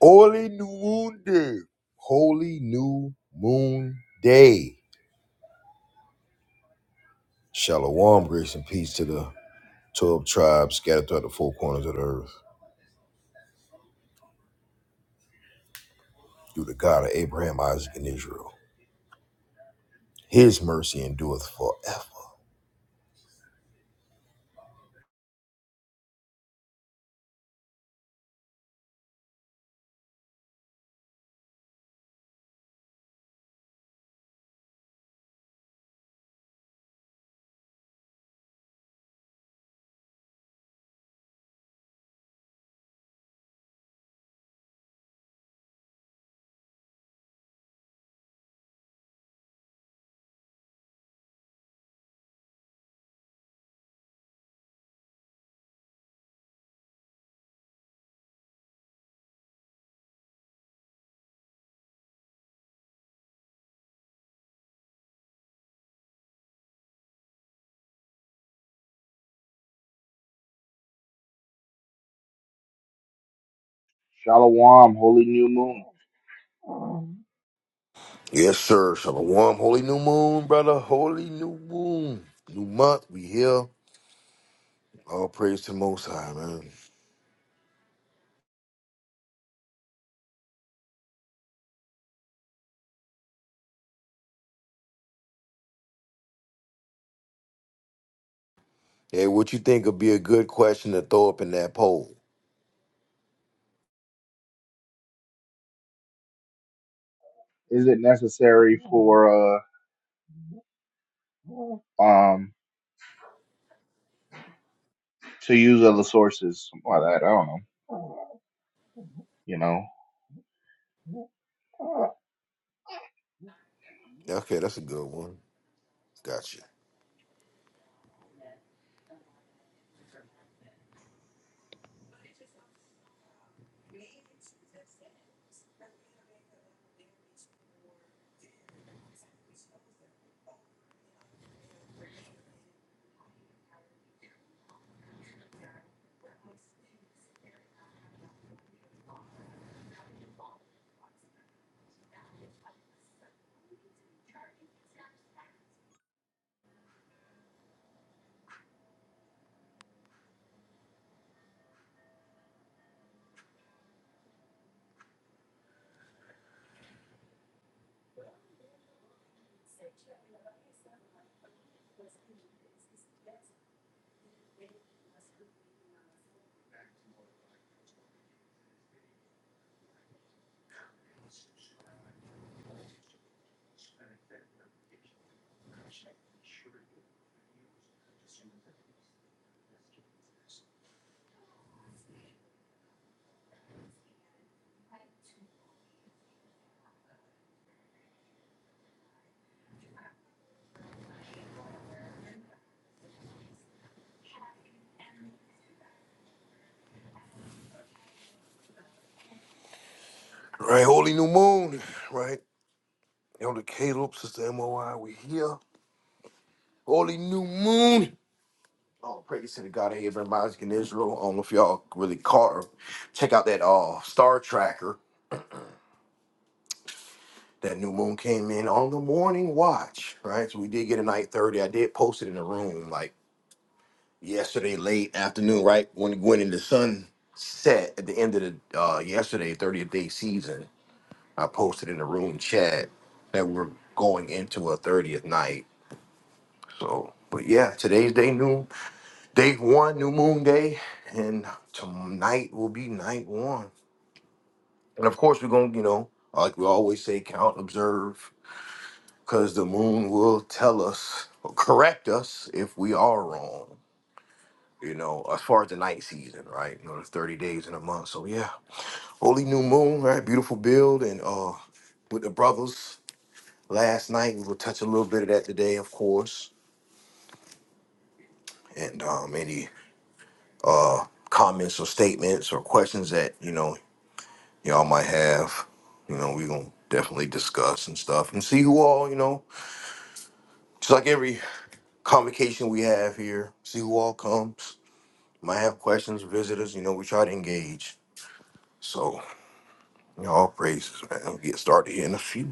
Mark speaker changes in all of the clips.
Speaker 1: Holy New Moon Day. Holy New Moon Day. Shalom, grace and peace to the 12 tribes scattered throughout the four corners of the earth through the God of Abraham, Isaac, and Israel. His mercy endureth forever.
Speaker 2: Shalom, holy new moon.
Speaker 1: Yes, sir. Shalom. Holy New Moon, brother. Holy New Moon. New month. We here. All praise to the Most High, man. Hey, what you think would be a good question to throw up in that poll?
Speaker 2: Is it necessary for uh um to use other sources? Something like that. I don't know. You know,
Speaker 1: Okay, that's a good one. Gotcha. Right, Holy New Moon. Right. Elder Caleb, Sister MOI, we here. Holy New Moon. Oh, praise to the God of Abraham, Isaac, and Israel. I don't know if y'all really caught or check out that uh star tracker. That new moon came in on the morning watch, right? So we did get a night 30. I did post it in the room like yesterday late afternoon, right? When when in the sun set at the end of the uh yesterday, 30th day season, I posted in the room chat that we're going into a 30th night. So but yeah, today's day noon. Day one, new moon day, and tonight will be night one. And of course, we're gonna, you know, like we always say, count, observe, because the moon will tell us, or correct us if we are wrong. You know, as far as the night season, right? You know, there's 30 days in a month. So yeah, holy new moon, right? Beautiful build, and uh, with the brothers last night. We'll touch a little bit of that today, of course. And um, any uh, comments or statements or questions that you know y'all might have. You know, we're gonna definitely discuss and stuff and see who all, you know, just like every convocation we have here, see who all comes. Might have questions, visitors, you know, we try to engage. So, you know, all praises, man. We'll get started here in a few.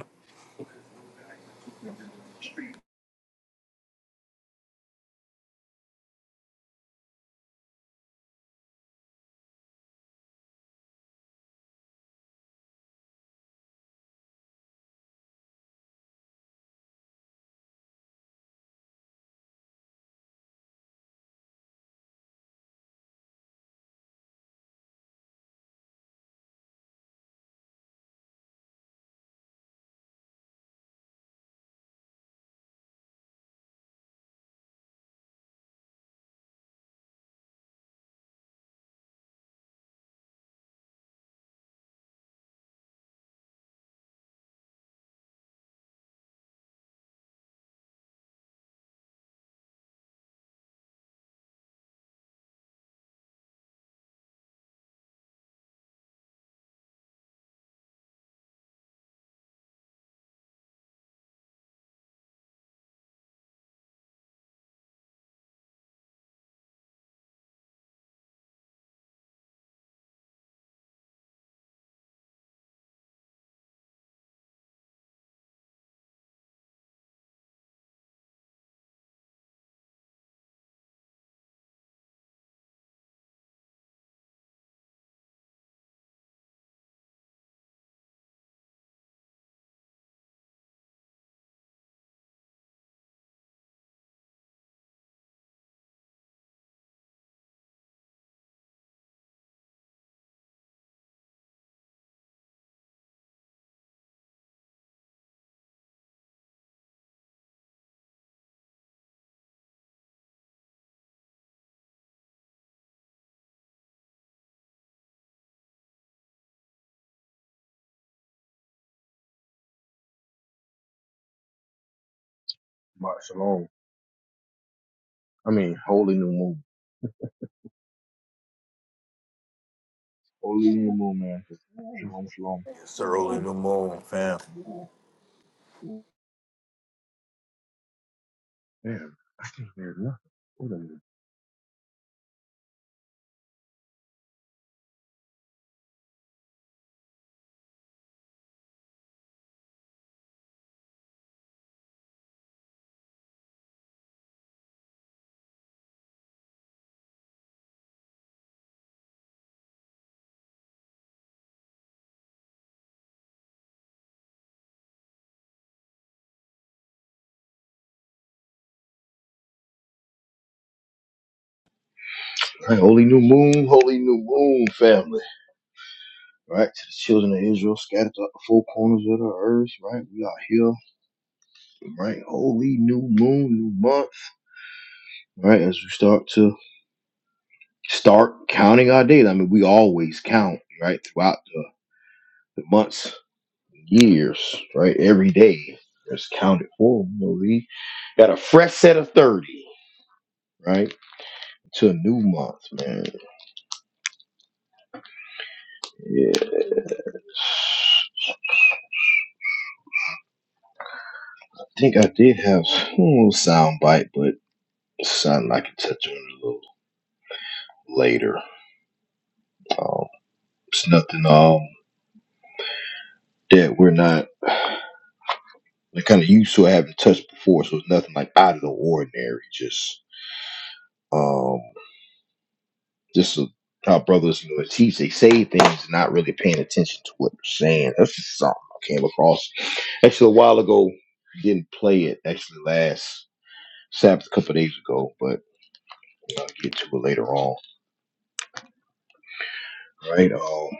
Speaker 3: Shabbat shalom. I mean, holy new moon.
Speaker 2: holy new moon, man. Shalom,
Speaker 1: It's the early
Speaker 2: shalom.
Speaker 1: new moon, fam.
Speaker 3: Damn, I can't hear nothing. Wait a minute.
Speaker 1: Right, holy new moon, holy new moon, family. Right, to the children of Israel scattered throughout the four corners of the earth. Right, we are here. Right, holy new moon, new month. Right, as we start to Start counting our days. I mean, we always count, right? Throughout the, the months, years, right? Every day is counted for. You know, we got a fresh set of 30, right? To a new month, man. Yeah. I think I did have a little sound bite, but it's something I can touch on a little later. Um, it's nothing um, that we're not kind of used to having touched before, so it's nothing like out of the ordinary. Just um. Just so how brothers you know teach, they say things not really paying attention to what they're saying. That's just something I came across actually a while ago. Didn't play it actually last Sabbath a couple of days ago, but you know, I'll get to it later on. All Right? Um,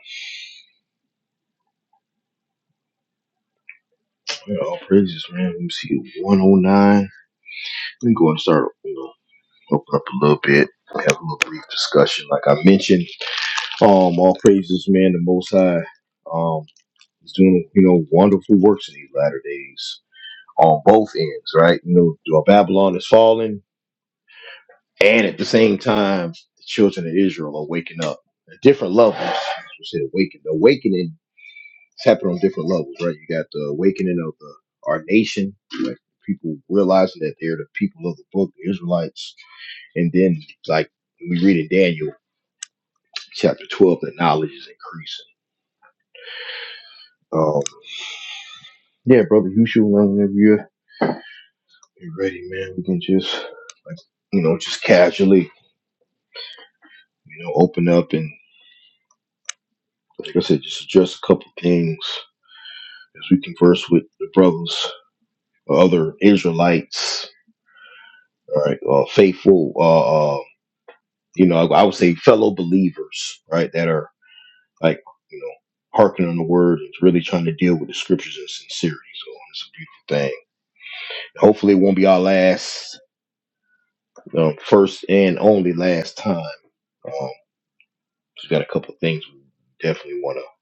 Speaker 1: you know, praises, man. Let me see, 109. We can go and start, you know, open up a little bit. Have a little brief discussion, like I mentioned. Um, all praises, man. The Most High, um, is doing you know wonderful works in these latter days. on both ends, right? You know, Babylon is falling, and at the same time, the children of Israel are waking up at different levels. We said awaken. The awakening is happening on different levels, right? You got the awakening of the, our nation, like people realizing that they're the people of the book, the Israelites, and then like we read in Daniel chapter twelve, the knowledge is increasing. Um, yeah, brother, you should learn whenever you're you're ready, man. We can just like you know just casually you know open up and. Like I said, just address a couple things as we converse with the brothers, uh, other Israelites, all right, uh, faithful, uh, uh, you know, I, I would say fellow believers, right, that are like, you know, hearkening on the word and really trying to deal with the scriptures in sincerity. So it's a beautiful thing. Hopefully, it won't be our last, um, first and only last time. Um, we got a couple of things we definitely want to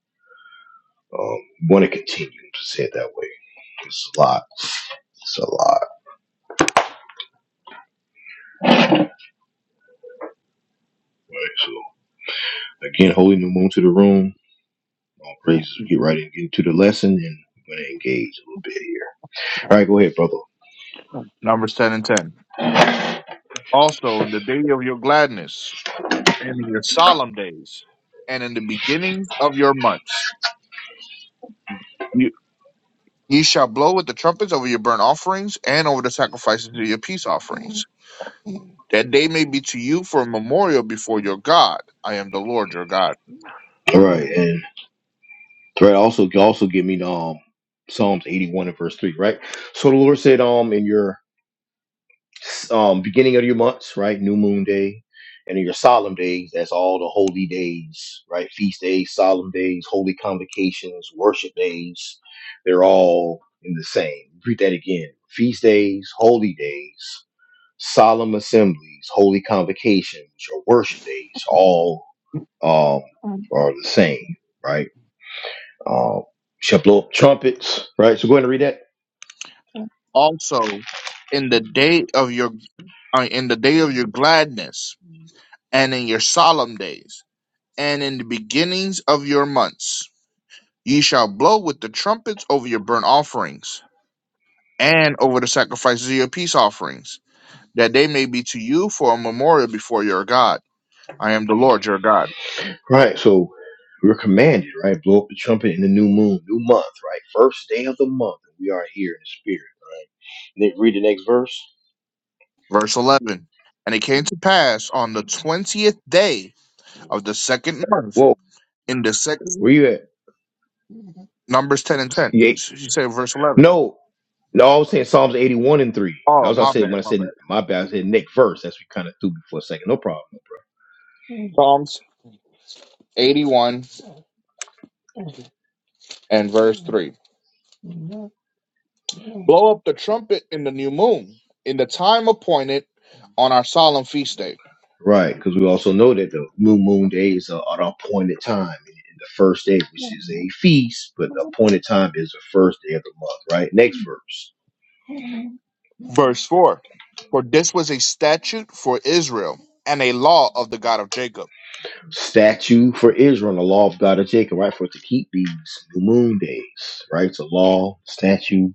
Speaker 1: um, want to continue to say it that way. It's a lot. It's a lot. Right. So. Again, holy new moon to the room. All praises. Get right in, get into the lesson, and we're gonna engage a little bit here. All right, go ahead, brother.
Speaker 2: Numbers 10 and 10. Also, in the day of your gladness, and in your solemn days, and in the beginnings of your months, you, ye shall blow with the trumpets over your burnt offerings and over the sacrifices of your peace offerings. That day may be to you for a memorial before your God. I am the Lord your God.
Speaker 1: All right, and right. also also give me um Psalms eighty one and verse three. Right. So the Lord said, um, in your um beginning of your months, right, new moon day, and in your solemn days, that's all the holy days, right, feast days, solemn days, holy convocations, worship days. They're all in the same. Repeat that again. Feast days, holy days solemn assemblies, holy convocations, or worship days, all um, are the same, right? Um, shall blow up trumpets, right? So go ahead and read that.
Speaker 2: Also, in the day of your uh, in the day of your gladness, and in your solemn days, and in the beginnings of your months, ye shall blow with the trumpets over your burnt offerings, and over the sacrifices of your peace offerings, that they may be to you for a memorial before your God. I am the Lord your God.
Speaker 1: Right. So we're commanded, right? Blow up the trumpet in the new moon, new month, right? First day of the month. We are here in the spirit, right? And then read the next verse.
Speaker 2: Verse 11 And it came to pass on the twentieth day. of the second month
Speaker 1: Whoa,
Speaker 2: in the
Speaker 1: where
Speaker 2: second
Speaker 1: you at?
Speaker 2: Numbers ten and ten.
Speaker 1: Yeah.
Speaker 2: She said verse eleven.
Speaker 1: No, no, I was saying Psalms 81 and 3. That
Speaker 2: Oh
Speaker 1: was what I
Speaker 2: my
Speaker 1: said
Speaker 2: bad,
Speaker 1: when I
Speaker 2: my bad.
Speaker 1: said my bad, I said next verse. That's what kind of threw me for a second. No problem.
Speaker 2: Psalms eighty one and verse three. Blow up the trumpet in the new moon in the time appointed on our solemn feast day.
Speaker 1: Right, because we also know that the new moon days are at an appointed time. And and the first day, which is a feast, but the appointed time is the first day of the month, right? Next verse.
Speaker 2: Verse four. For this was a statute for Israel and a law of the God of Jacob.
Speaker 1: Statue for Israel, and the law of God of Jacob, right? For it to keep these new moon days, right? It's a law, statue.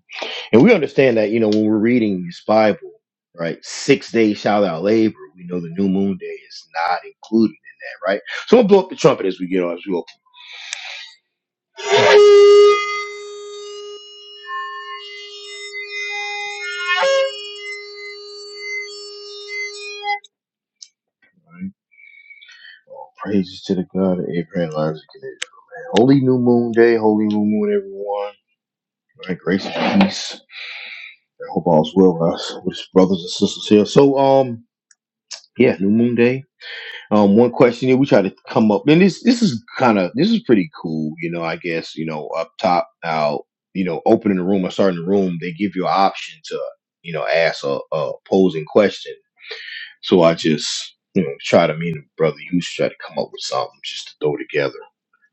Speaker 1: And we understand that, you know, when we're reading this Bible, right? Six days shall thou labor. We know the new moon day is not included in that, right? So I'm going to blow up the trumpet as we get on, as we open. Praises to the God of Abraham, Isaac, and Israel, man. Holy New Moon Day, Holy New Moon, everyone. All right, grace and peace. I hope all's well with us, with us brothers and sisters here. So, um, yeah, New Moon Day. Um, one question here we try to come up, and this this is kind of this is pretty cool, you know. I guess you know up top now, you know, opening the room or starting the room, they give you an option to you know ask a, a posing question. So I just you know try to me and the brother, you should try to come up with something just to throw together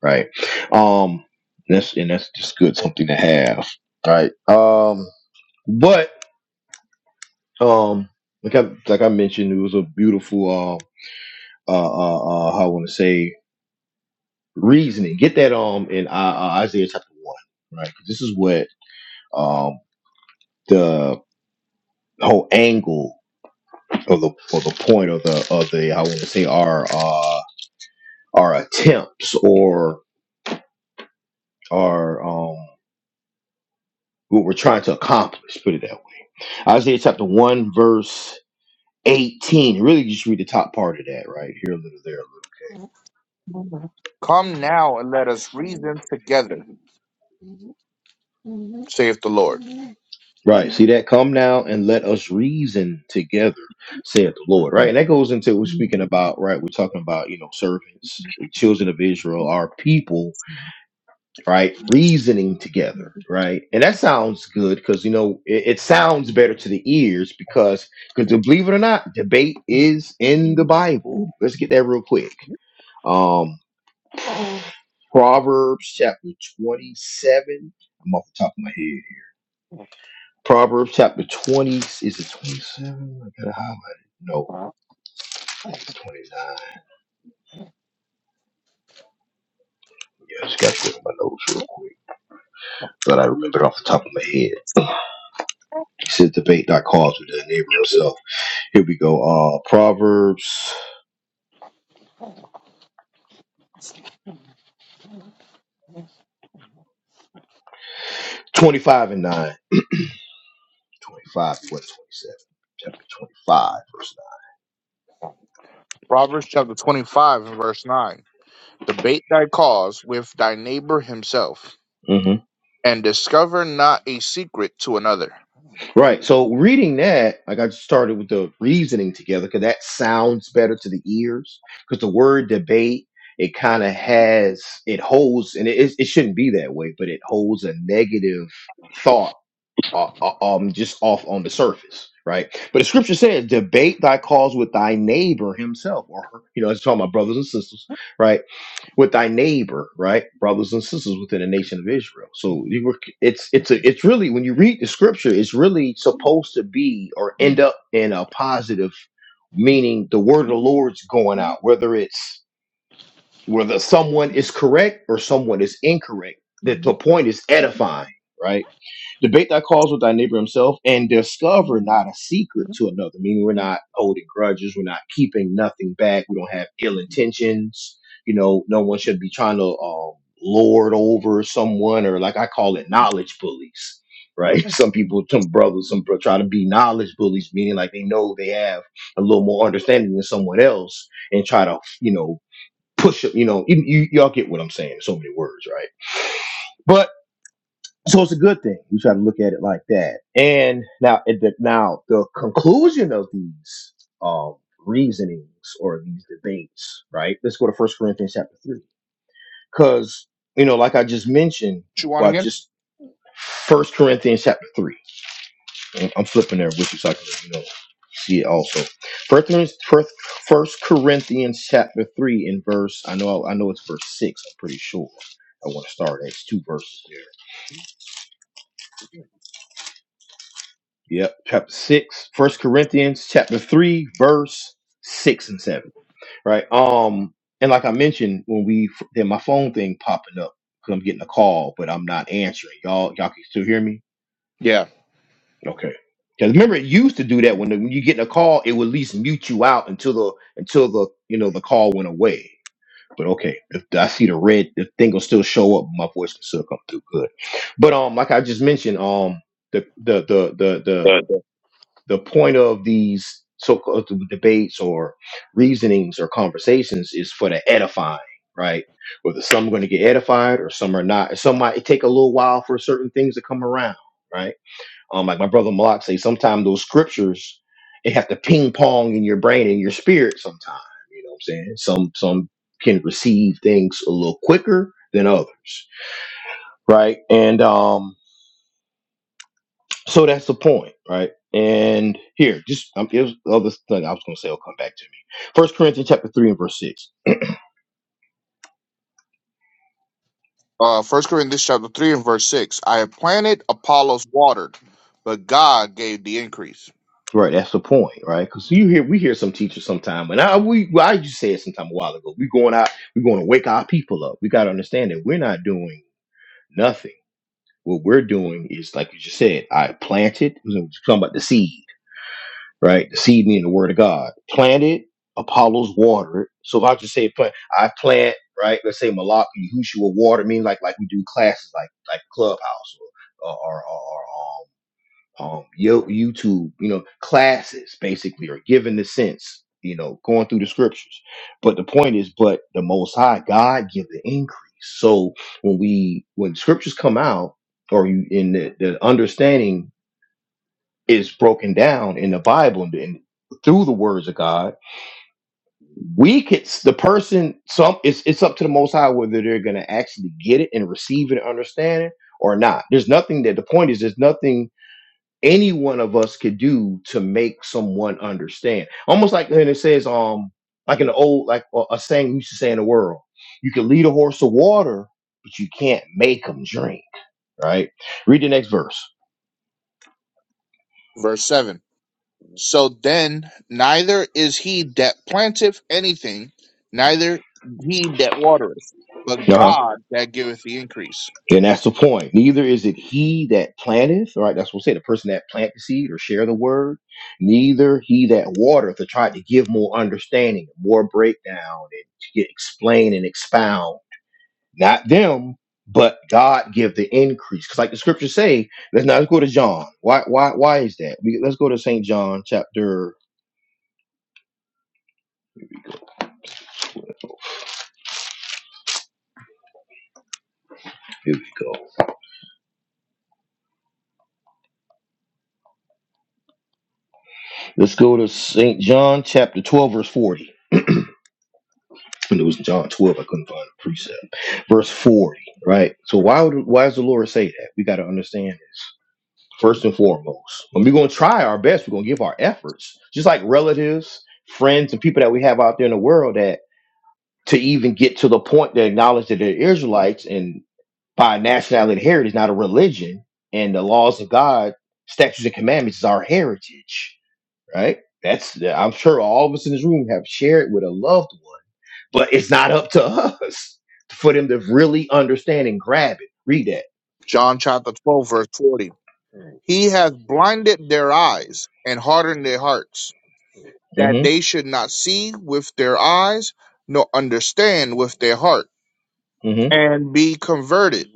Speaker 1: right? Um, that's and that's just good something to have, right? Um, but um, like I like I mentioned, it was a beautiful uh uh uh, uh how I want to say reasoning. Get that um in uh, uh, Isaiah chapter one, right? 'Cause this is what um the whole angle of the or the point of the of the I want to say our uh our attempts or our um what we're trying to accomplish. Put it that way. Isaiah chapter one verse. 18. Really, just read the top part of that, right? Here a little, there a little.
Speaker 2: Come now and let us reason together, saith the Lord.
Speaker 1: Right. See that? Come now and let us reason together, saith the Lord. Right. And that goes into we're speaking about, right? We're talking about, you know, servants, the children of Israel, our people, right? Reasoning together, right? And that sounds good because, you know, it, it sounds better to the ears because, because believe it or not, debate is in the Bible. Let's get that real quick. Um, Proverbs chapter 27. I'm off the top of my head. Proverbs chapter 20. Is it 27? I gotta highlight it. No, it's 29. Yeah, I just gotta go to my notes real quick. But I remember it off the top of my head. He said, Debate thy cause with the neighbor himself. Here we go. Uh, Proverbs 25 and 9. 25, what, 27? Chapter 25, verse
Speaker 2: Proverbs chapter 25 and verse 9. Debate thy cause with thy neighbor himself
Speaker 1: 9. Mm-hmm.
Speaker 2: and discover not a secret to another. What
Speaker 1: Right. So reading that, like I started with the reasoning together because that sounds better to the ears. Because the word debate, it kind of has, it holds, and it, is- it shouldn't be that way, but it holds a negative thought uh, uh, um, just off on the surface, right? But the scripture says, debate thy cause with thy neighbor himself or her. You know, it's talking about brothers and sisters, right? with thy neighbor, right? Brothers and sisters within the nation of Israel. So you were it's it's a it's really when you read the scripture, it's really supposed to be or end up in a positive meaning the word of the Lord's going out, whether it's whether someone is correct or someone is incorrect. That the point is edifying, right? Debate thy cause with thy neighbor himself and discover not a secret to another. Meaning, we're not holding grudges. We're not keeping nothing back. We don't have ill intentions. You know, no one should be trying to um, lord over someone or, like I call it, knowledge bullies, right? Some people, some brothers, some bro- try to be knowledge bullies, meaning like they know they have a little more understanding than someone else and try to, you know, push it. You know, you, you, y'all get what I'm saying. In So many words, right? So it's a good thing. We try to look at it like that. And now, at the, now the conclusion of these um, reasonings or these debates, right? Let's go to First Corinthians chapter three, because you know, like I just mentioned,
Speaker 2: you want
Speaker 1: well,
Speaker 2: again?
Speaker 1: just First Corinthians chapter three. And I'm flipping there with you, so I can you know see it also. First Corinthians, First First Corinthians chapter three in verse. I know, I know it's verse six. I'm pretty sure. I want to start at It's two verses there Yep. Chapter 6, First Corinthians, chapter 3, verse 6 and 7. Right. Um, and like I mentioned, when we then my phone thing popping up because I'm getting a call, but I'm not answering. Y'all, y'all can still hear me?
Speaker 2: Yeah.
Speaker 1: Okay. Because remember, it used to do that when the, when you get a call, it would at least mute you out until the until the you know the call went away. But okay, if I see the red, the thing will still show up. My voice can still come through good. But um, like I just mentioned, um, the the the the the the point of these so-called debates or reasonings or conversations is for the edifying, right? Whether some are going to get edified or some are not. Some might it take a little while for certain things to come around, right? Um, like my brother Malak say, sometimes those scriptures they have to ping pong in your brain and your spirit. Sometimes, you know what I'm saying? Some some can receive things a little quicker than others, right? And um so that's the point, right? And here, just um, here's the other thing I was going to say will come back to me. First Corinthians chapter three and verse six.
Speaker 2: Uh, First Corinthians chapter three and verse six. I have planted, Apollos watered, but God gave the increase.
Speaker 1: Right, that's the point, right? Because you hear we hear some teachers sometime, and I we well, I just said sometime a while ago. We're going out, we're going to wake our people up. We got to understand that we're not doing nothing. What we're doing is like you just said. I planted. Something about the seed. right? The seed meaning the word of God. Planted, Apollos watered. So if I just say plant, I plant, right? Let's say Malak and Yahushua water mean like like we do classes like like Clubhouse or or, or, or um, um Yo- YouTube, you know, classes basically or giving the sense, you know, going through the scriptures. But the point is, but the most high God give the increase. So when we when scriptures come out or you in the, the understanding is broken down in the Bible and, and through the words of God, we could the person some it's it's up to the Most High whether they're going to actually get it and receive it and understand it or not. There's nothing that the point is. There's nothing any one of us could do to make someone understand. Almost like when it says um like an old like a, a saying we used to say in the world, you can lead a horse to water, but you can't make him drink. Right. Read the next verse.
Speaker 2: Verse seven. So then, neither is he that planteth anything, neither he that watereth, but
Speaker 1: Uh-huh.
Speaker 2: God that giveth the increase.
Speaker 1: And that's the point. Neither is it he that planteth, right? That's what we say, the person that plant the seed or share the word, neither he that watereth to try to give more understanding, more breakdown, and to get explain and expound. Not them, but God give the increase. Because like the scriptures say, let's now let's go to John. Why why why is that? We, let's go to St. John chapter. Here we go. Let's go to St. John chapter 12, verse 40. when it was John 12, I couldn't find a precept. Verse 40, right? So why would why does the Lord say that? We got to understand this. First and foremost, when we're going to try our best, we're going to give our efforts, just like relatives, friends, and people that we have out there in the world that to even get to the point to acknowledge that they're Israelites and by nationality and heritage, not a religion, and the laws of God, statutes and commandments is our heritage, right? That's I'm sure all of us in this room have shared with a loved one but it's not up to us for them to really understand and grab it. Read that.
Speaker 2: John chapter twelve verse forty. He hath blinded their eyes and hardened their hearts that
Speaker 1: Mm-hmm.
Speaker 2: they should not see with their eyes, nor understand with their heart,
Speaker 1: Mm-hmm.
Speaker 2: and be converted,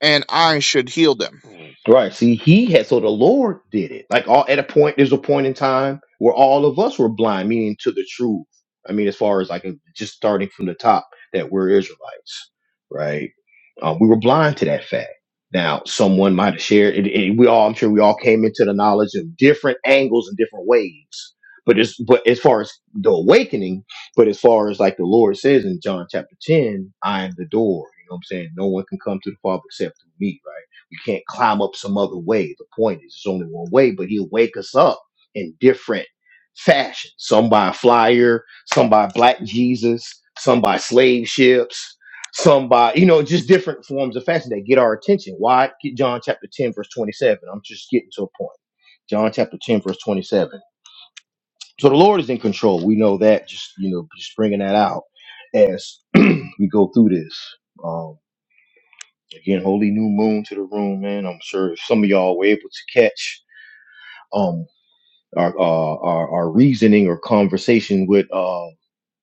Speaker 2: and I should heal them.
Speaker 1: Right. See, he had so the Lord did it. Like all at a point, there's a point in time where all of us were blind, meaning to the truth. I mean, as far as like just starting from the top, that we're Israelites, right? Um, we were blind to that fact. Now, someone might have shared it, it- We all, I'm sure, we all came into the knowledge of different angles and different ways. But as but as far as the awakening, but as far as like the Lord says in John chapter ten, I am the door. You know what I'm saying? No one can come to the Father except through me, right? You can't climb up some other way. The point is, there's only one way, but he'll wake us up in different fashion. Some by a flyer, some by black Jesus, some by slave ships, some by, you know, just different forms of fashion that get our attention. Why? Get John chapter 10, verse 27. I'm just getting to a point. John chapter 10, verse 27. So the Lord is in control. We know that, just, you know, just bringing that out as we go through this. Um, Again, holy new moon to the room, man. I'm sure if some of y'all were able to catch um our uh, our, our reasoning or conversation with uh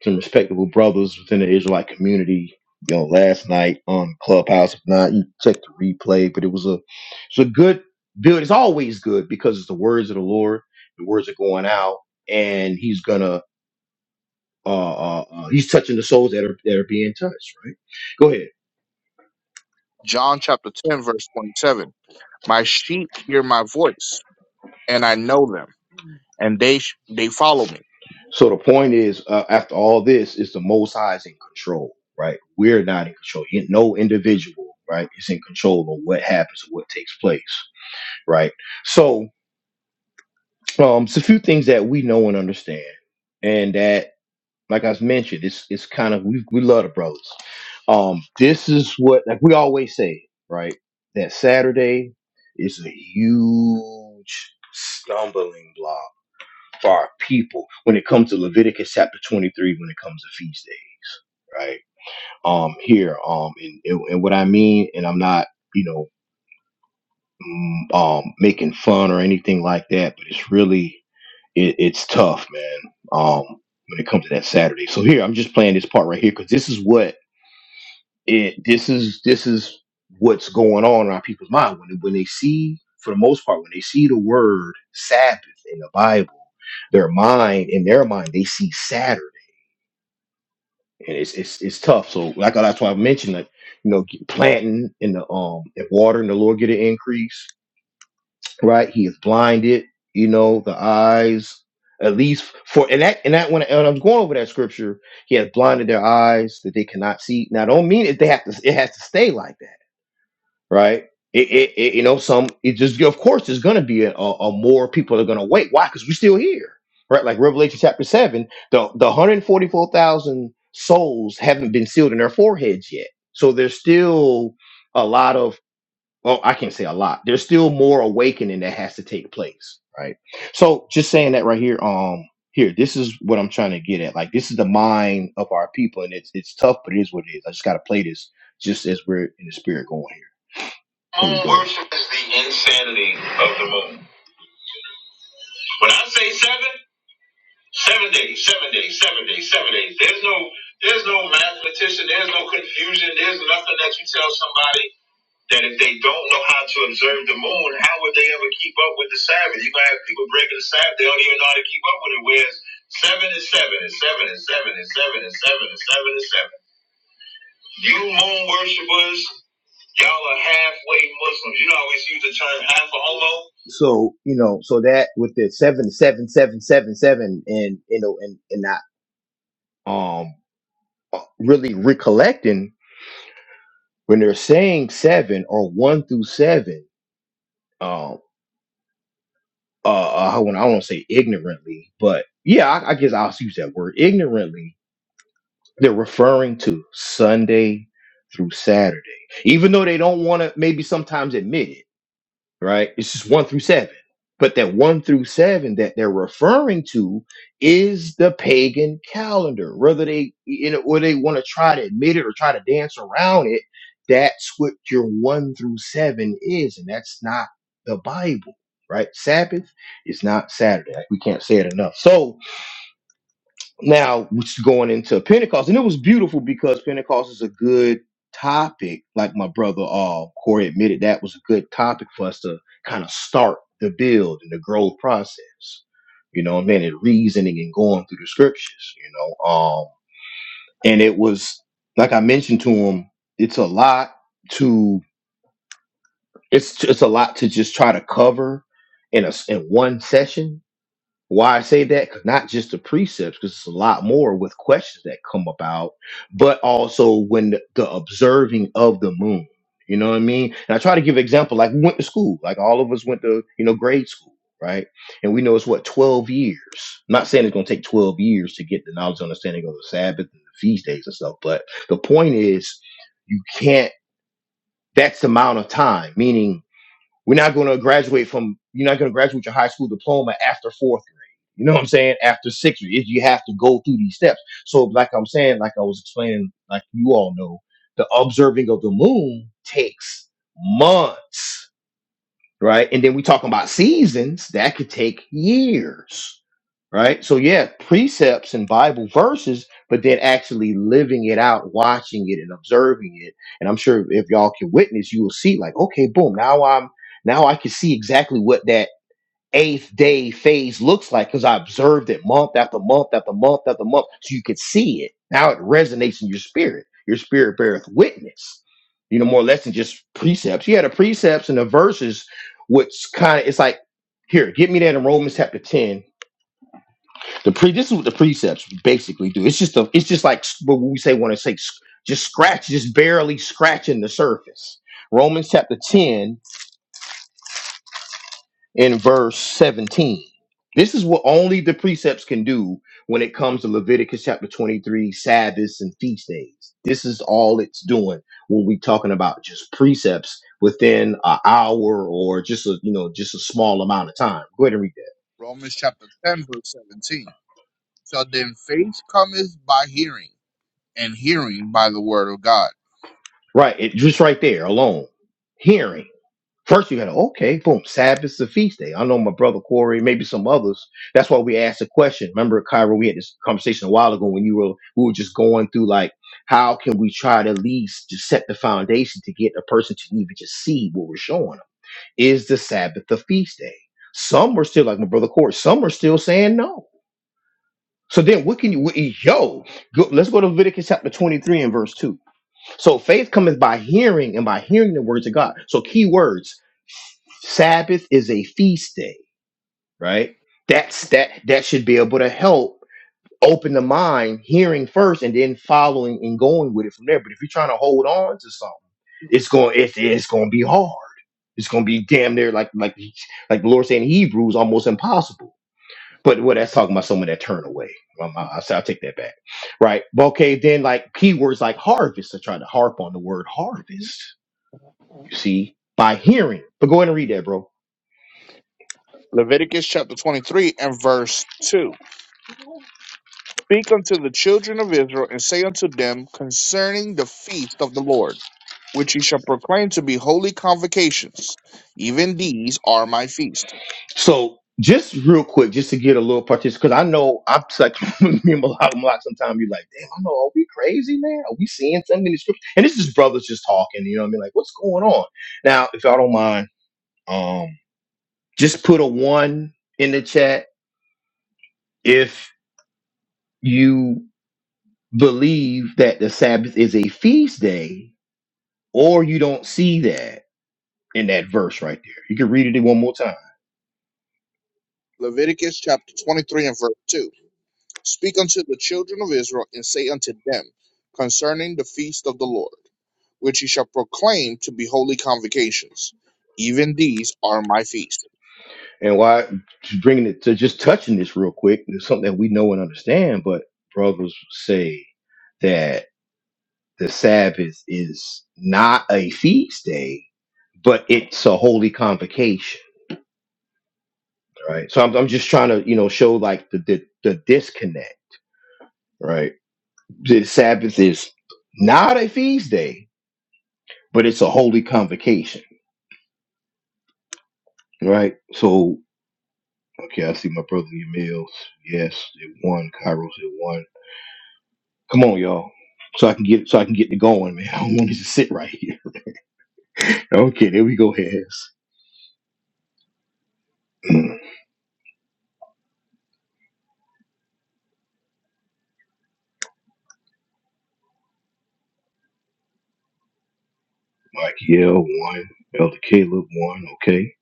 Speaker 1: some respectable brothers within the Israelite community, you know, last night on Clubhouse. If not, you check the replay, but it was a it's a good build. It's always good because it's the words of the Lord. The words are going out, and He's gonna uh, uh, uh he's touching the souls that are that are being touched. Right? Go ahead.
Speaker 2: John chapter 10, verse 27. My sheep hear my voice, and I know them, and they sh- they follow me.
Speaker 1: So the point is, uh, after all this, is the Most High is in control, right? We're not in control. In- No individual, right, is in control of what happens or what takes place, right? So, um, it's a few things that we know and understand, and that, like I mentioned, it's it's kind of we we love the brothers. Um, this is what like we always say, right? That Saturday is a huge stumbling block for our people when it comes to Leviticus chapter 23 when it comes to feast days, right? Um, here, um, and, and what I mean, and I'm not, you know, mm, um, making fun or anything like that, but it's really, it, it's tough, man. Um, when it comes to that Saturday. So here, I'm just playing this part right here because this is what it, this is, this is what's going on in our people's mind when when they see, for the most part, when they see the word Sabbath in the Bible their mind in their mind they see Saturday and it's it's it's tough. So like that's why I mentioned that you know get- planting in the um and watering the Lord get an increase, right? He is blinded, you know, the eyes at least for and that and that when, when I was going over that scripture, he has blinded their eyes that they cannot see. Now I don't mean it they have to it has to stay like that right? It, it, it you know some it just of course there's gonna be a, a, a more people are gonna wait. Why? Because we're still here, right? Like Revelation chapter seven, the the 144,000 souls haven't been sealed in their foreheads yet, so there's still a lot of well, I can't say a lot. There's still more awakening that has to take place, right? So just saying that right here, um, here this is what I'm trying to get at. Like this is the mind of our people, and it's it's tough, but it is what it is. I just gotta play this just as we're in the spirit going here. Moon worship is the insanity of the moon. When I say seven, seven days, seven days, seven days, seven days. There's no, there's no mathematician. There's no confusion. There's nothing that you tell somebody that if they don't know how to observe the moon, how would they ever keep up with the Sabbath? You gonna have people breaking the Sabbath. They don't even know how to keep up with it. Whereas seven is seven, and seven is seven, and seven is seven, and seven is seven You moon worshipers. Y'all are halfway Muslims. You know, I always use the term half a homo. So you know, so that with the seven, seven, seven, seven, seven, and you know, and and not um really recollecting when they're saying seven or one through seven. Um, uh, uh, I don't want I don't say ignorantly, but yeah, I, I guess I'll use that word ignorantly. They're referring to Sunday through Saturday, even though they don't want to maybe sometimes admit it right? It's just one through seven. But that one through seven that they're referring to is the pagan calendar. Whether they you know or they want to try to admit it or try to dance around it, that's what your one through seven is, and that's not the Bible, right? Sabbath is not Saturday. Like, We can't say it enough. So now which is going into pentecost and it was beautiful because pentecost is a good topic like my brother uh corey admitted that was a good topic for us to kind of start the build and the growth process you know and then and reasoning and going through the scriptures you know um and it was like i mentioned to him it's a lot to it's it's a lot to just try to cover in a in one session why I say that? 'Cause Not just the precepts, because it's a lot more with questions that come about, but also when the, the observing of the moon. You know what I mean? And I try to give example, like we went to school, like all of us went to, you know, grade school, right? And we know it's what, 12 years. I'm not saying it's going to take 12 years to get the knowledge and understanding of the Sabbath and the feast days and stuff, but the point is you can't, that's the amount of time, meaning we're not going to graduate from, you're not going to graduate your high school diploma after fourth grade. You know what I'm saying? After sixth grade, you have to go through these steps. So, like I'm saying, like I was explaining, like you all know, the observing of the moon takes months right? And then we talking about seasons that could take years, right? So yeah, precepts and Bible verses, but then actually living it out, watching it and observing it. And I'm sure if y'all can witness, you will see like, okay, boom, now I'm now I can see exactly what that eighth day phase looks like because I observed it month after month after month after month. So you could see it. Now it resonates in your spirit. Your spirit beareth witness. You know, more or less than just precepts. Yeah, the precepts and the verses, which kind of it's like, here, get me that in Romans chapter 10. The pre this is what the precepts basically do. It's just a it's just like s- what we say want to say s- just scratch, just barely scratching the surface. Romans chapter 10 in verse 17. This is what only the precepts can do when it comes to Leviticus chapter 23, Sabbaths and feast days. This is all it's doing when we talking about just precepts within an hour or just a you know just a small amount of time. Go ahead and read that.
Speaker 2: Romans chapter 10, verse 17. So then faith cometh by hearing, and hearing by the word of God.
Speaker 1: Right, it just right there alone. Hearing. First, you gotta okay, boom. Sabbath's a feast day. I know my brother Corey, maybe some others. That's why we asked the question. Remember, Kyra, we had this conversation a while ago when you were we were just going through like how can we try to at least just set the foundation to get a person to even just see what we're showing them? Is the Sabbath a feast day? Some were still like my brother Corey. Some are still saying no. So then, what can you? What, yo, go, let's go to Leviticus chapter twenty-three and verse two. So faith cometh by hearing and by hearing the words of God. So key words. Sabbath is a feast day, right? That's that that should be able to help open the mind, hearing first and then following and going with it from there. But if you're trying to hold on to something, it's going it's it's gonna be hard. It's gonna be damn near like like like the Lord said in Hebrews, almost impossible but what that's talking about someone that turned away. Um, I, I, I'll take that back. Right. But okay, then like keywords like harvest, I try to harp on the word harvest, you see, by hearing. But go ahead and read that, bro.
Speaker 2: Leviticus chapter 23 and verse 2 Speak unto the children of Israel, and say unto them concerning the feast of the Lord, which ye shall proclaim to be holy convocations, even these are my feast.
Speaker 1: So just real quick, just to get a little participation, because I know I'm just like me and Malak, Malak sometimes you're like, damn, I know, are we crazy, man? Are we seeing something in the scripture? And this is brothers just talking, you know what I mean? Like, what's going on? Now, if y'all don't mind, um, just put a one in the chat if you believe that the Sabbath is a feast day, or you don't see that in that verse right there. You can read it one more time.
Speaker 2: Leviticus chapter 23 and verse 2. Speak unto the children of Israel, and say unto them concerning the feast of the Lord, which ye shall proclaim to be holy convocations, even these are my feast.
Speaker 1: And why just bringing it to just touching this real quick, it's something that we know and understand, but brothers say that the Sabbath is not a feast day, but it's a holy convocation. right? So I'm, I'm just trying to, you know, show like the the, the disconnect, right? The Sabbath is not a feast day, but it's a holy convocation, right? So okay, I see my brother Emil's. Yes, it won. Kairos it won. Come on, y'all. So I can get so I can get it going, man. I don't want it to sit right here. Okay, there we go, Has. Mike Yell one. Elder Caleb one. Okay.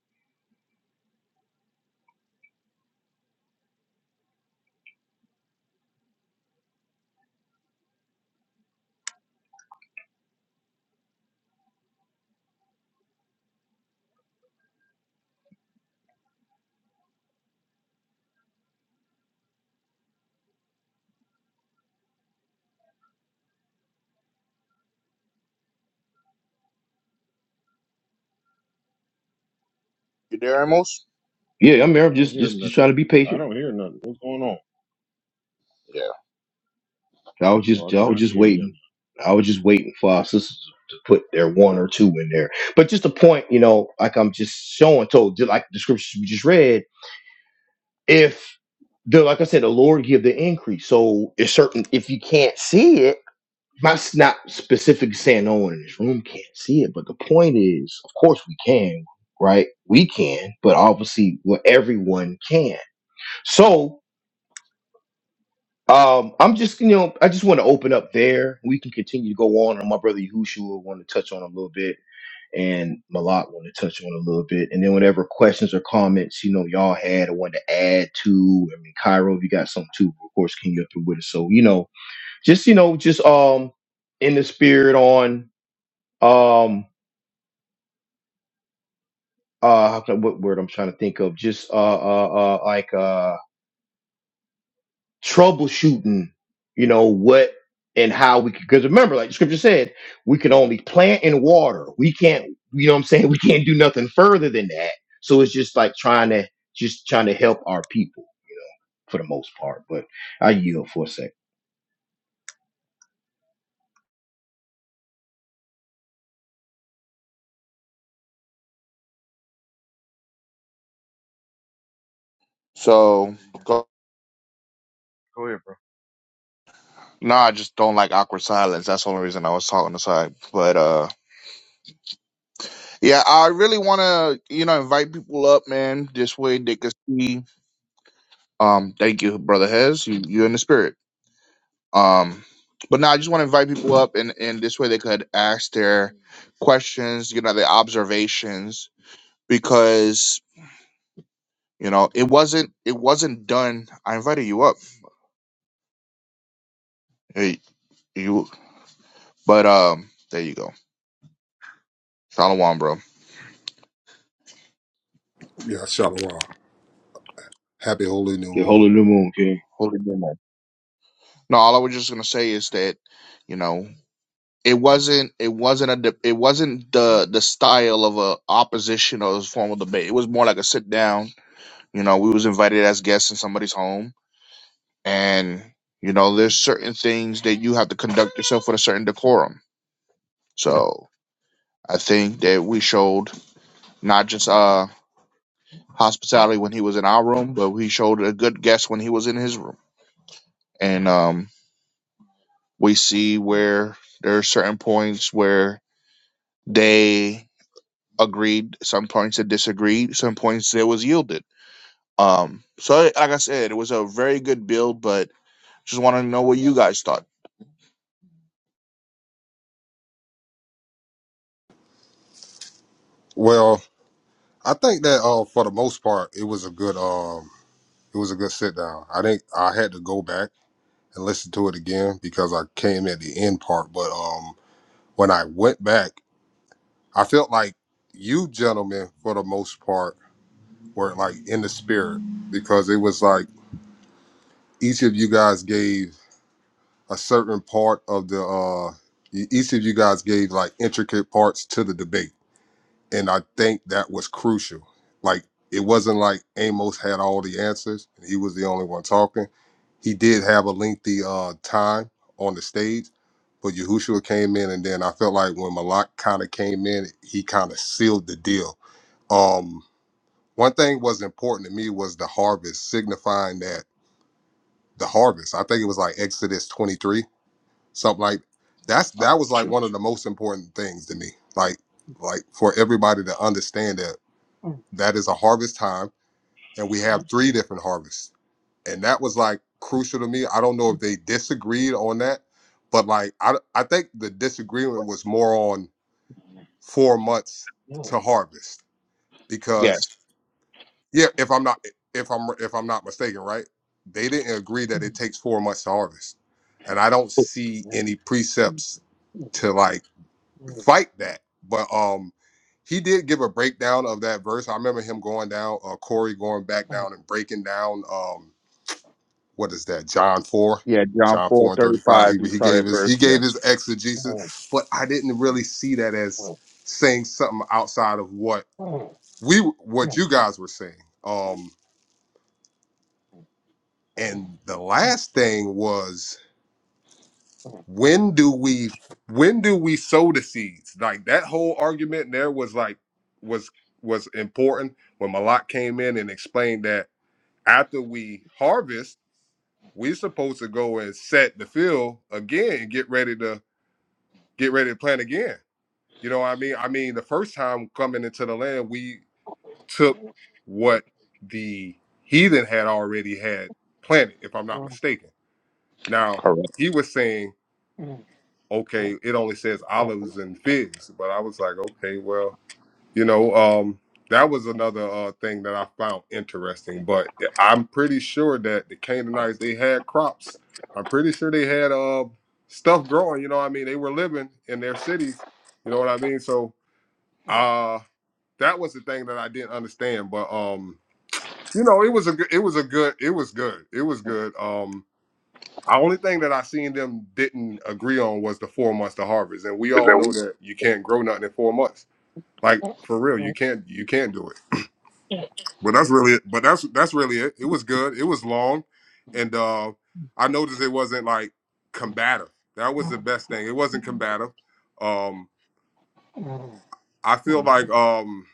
Speaker 2: You there, Amos?
Speaker 1: Yeah, I'm here. I'm
Speaker 3: I don't
Speaker 1: just
Speaker 3: hear
Speaker 1: just
Speaker 3: nothing.
Speaker 1: just trying to be
Speaker 3: I
Speaker 1: patient
Speaker 3: don't hear nothing. What's going on?
Speaker 2: Yeah.
Speaker 1: I was
Speaker 3: Oh,
Speaker 1: just I
Speaker 3: okay, I
Speaker 1: was
Speaker 3: can
Speaker 1: just
Speaker 3: hear you.
Speaker 1: waiting.
Speaker 3: now.
Speaker 1: I was just waiting for our sisters to put their one or two in there. But just a point, you know, like I'm just showing told, just like the scriptures we just read, if the like I said, the Lord give the increase. So it's certain if you can't see it, I'm not not specifically saying no one in this room can't see it, but the point is, of course we can, right? We can, but obviously well everyone can. So. Um, I'm just, you know, I just want to open up there. We can continue to go on. And my brother Yahushua will want to touch on a little bit, and Malak want to touch on a little bit, and then whatever questions or comments you know y'all had or wanted to add to. I mean, Cairo, if you got something too, of course, can you up through with us? So you know, just you know, just um, in the spirit on um, uh, how can- what word I'm trying to think of? Just uh, uh, uh like uh, troubleshooting, you know, what and how we could, because remember, like the scripture said, we can only plant and water. We can't, you know what I'm saying? We can't do nothing further than that. So it's just like trying to just trying to help our people for the most part. But I yield for a sec.
Speaker 3: Go
Speaker 2: So,
Speaker 3: ahead, you-
Speaker 2: go-
Speaker 3: go ahead, bro.
Speaker 2: no, I just don't like awkward silence. That's the only reason I was talking aside. But, uh, Yeah, I really want to, you know, invite people up, man. This way they can see. Um, thank you, brother Hez. You you in the spirit. Um, but now I just want to invite people up, and and this way they could ask their questions, you know, their observations, because you know it wasn't it wasn't done. I invited you up. Hey, you. But um, there you go. Shalom, bro.
Speaker 4: Yeah, shalom. Happy holy new
Speaker 1: The
Speaker 4: moon.
Speaker 1: holy new moon, King.
Speaker 2: Holy name. No, all I was just gonna say is that, you know. it wasn't it wasn't a de- it wasn't the the style of a opposition or a formal debate. It was more like a sit down. You know, we was invited as guests in somebody's home, and you know, there's certain things that you have to conduct yourself with a certain decorum. So I think that we showed not just uh hospitality when he was in our room, but we showed a good guest when he was in his room, and um, we see where there are certain points where they agreed, some points that disagreed, some points that was yielded. Um, so like I said, it was a very good build, but just want to know what you guys thought.
Speaker 4: Well, I think that uh, for the most part, it was a good um, it was a good sit down. I think I had to go back and listen to it again because I came at the end part. But um, when I went back, I felt like you gentlemen, for the most part, were like in the spirit because it was like each of you guys gave a certain part of the uh, e- each of you guys gave like intricate parts to the debate And I think that was crucial. Like it wasn't like Amos had all the answers and he was the only one talking. He did have a lengthy uh, time on the stage, but Yahushua came in, and then I felt like when Malak kind of came in, he kind of sealed the deal. Um, one thing was important to me was the harvest, signifying that the harvest. I think it was like Exodus twenty three, something like that's that was like one of the most important things to me. Like like for everybody to understand that that is a harvest time and we have three different harvests and that was like crucial to me i don't know if they disagreed on that but like i, I think the disagreement was more on four months to harvest because yeah if i'm not if i'm if i'm not mistaken right they didn't agree that it takes four months to harvest and i don't see any precepts to like fight that. But um, he did give a breakdown of that verse. I remember him going down, uh, Corey going back down and breaking down. Um, what is that? John four,
Speaker 2: Yeah, John
Speaker 4: John
Speaker 2: four
Speaker 4: four and
Speaker 2: thirty
Speaker 4: thirty five.
Speaker 2: five.
Speaker 4: He
Speaker 2: You
Speaker 4: he
Speaker 2: saw
Speaker 4: gave
Speaker 2: that
Speaker 4: his
Speaker 2: verse.
Speaker 4: he
Speaker 2: Yes,
Speaker 4: gave his exegesis, but I didn't really see that as saying something outside of what we what you guys were saying. Um, and the last thing was when do we when do we sow the seeds like that whole argument there was like was was important when malak came in and explained that after we harvest we're supposed to go and set the field again and get ready to get ready to plant again you know what i mean i mean the first time coming into the land we took what the heathen had already had planted if i'm not mistaken now
Speaker 2: Correct.
Speaker 4: he was saying okay, it only says olives and figs. But I was like, okay, well, you know, um, that was another uh, thing that I found interesting. But I'm pretty sure that the Canaanites they had crops. I'm pretty sure they had uh stuff growing. You know, what I mean, they were living in their cities. You know what I mean? So uh, that was the thing that I didn't understand. But um, you know, it was a good, it was a good, it was good, it was good. Um, the only thing that I seen them didn't agree on was the four months to harvest, and we
Speaker 2: Is
Speaker 4: all know
Speaker 2: that
Speaker 4: that you can't grow nothing in four months. Like for real, you can't you can't do it. But that's really it. But that's that's really it. It was good. It was long, and uh, I noticed it wasn't like combative. That was the best thing. It wasn't combative. Um, I feel like um,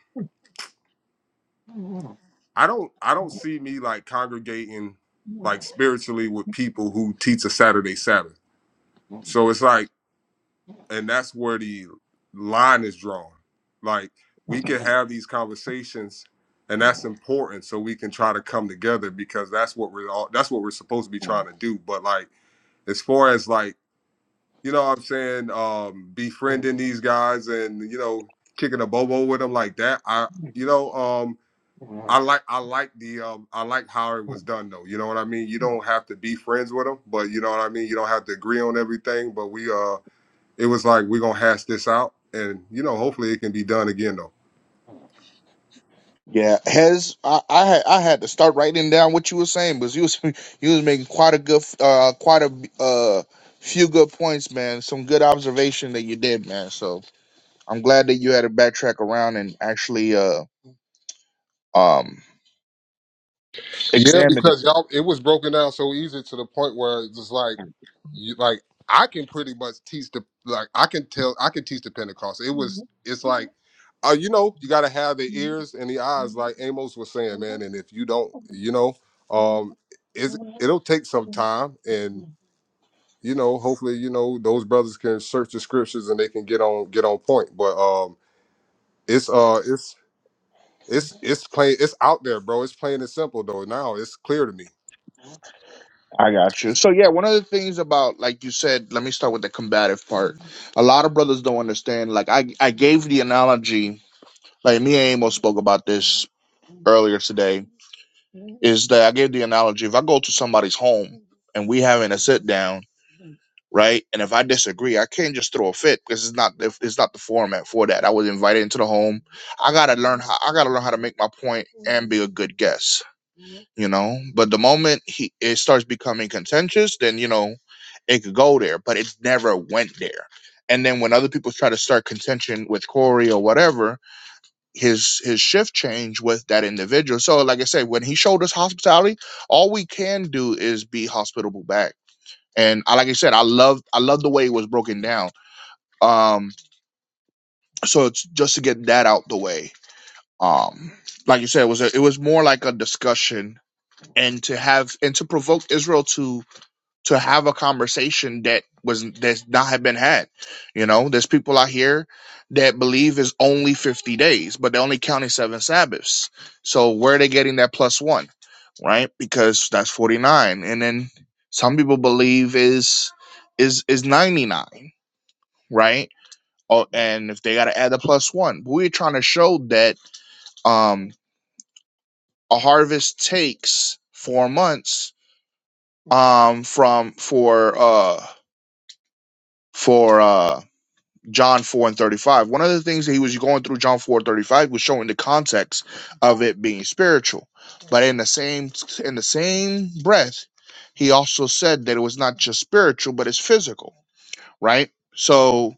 Speaker 4: I don't I don't see me like congregating like spiritually with people who teach a Saturday Sabbath. So it's like and that's where the line is drawn. Like we can have these conversations, and that's important, so we can try to come together because that's what we're all that's what we're supposed to be trying to do. But like as far as like you know, what I'm saying um, befriending these guys and you know kicking a bobo with them like that. I you know um, I like I like the um, I like how it was done though. You know what I mean. You don't have to be friends with them, but you know what I mean. You don't have to agree on everything, but we uh it was like we're gonna hash this out, and you know, hopefully it can be done again though.
Speaker 2: Yeah, has I, I had I had to start writing down what you were saying because you was you was making quite a good uh quite a uh few good points, man. Some good observation that you did, man. So I'm glad that you had to backtrack around and actually uh um
Speaker 4: Yeah,
Speaker 2: examine
Speaker 4: because
Speaker 2: it.
Speaker 4: y'all, it was broken down so easy to the point where it's just like, you, like I can pretty much teach the, like I can tell, I can teach the Pentecost. It was, it's like, uh, you know, you got to have the ears and the eyes, like Amos was saying, man. And if you don't, you know, um, it's, it'll take some time, and you know, hopefully, you know, those brothers can search the scriptures and they can get on, get on point. But um, it's, uh, it's It's it's plain it's out there, bro. It's plain and simple though. Now it's clear to me.
Speaker 2: I got you. So yeah, one of the things about like you said, let me start with the combative part. A lot of brothers don't understand. Like I, I gave the analogy. Like me and Amos spoke about this earlier today. Is that I gave the analogy? If I go to somebody's home and we having a sit down, right? And if I disagree, I can't just throw a fit because it's not if it's not the format for that. I was invited into the home. I gotta learn how. I gotta learn how to make my point and be a good guest you know but the moment he it starts becoming contentious then you know it could go there but it never went there and then when other people try to start contention with corey or whatever his his shift changed with that individual so like i said when he showed us hospitality all we can do is be hospitable back and I, like i said i love i love the way it was broken down um so it's just to get that out the way um like you said it was a, it was more like a discussion and to have and to provoke israel to to have a conversation that was that's not have been had. You know, there's people out here that believe is only 50 days, but they're only counting seven Sabbaths. So where are they getting that plus one? Right? Because that's 49. And then some people believe is is is 99, right? Oh, and if they gotta add a plus one. But we're trying to show that um a harvest takes four months um from for uh for uh John 4 and 35. One of the things that he was going through John 4 and 35 was showing the context of it being spiritual. But in the same in the same breath, he also said that it was not just spiritual, but it's physical, right? So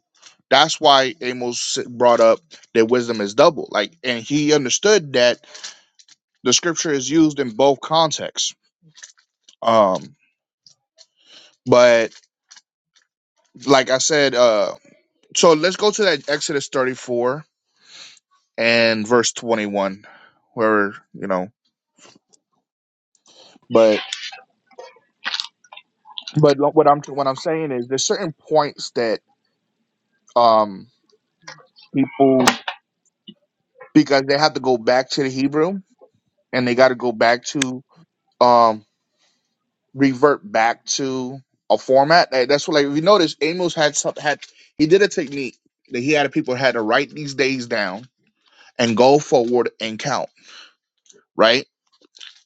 Speaker 2: that's why Amos brought up that wisdom is double. Like and he understood that the scripture is used in both contexts. Um but like I said, uh so let's go to that Exodus 34 and verse 21 where you know but but what i'm what i'm saying is there's certain points that um people because they have to go back to the hebrew and they got to go back to um revert back to a format Like, that's what like if you notice amos had some had he did a technique that he had people had to write these days down and go forward and count right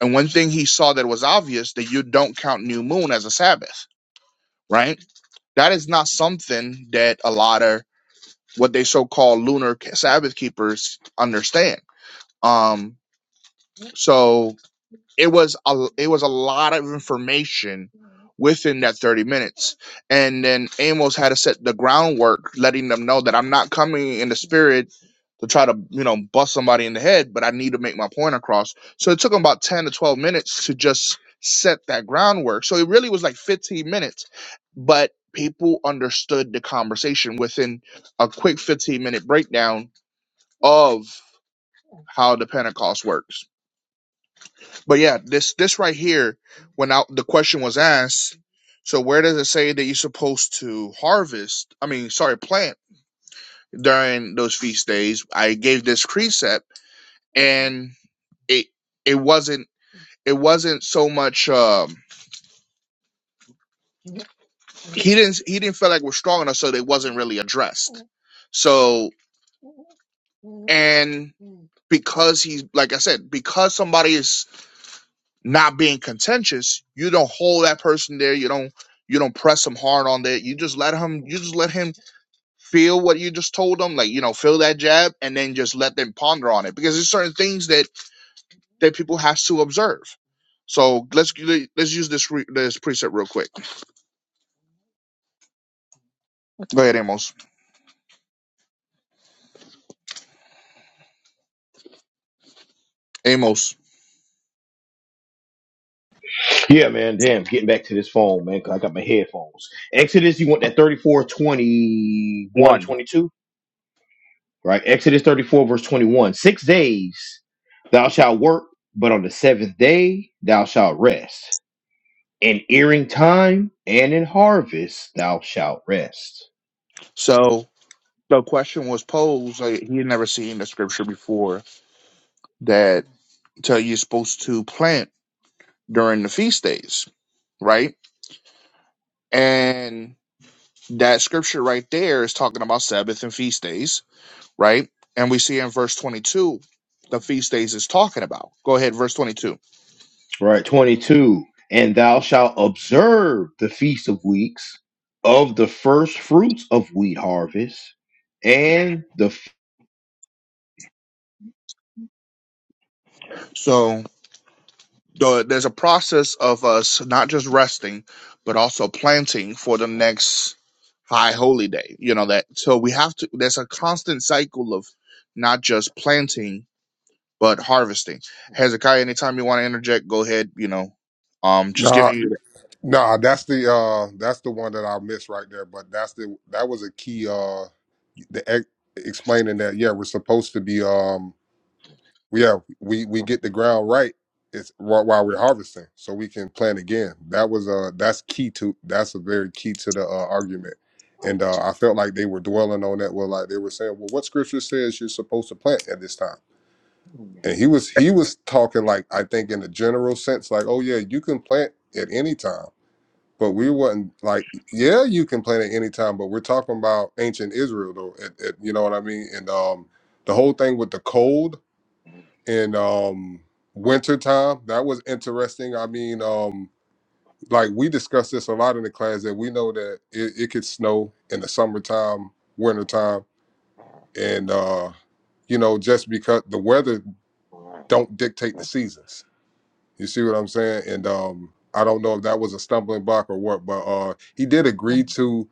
Speaker 2: and one thing he saw that was obvious that you don't count new moon as a sabbath right That is not something that a lot of what they so called lunar Sabbath keepers understand. Um, so it was a it was a lot of information within that 30 minutes and then amos had to set the groundwork letting them know that i'm not coming in the spirit to try to you know bust somebody in the head but i need to make my point across so it took him about 10 to 12 minutes to just set that groundwork so it really was like 15 minutes but people understood the conversation within a quick 15 minute breakdown of how the pentecost works but yeah, this this right here, when I, the question was asked, so where does it say that you're supposed to harvest? I mean, sorry, plant during those feast days. I gave this precept, and it it wasn't it wasn't so much. Um, he didn't he didn't feel like we're strong enough, so it wasn't really addressed. So and because he's like I said, because somebody is not being contentious, you don't hold that person there. You don't you don't press them hard on that. You just let him. You just let him feel what you just told them, like you know, feel that jab, and then just let them ponder on it because there's certain things that that people have to observe. So let's let's use this re- this preset real quick. Go ahead, Amos. Amos
Speaker 1: Yeah, man. Damn, getting back to this phone, man, because I got my headphones. Exodus, you want that 34:21 and
Speaker 2: one.
Speaker 1: 22? right? Exodus 34, verse 21. Six days thou shalt work, but on the seventh day thou shalt rest. In earing time and in harvest thou shalt rest.
Speaker 2: So the question was posed. Like, he had never seen the scripture before that tell you are supposed to plant during the feast days, right? And that scripture right there is talking about Sabbath and feast days right? And we see in verse 22 the feast days is talking about. Go ahead, verse 22.
Speaker 1: Right? 22. And thou shalt observe the feast of weeks of the first fruits of wheat harvest and the. F-
Speaker 2: So the, there's a process of us not just resting, but also planting for the next high holy day. You know that. So we have to. There's a constant cycle of not just planting but harvesting. Hezekiah, anytime you want to interject, go ahead. You know, um, just
Speaker 4: Nah,
Speaker 2: giving you.
Speaker 4: nah, that's the uh that's the one that I missed right there. But that's the that was a key uh the ex- explaining that yeah we're supposed to be um yeah we we get the ground right it's wh- while we're harvesting so we can plant again. That was uh that's key to that's a very key to the uh, argument. And uh, I felt like they were dwelling on that. Well, like they were saying, well, what scripture says you're supposed to plant at this time? and he was he was talking like I think in the general sense, like, oh yeah, you can plant at any time. But we wasn't like, yeah, you can plant at any time, but we're talking about ancient Israel though. At, at, you know what I mean? And um the whole thing with the cold and um winter time, that was interesting. I mean, um like we discussed this a lot in the class that we know that it, it could snow in the summertime, wintertime, and uh, you know, just because the weather don't dictate the seasons You see what I'm saying? And um, I don't know if that was a stumbling block or what, but uh, he did agree to.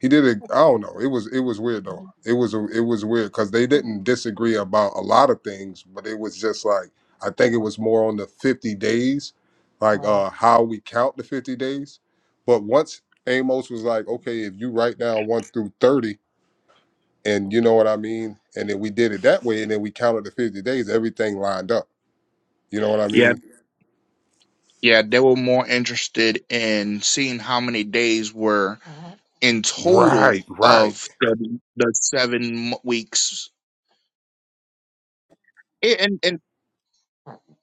Speaker 4: He did. ag- I don't know. It was it was weird though. It was it was weird because they didn't disagree about a lot of things, but it was just like I think it was more on the 50 days, like uh, how we count the 50 days. But once Amos was like, okay, if you write down one through 30, and you know what I mean, and then we did it that way, and then we counted the 50 days, everything lined up. You know what I
Speaker 2: Yeah,
Speaker 4: mean?
Speaker 2: yeah. They were more interested in seeing how many days were in
Speaker 4: Right,
Speaker 2: total
Speaker 4: right.
Speaker 2: of the, the seven weeks. And and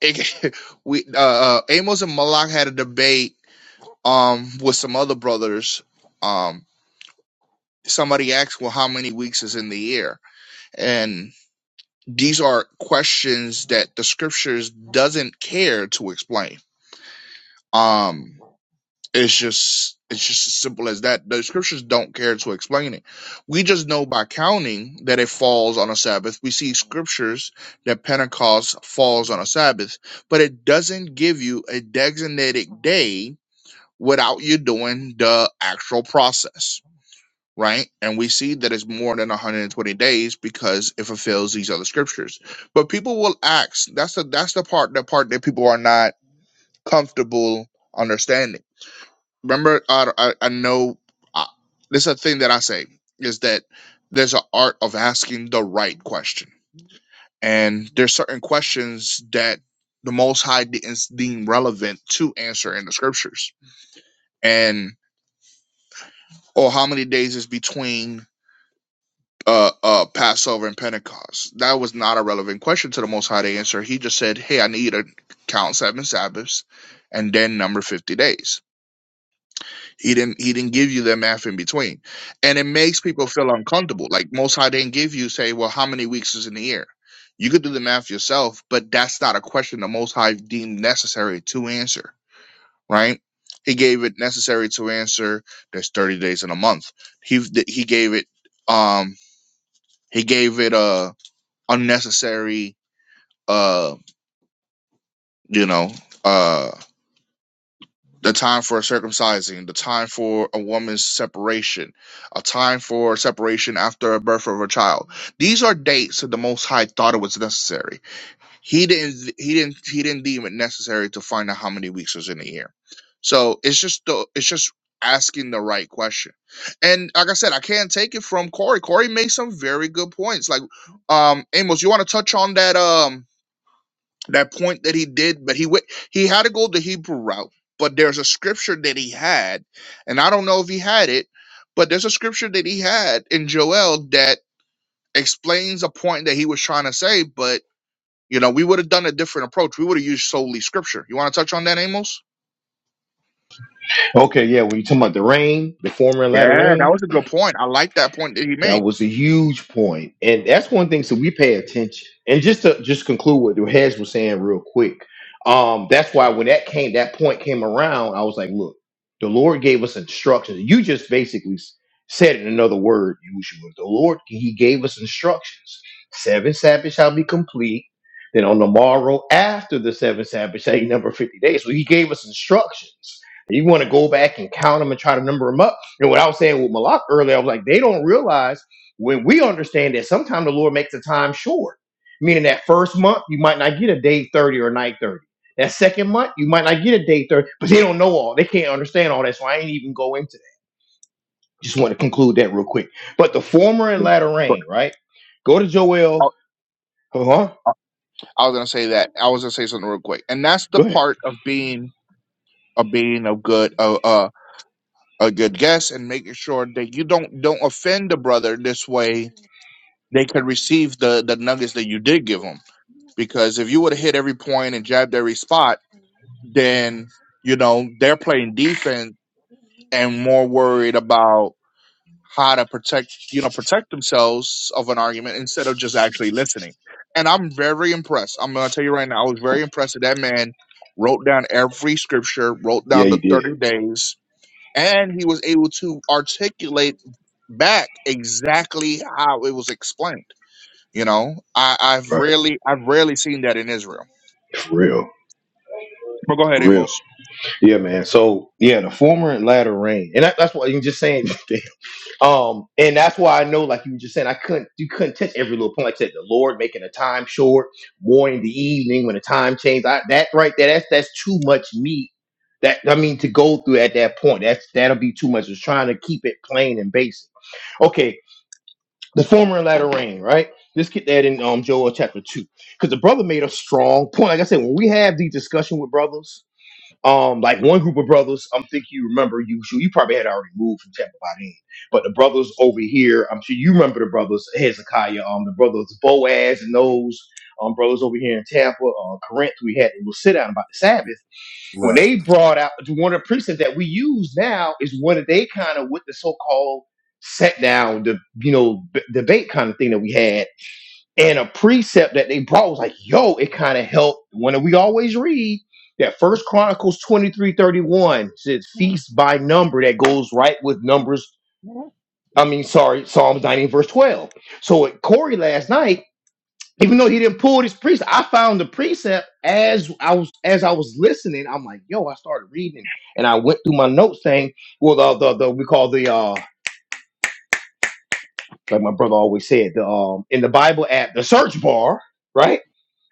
Speaker 2: it, we uh, uh, Amos and Malak had a debate um with some other brothers. Um, somebody asked, "Well, how many weeks is in the year?" And these are questions that the scriptures doesn't care to explain. Um, It's just it's just as simple as that. The scriptures don't care to explain it. We just know by counting that it falls on a Sabbath. We see scriptures that Pentecost falls on a Sabbath, but it doesn't give you a designated day without you doing the actual process, right? And we see that it's more than 120 days because it fulfills these other scriptures. But people will ask, that's the that's the part the part that people are not comfortable understanding remember I, I, I know uh, this is a thing that i say is that there's an art of asking the right question and there's certain questions that the most high didn't deem relevant to answer in the scriptures and or how many days is between uh, uh passover and pentecost that was not a relevant question to the most high to answer he just said hey i need you to count seven sabbaths and then number 50 days He didn't he didn't give you the math in between. And it makes people feel uncomfortable. Like most high didn't give you say, well, how many weeks is in the year? You could do the math yourself, but that's not a question the most high deemed necessary to answer, right? He gave it necessary to answer there's 30 days in a month. He th- he gave it um he gave it a unnecessary uh you know uh the time for circumcising, the time for a woman's separation, a time for separation after a birth of a child. These are dates that the Most High thought it was necessary. He didn't. He didn't. He didn't deem it necessary to find out how many weeks was in a year. So it's just the. It's just asking the right question. And like I said, I can't take it from Corey. Corey made some very good points. Like, um, Amos, you want to touch on that? Um, that point that he did, but he went, he had to go the Hebrew route. But there's a scripture that he had, and I don't know if he had it, but there's a scripture that he had in Joel that explains a point that he was trying to say. But you know, we would have done a different approach. We would have used solely scripture. You want to touch on that, Amos?
Speaker 1: okay, yeah, when you talking about the rain, the former and latter
Speaker 2: Yeah, that
Speaker 1: rain.
Speaker 2: was a good point. I like that point that he
Speaker 1: That
Speaker 2: made.
Speaker 1: was a huge point, and that's one thing. So we pay attention, and just to just conclude what the heads was saying real quick. Um, that's why when that came, that point came around. I was like, look, the Lord gave us instructions. You just basically s- said it in another word, Yahushua. The Lord, He gave us instructions. Seven Sabbaths shall be complete. Then on the morrow after the seven Sabbaths shall you number fifty days. So He gave us instructions. You want to go back and count them and try to number them up? And what I was saying with Malak earlier, I was like, they don't realize when we understand that sometimes the Lord makes the time short, meaning that first month, you might not get a day 30 or night 30. That second month, you might not get a day 30, but they don't know all. They can't understand all that. So I ain't even go into that. Just want to conclude that real quick. But the former and latter
Speaker 2: But
Speaker 1: rain, right? Go to
Speaker 2: I,
Speaker 1: Joel. Uh huh.
Speaker 2: I was gonna say that. I was gonna say something real quick, and that's the
Speaker 1: Go ahead.
Speaker 2: part of being of being of good. uh, a good guess and making sure that you don't don't offend the brother this way they can receive the the nuggets that you did give them because if you would have hit every point and jabbed every spot then you know they're playing defense and more worried about how to protect you know protect themselves of an argument instead of just actually listening and i'm very impressed i'm going to tell you right now i was very impressed that that man wrote down every scripture wrote
Speaker 1: Yeah,
Speaker 2: down the
Speaker 1: you did.
Speaker 2: 30 days and he was able to articulate back exactly how it was explained. You know, I, I've
Speaker 1: Right.
Speaker 2: rarely I've rarely seen that in Israel.
Speaker 1: For real.
Speaker 2: But go ahead,
Speaker 1: For real.
Speaker 2: Amos.
Speaker 1: Yeah, man. So, yeah, the former and latter rain. And that, that's what you're just saying. Um, and that's why I know, like you were just saying, I couldn't you couldn't touch every little point. Like I said, the Lord making the time short, more in the evening when the time changed. I, that right there, that's that's too much meat. That I mean to go through at that point. That's that'll be too much. It's trying to keep it plain and basic. Okay, the former and latter rain, right? Let's get that in um Joel chapter two. Because the brother made a strong point. Like I said, when we have these discussion with brothers, um, like one group of brothers, I'm thinking you remember you sure you probably had already moved from Tampa by then. But the brothers over here, I'm sure you remember the brothers Hezekiah, um, the brothers Boaz and those um brothers over here in Tampa, uh Corinth, we had a little sit down about the Sabbath. When
Speaker 4: Right.
Speaker 1: they brought out one of the precepts that we use now is one of they kind of with the so-called set down the you know b- debate kind of thing that we had and a precept that they brought was like, yo, it kind of helped. When we always read that First Chronicles 23 31 says feast by number that goes right with numbers. I mean, sorry, Psalms 19, verse 12. So at Corey last night, even though he didn't pull this precept, I found the precept as I was as I was listening. I'm like, yo, I started reading and I went through my notes saying, well, the the, the we call the uh like my brother always said, the um in the Bible app, the search bar, right?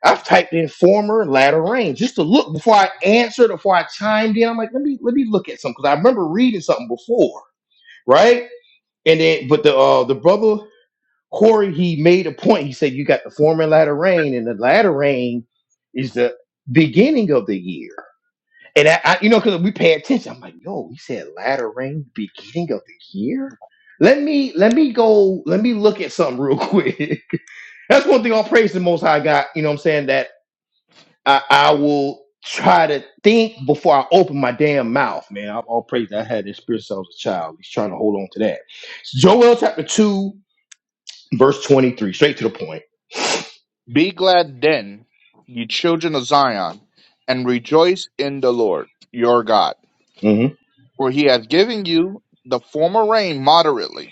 Speaker 1: I've typed in former latter rain just to look before I answered, before I chimed in. I'm like, let me let me look at something because I remember reading something before, right? And then, but the uh, the brother Corey, he made a point. He said, you got the former latter rain, and the latter rain is the beginning of the year. And I, I you know, because we pay attention. I'm like, yo, he said latter rain, beginning of the year. Let me let me go. Let me look at something real quick. That's one thing. I'll praise the Most High God. You know, what I'm saying that I, I will try to think before I open my damn mouth, man. I, I'll pray that I had this spirit self as a child. He's trying to hold on to that. Joel chapter 2, verse 23, straight to the point.
Speaker 2: Be glad then, ye children of Zion, and rejoice in the Lord your God,
Speaker 1: hmm
Speaker 2: for he hath given you the former rain moderately,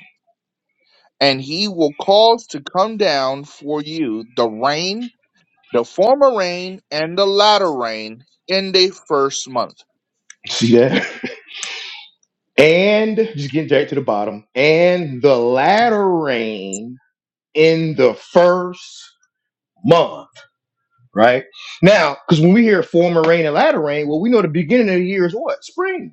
Speaker 2: and he will cause to come down for you the rain, the former rain, and the latter rain in the first month.
Speaker 1: See that? and just getting straight to the bottom. And the latter rain in the first month, right? Now, because when we hear former rain and latter rain, well, we know the beginning of the year is what? Spring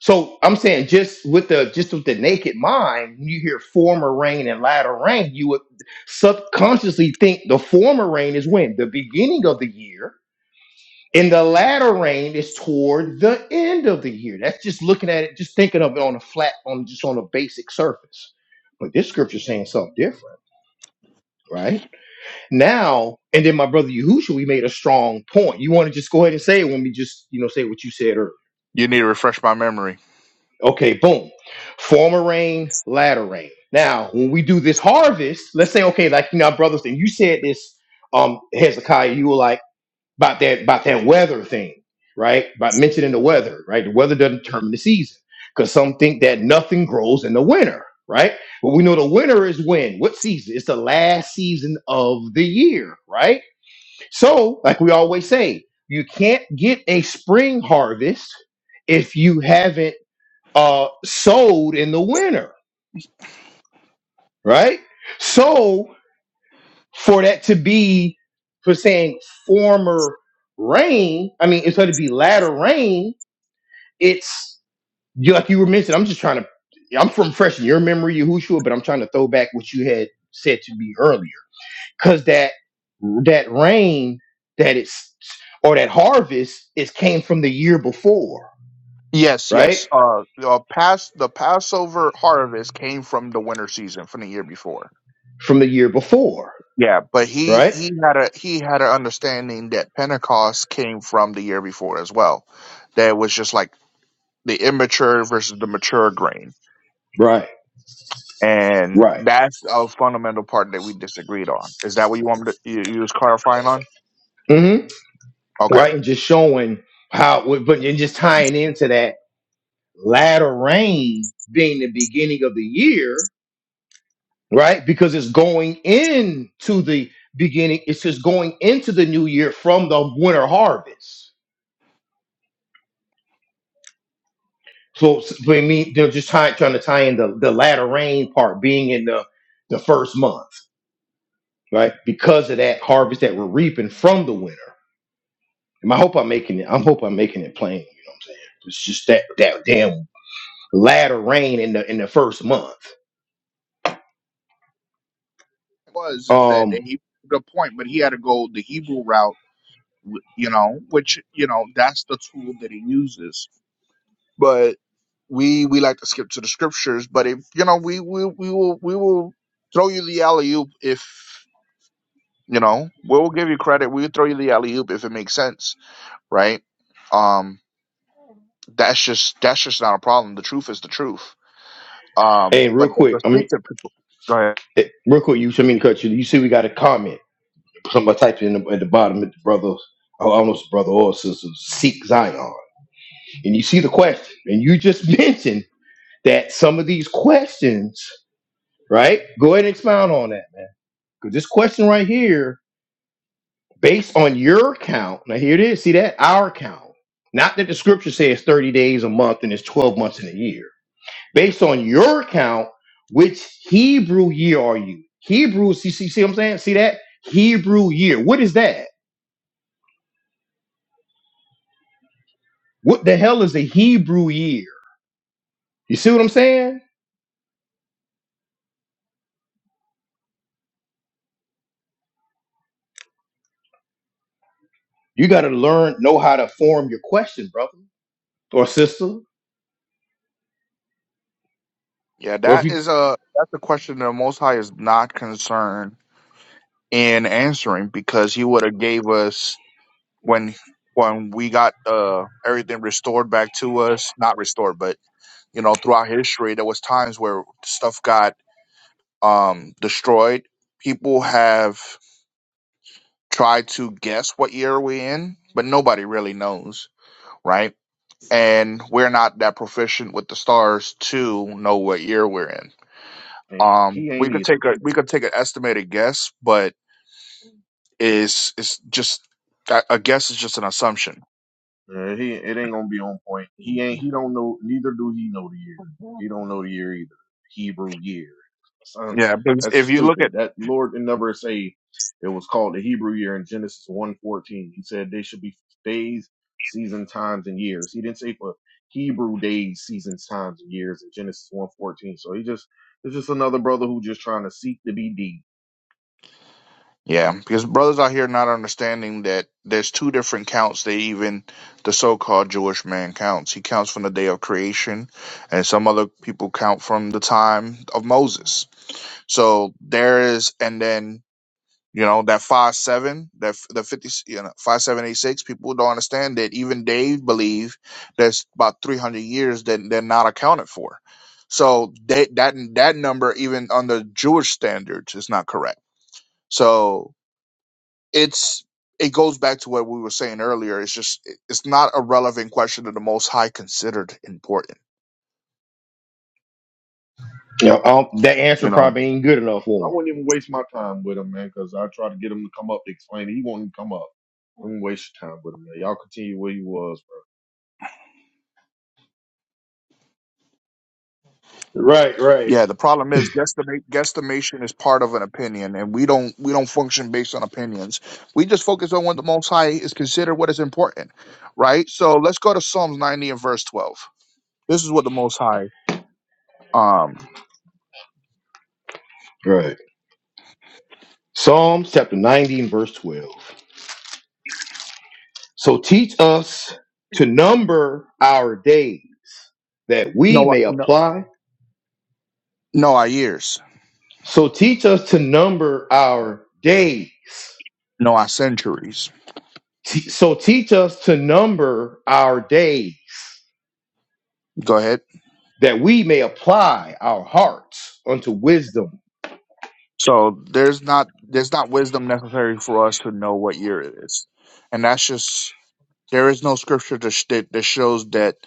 Speaker 1: So I'm saying just with the just with the naked mind, when you hear former rain and latter rain, you would subconsciously think the former rain is when the beginning of the year, and the latter rain is toward the end of the year. That's just looking at it, just thinking of it on a flat, on just on a basic surface. But this scripture is saying something different, right? Now, and then my brother Yahushua, we made a strong point. You want to just go ahead and say it when we just, you know, say what you said earlier.
Speaker 2: You need to refresh my memory.
Speaker 1: Okay, boom. Former rain, latter rain. Now, when we do this harvest, let's say, okay, like you know, our brothers, and you said this, um, Hezekiah, you were like about that about that weather thing, right? About mentioning the weather, right? The weather doesn't determine the season. Because some think that nothing grows in the winter, right? But we know the winter is when? What season? It's the last season of the year, right? So, like we always say, you can't get a spring harvest if you haven't uh, sold in the winter, right? So for that to be for saying former rain, I mean, it's going to be latter rain. It's you like you were mentioning. I'm just trying to. I'm from fresh in your memory, Yahushua, but I'm trying to throw back what you had said to me earlier because that that rain that it's or that harvest is came from the year before,
Speaker 2: Yes,
Speaker 1: right?
Speaker 2: yes. Uh, uh, past the Passover harvest came from the winter season from the year before.
Speaker 1: From the year before,
Speaker 2: Yeah, but he
Speaker 1: right?
Speaker 2: he had a he had an understanding that Pentecost came from the year before as well. That it was just like the immature versus the mature grain,
Speaker 1: Right.
Speaker 2: and
Speaker 1: Right.
Speaker 2: that's a fundamental part that we disagreed on. Is that what you want me to you, you was clarifying on? Okay.
Speaker 1: right? And just showing how, but and just tying into that latter rain being the beginning of the year, right? Because it's going into the beginning, it's just going into the new year from the winter harvest. So, s- so, I mean, they're just trying, trying to tie in the, the latter rain part being in the, the first month, right? Because of that harvest that we're reaping from the winter. And I hope I'm making it, I hope I'm making it plain. You know what I'm saying? It's just that, that damn latter rain in the in the first month.
Speaker 2: Was is that
Speaker 1: Um,
Speaker 2: and he the point, but he had to go the Hebrew route, w- you know, which you know that's the tool that he uses but we we like to skip to the scriptures. But if you know, we we we will we will throw you the alley oop if you know. We'll give you credit. We'll throw you the alley oop if it makes sense, right? Um, that's just that's just not a problem. The truth is the truth. Um,
Speaker 1: and real
Speaker 2: but the
Speaker 1: quick, I mean,
Speaker 2: restricted people. Go ahead.
Speaker 1: eh, real quick, you should mean to cut you. You see, we got a comment. Somebody typed in the, at the bottom, at the brothers, oh, almost brother or sister, seek Zion, and you see the question, and you just mentioned that some of these questions, right? Go ahead and expound on that, man, because this question right here, based on your count, now here it is. See that our count. Not that the scripture says 30 days a month and it's 12 months in a year based on your account, which Hebrew year are you? Hebrew, see, see, see what I'm saying? See that? Hebrew year. What is that? What the hell is a Hebrew year? You see what I'm saying? You got to learn, know how to form your question, brother or sister.
Speaker 2: Yeah,
Speaker 1: Or if
Speaker 2: that
Speaker 1: you,
Speaker 2: is a that's a question the Most High is not concerned in answering because He would have gave us when when we got uh everything restored back to us, not restored, but you know throughout history there was times where stuff got um destroyed people have tried to guess what year we're in but nobody really knows right and we're not that proficient with the stars to know what year we're in
Speaker 3: Hey,
Speaker 2: um
Speaker 3: he
Speaker 2: we
Speaker 3: ain't
Speaker 2: could
Speaker 3: either.
Speaker 2: take a we could take an estimated guess but is it's it's just a a guess is just an assumption
Speaker 3: Uh, he it ain't gonna be on point. He ain't he don't know neither do he know the year. He don't know the year either. Hebrew year. Son,
Speaker 2: yeah because
Speaker 3: that's
Speaker 2: if you look at
Speaker 3: stupid. That Lord did never say it was called the Hebrew year in Genesis one fourteen. He said they should be days, season, times, and years. He didn't say for Hebrew days, seasons, times, and years in Genesis one fourteen. So he just it's just another brother who just trying to seek to be deep
Speaker 2: Yeah, because brothers out here not understanding that there's two different counts that even the so-called Jewish man counts. He counts from the day of creation, and some other people count from the time of Moses. So there is, and then you know that five seven, that f- the fifty, you know five seven eight six. People don't understand that even they believe there's about three hundred years that they're not accounted for. So they, that that number, even under Jewish standards, is not correct. So it's it goes back to what we were saying earlier. It's just it's not a relevant question that the Most High considered important.
Speaker 1: you know, I don't- that answer
Speaker 2: You know,
Speaker 1: probably ain't good enough
Speaker 3: I
Speaker 1: for
Speaker 3: wouldn't even waste my time with him, man, because I tried to get him to come up to explain it. He won't even come up. Don't waste your time with him, man. Y'all continue where you was, bro.
Speaker 1: them. Right, right,
Speaker 2: yeah. The problem is guesstimate, guesstimation is part of an opinion, and we don't we don't function based on opinions. We just focus on what the Most High is considered what is important, right? So let's go to Psalms ninety and verse twelve. This is what the Most High um
Speaker 1: right. Psalms chapter 90 and verse 12. So teach us to number our days that we
Speaker 2: no no
Speaker 1: may
Speaker 2: no
Speaker 1: apply
Speaker 2: know our years
Speaker 1: So teach us to number our days.
Speaker 2: no our centuries.
Speaker 1: Te- So teach us to number our days
Speaker 2: Go ahead.
Speaker 1: that we may apply our hearts unto wisdom.
Speaker 2: So there's not there's not wisdom necessary for us to know what year it is, and that's just there is no scripture to sh- that that shows that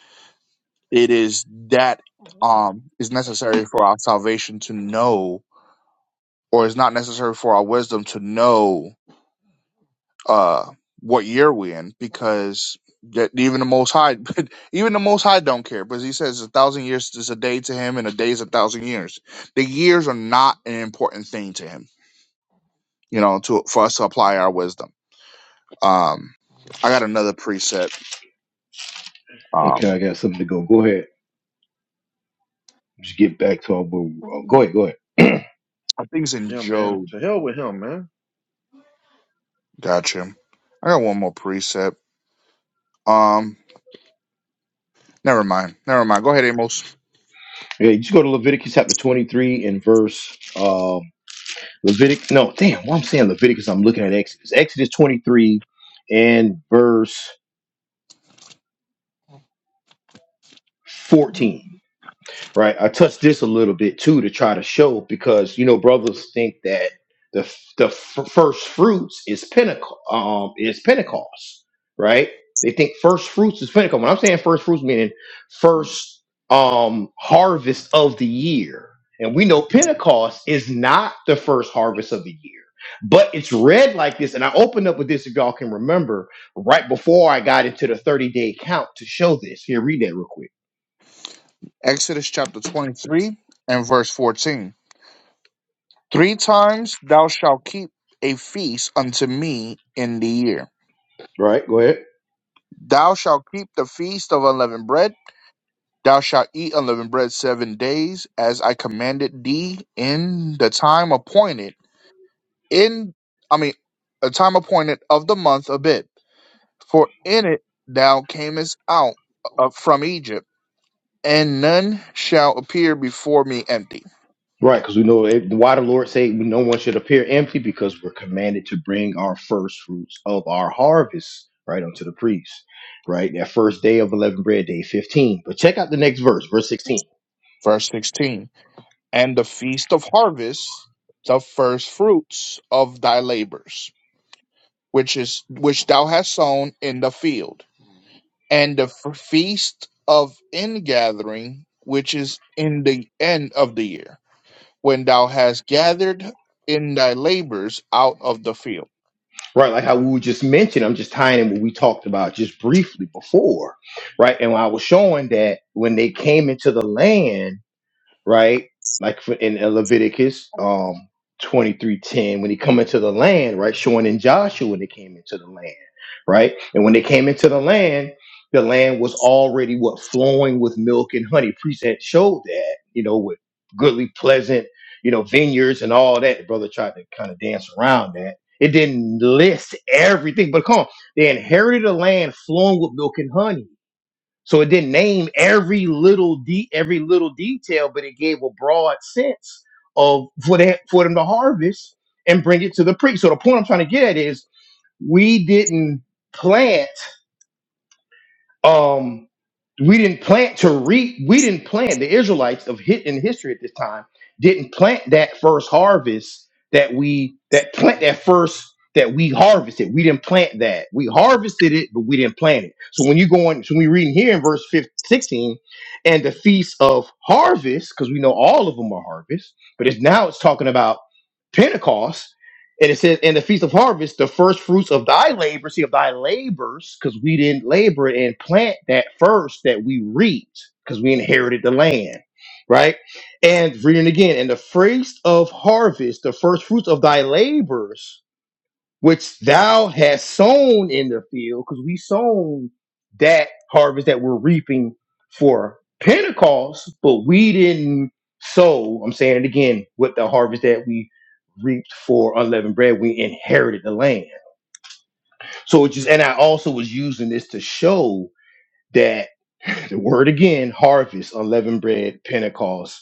Speaker 2: it is that um is necessary for our salvation to know, or is not necessary for our wisdom to know uh what year we in because that even the Most High even the Most High don't care because he says a thousand years is a day to him and a day is a thousand years. The years are not an important thing to him, you know, to for us to apply our wisdom. Um, I got another preset.
Speaker 1: Okay,
Speaker 2: Um,
Speaker 1: I got something to go. Go ahead. Just get back to our. uh, Go ahead. Go ahead.
Speaker 2: I think it's in
Speaker 3: Yeah, man.
Speaker 2: Job.
Speaker 3: To hell with him, man.
Speaker 2: Gotcha. I got one more preset. Um, never mind. Never mind. Go ahead, Amos.
Speaker 1: Yeah, you just go to Leviticus chapter 23 and verse um Levitic no damn what I'm saying Leviticus I'm looking at Exodus Exodus 23 and verse 14 right? I touched this a little bit too to try to show because you know brothers think that the f- the f- first fruits is Pentecost, um, is Pentecost, right? They think first fruits is Pentecost. When I'm saying first fruits, meaning first um harvest of the year, and we know Pentecost is not the first harvest of the year. But it's read like this, and I opened up with this if y'all can remember right before I got into the 30 day count to show this. Here, read that real quick.
Speaker 2: Exodus chapter 23 and verse 14. Three times thou shalt keep a feast unto me in the year.
Speaker 1: Right, go ahead.
Speaker 2: Thou shalt keep the feast of unleavened bread. Thou shalt eat unleavened bread seven days, as I commanded thee in the time appointed. In, I mean, a time appointed of the month of it. for in it thou camest out of, from Egypt, and none shall appear before me empty.
Speaker 1: Right, because we know it, why the Lord say no one should appear empty because we're commanded to bring our first fruits of our harvest right unto the priest. Right, that first day of eleven bread, day fifteen. But check out the next verse, verse sixteen.
Speaker 2: Verse 16 And the feast of harvest, the first fruits of thy labors, which is which thou hast sown in the field, and the f- feast of ingathering, which is in the end of the year. when thou hast gathered in thy labors out of the field.
Speaker 1: Right, like how we just mentioned, I'm just tying in what we talked about just briefly before. Right, and I was showing that when they came into the land. right? Like for, in Leviticus um, 23.10, when he come into the land, right? Showing in Joshua when they came into the land, right? And when they came into the land, the land was already what flowing with milk and honey. Present showed that, you know, with goodly, pleasant, you know, vineyards and all that. The brother tried to kind of dance around that. It didn't list everything, but come on, they inherited a land flowing with milk and honey so it didn't name every little de- every little detail, but it gave a broad sense of for that for them to harvest and bring it to the priest. So the point I'm trying to get at is we didn't plant um, we didn't plant to reap. We didn't plant the Israelites of hit in history at this time didn't plant that first harvest that we that plant that first that we harvested. We didn't plant that. We harvested it, but we didn't plant it. So when you go on, so we reading here in verse 15, sixteen, and the feast of harvest, because we know all of them are harvest, but it's now it's talking about Pentecost and it says, and the feast of harvest, the first fruits of thy labor, see of thy labors, because we didn't labor and plant that first that we reaped, because we inherited the land, right? And reading again, and the feast of harvest, the first fruits of thy labors, which thou hast sown in the field, because we sown that harvest that we're reaping for Pentecost, but we didn't sow. I'm saying it again with the harvest that we reaped for unleavened bread, we inherited the land. So it just, and I also was using this to show that the word again, harvest, unleavened bread, Pentecost,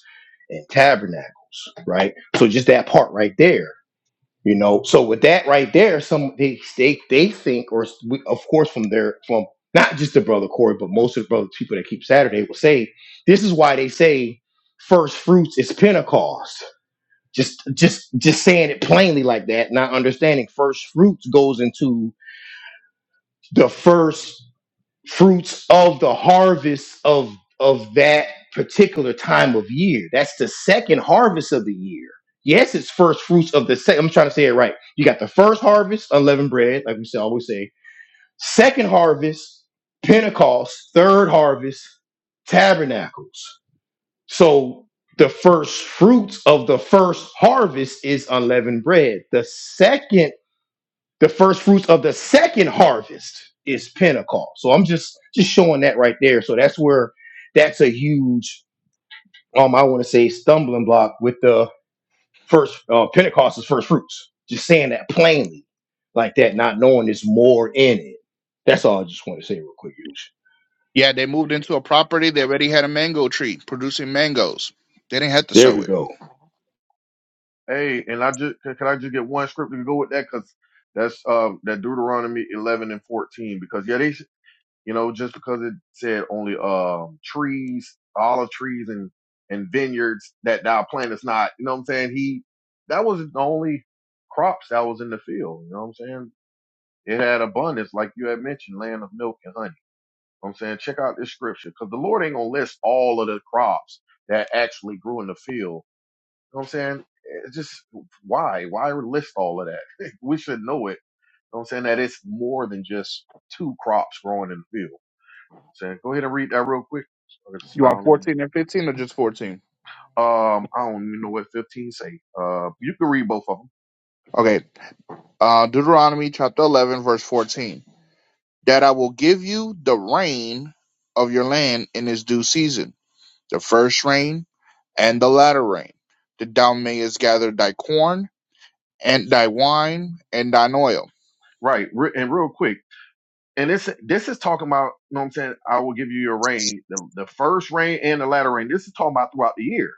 Speaker 1: and tabernacles, right? So just that part right there you know, so with that right there, some they they, they think, or we, of course from their from not just the brother Corey, but most of the brother people that keep Saturday will say this is why they say first fruits is Pentecost. Just just just saying it plainly like that, not understanding first fruits goes into the first fruits of the harvest of of that particular time of year. That's the second harvest of the year. Yes, it's first fruits of the second. I'm trying to say it right. You got the first harvest, unleavened bread, like we say- always say. Second harvest, Pentecost. Third harvest, tabernacles. So the first fruits of the first harvest is unleavened bread. The second the first fruits of the second harvest is Pentecost. So I'm just just showing that right there. So that's where that's a huge um I want to say stumbling block with the first uh, Pentecost is first fruits. Just saying that plainly like that, not knowing there's more in it. That's all I just want to say real quick. Yush.
Speaker 2: Yeah, they moved into a property. They already had a mango tree producing mangoes. They didn't have to
Speaker 1: There
Speaker 2: sow
Speaker 1: we
Speaker 2: it.
Speaker 1: go.
Speaker 3: Hey, and I just can can I just get one scripture to go with that? Cause that's uh that Deuteronomy eleven and fourteen. Because yeah, they s- you know just because it said only um trees, olive trees and and vineyards that thou plantest not. You know what I'm saying? He that was the only crops that was in the field. You know what I'm saying? It had abundance, like you had mentioned, land of milk and honey. You know what I'm saying, check out this scripture because the Lord ain't gonna list all of the crops that actually grew in the field. You know what I'm saying? It's just why? Why list all of that? we should know it. You know what I'm saying? That it's more than just two crops growing in the field. You know what I'm saying, go ahead and read that real quick. I'm gonna
Speaker 2: You want
Speaker 3: expound on it.
Speaker 2: 14 and 15 or just 14?
Speaker 3: Um, I don't even know what 15 say. Uh, you can read both of them,
Speaker 2: Okay. Uh, Deuteronomy chapter 11, verse 14. That I will give you the rain of your land in its due season, the first rain and the latter rain, that thou mayest gather thy corn and thy wine and thine oil.
Speaker 3: right? Re- and real quick. and this this is talking about, you know what I'm saying, I will give you your rain, the, the first rain and the latter rain. This is talking about throughout the year,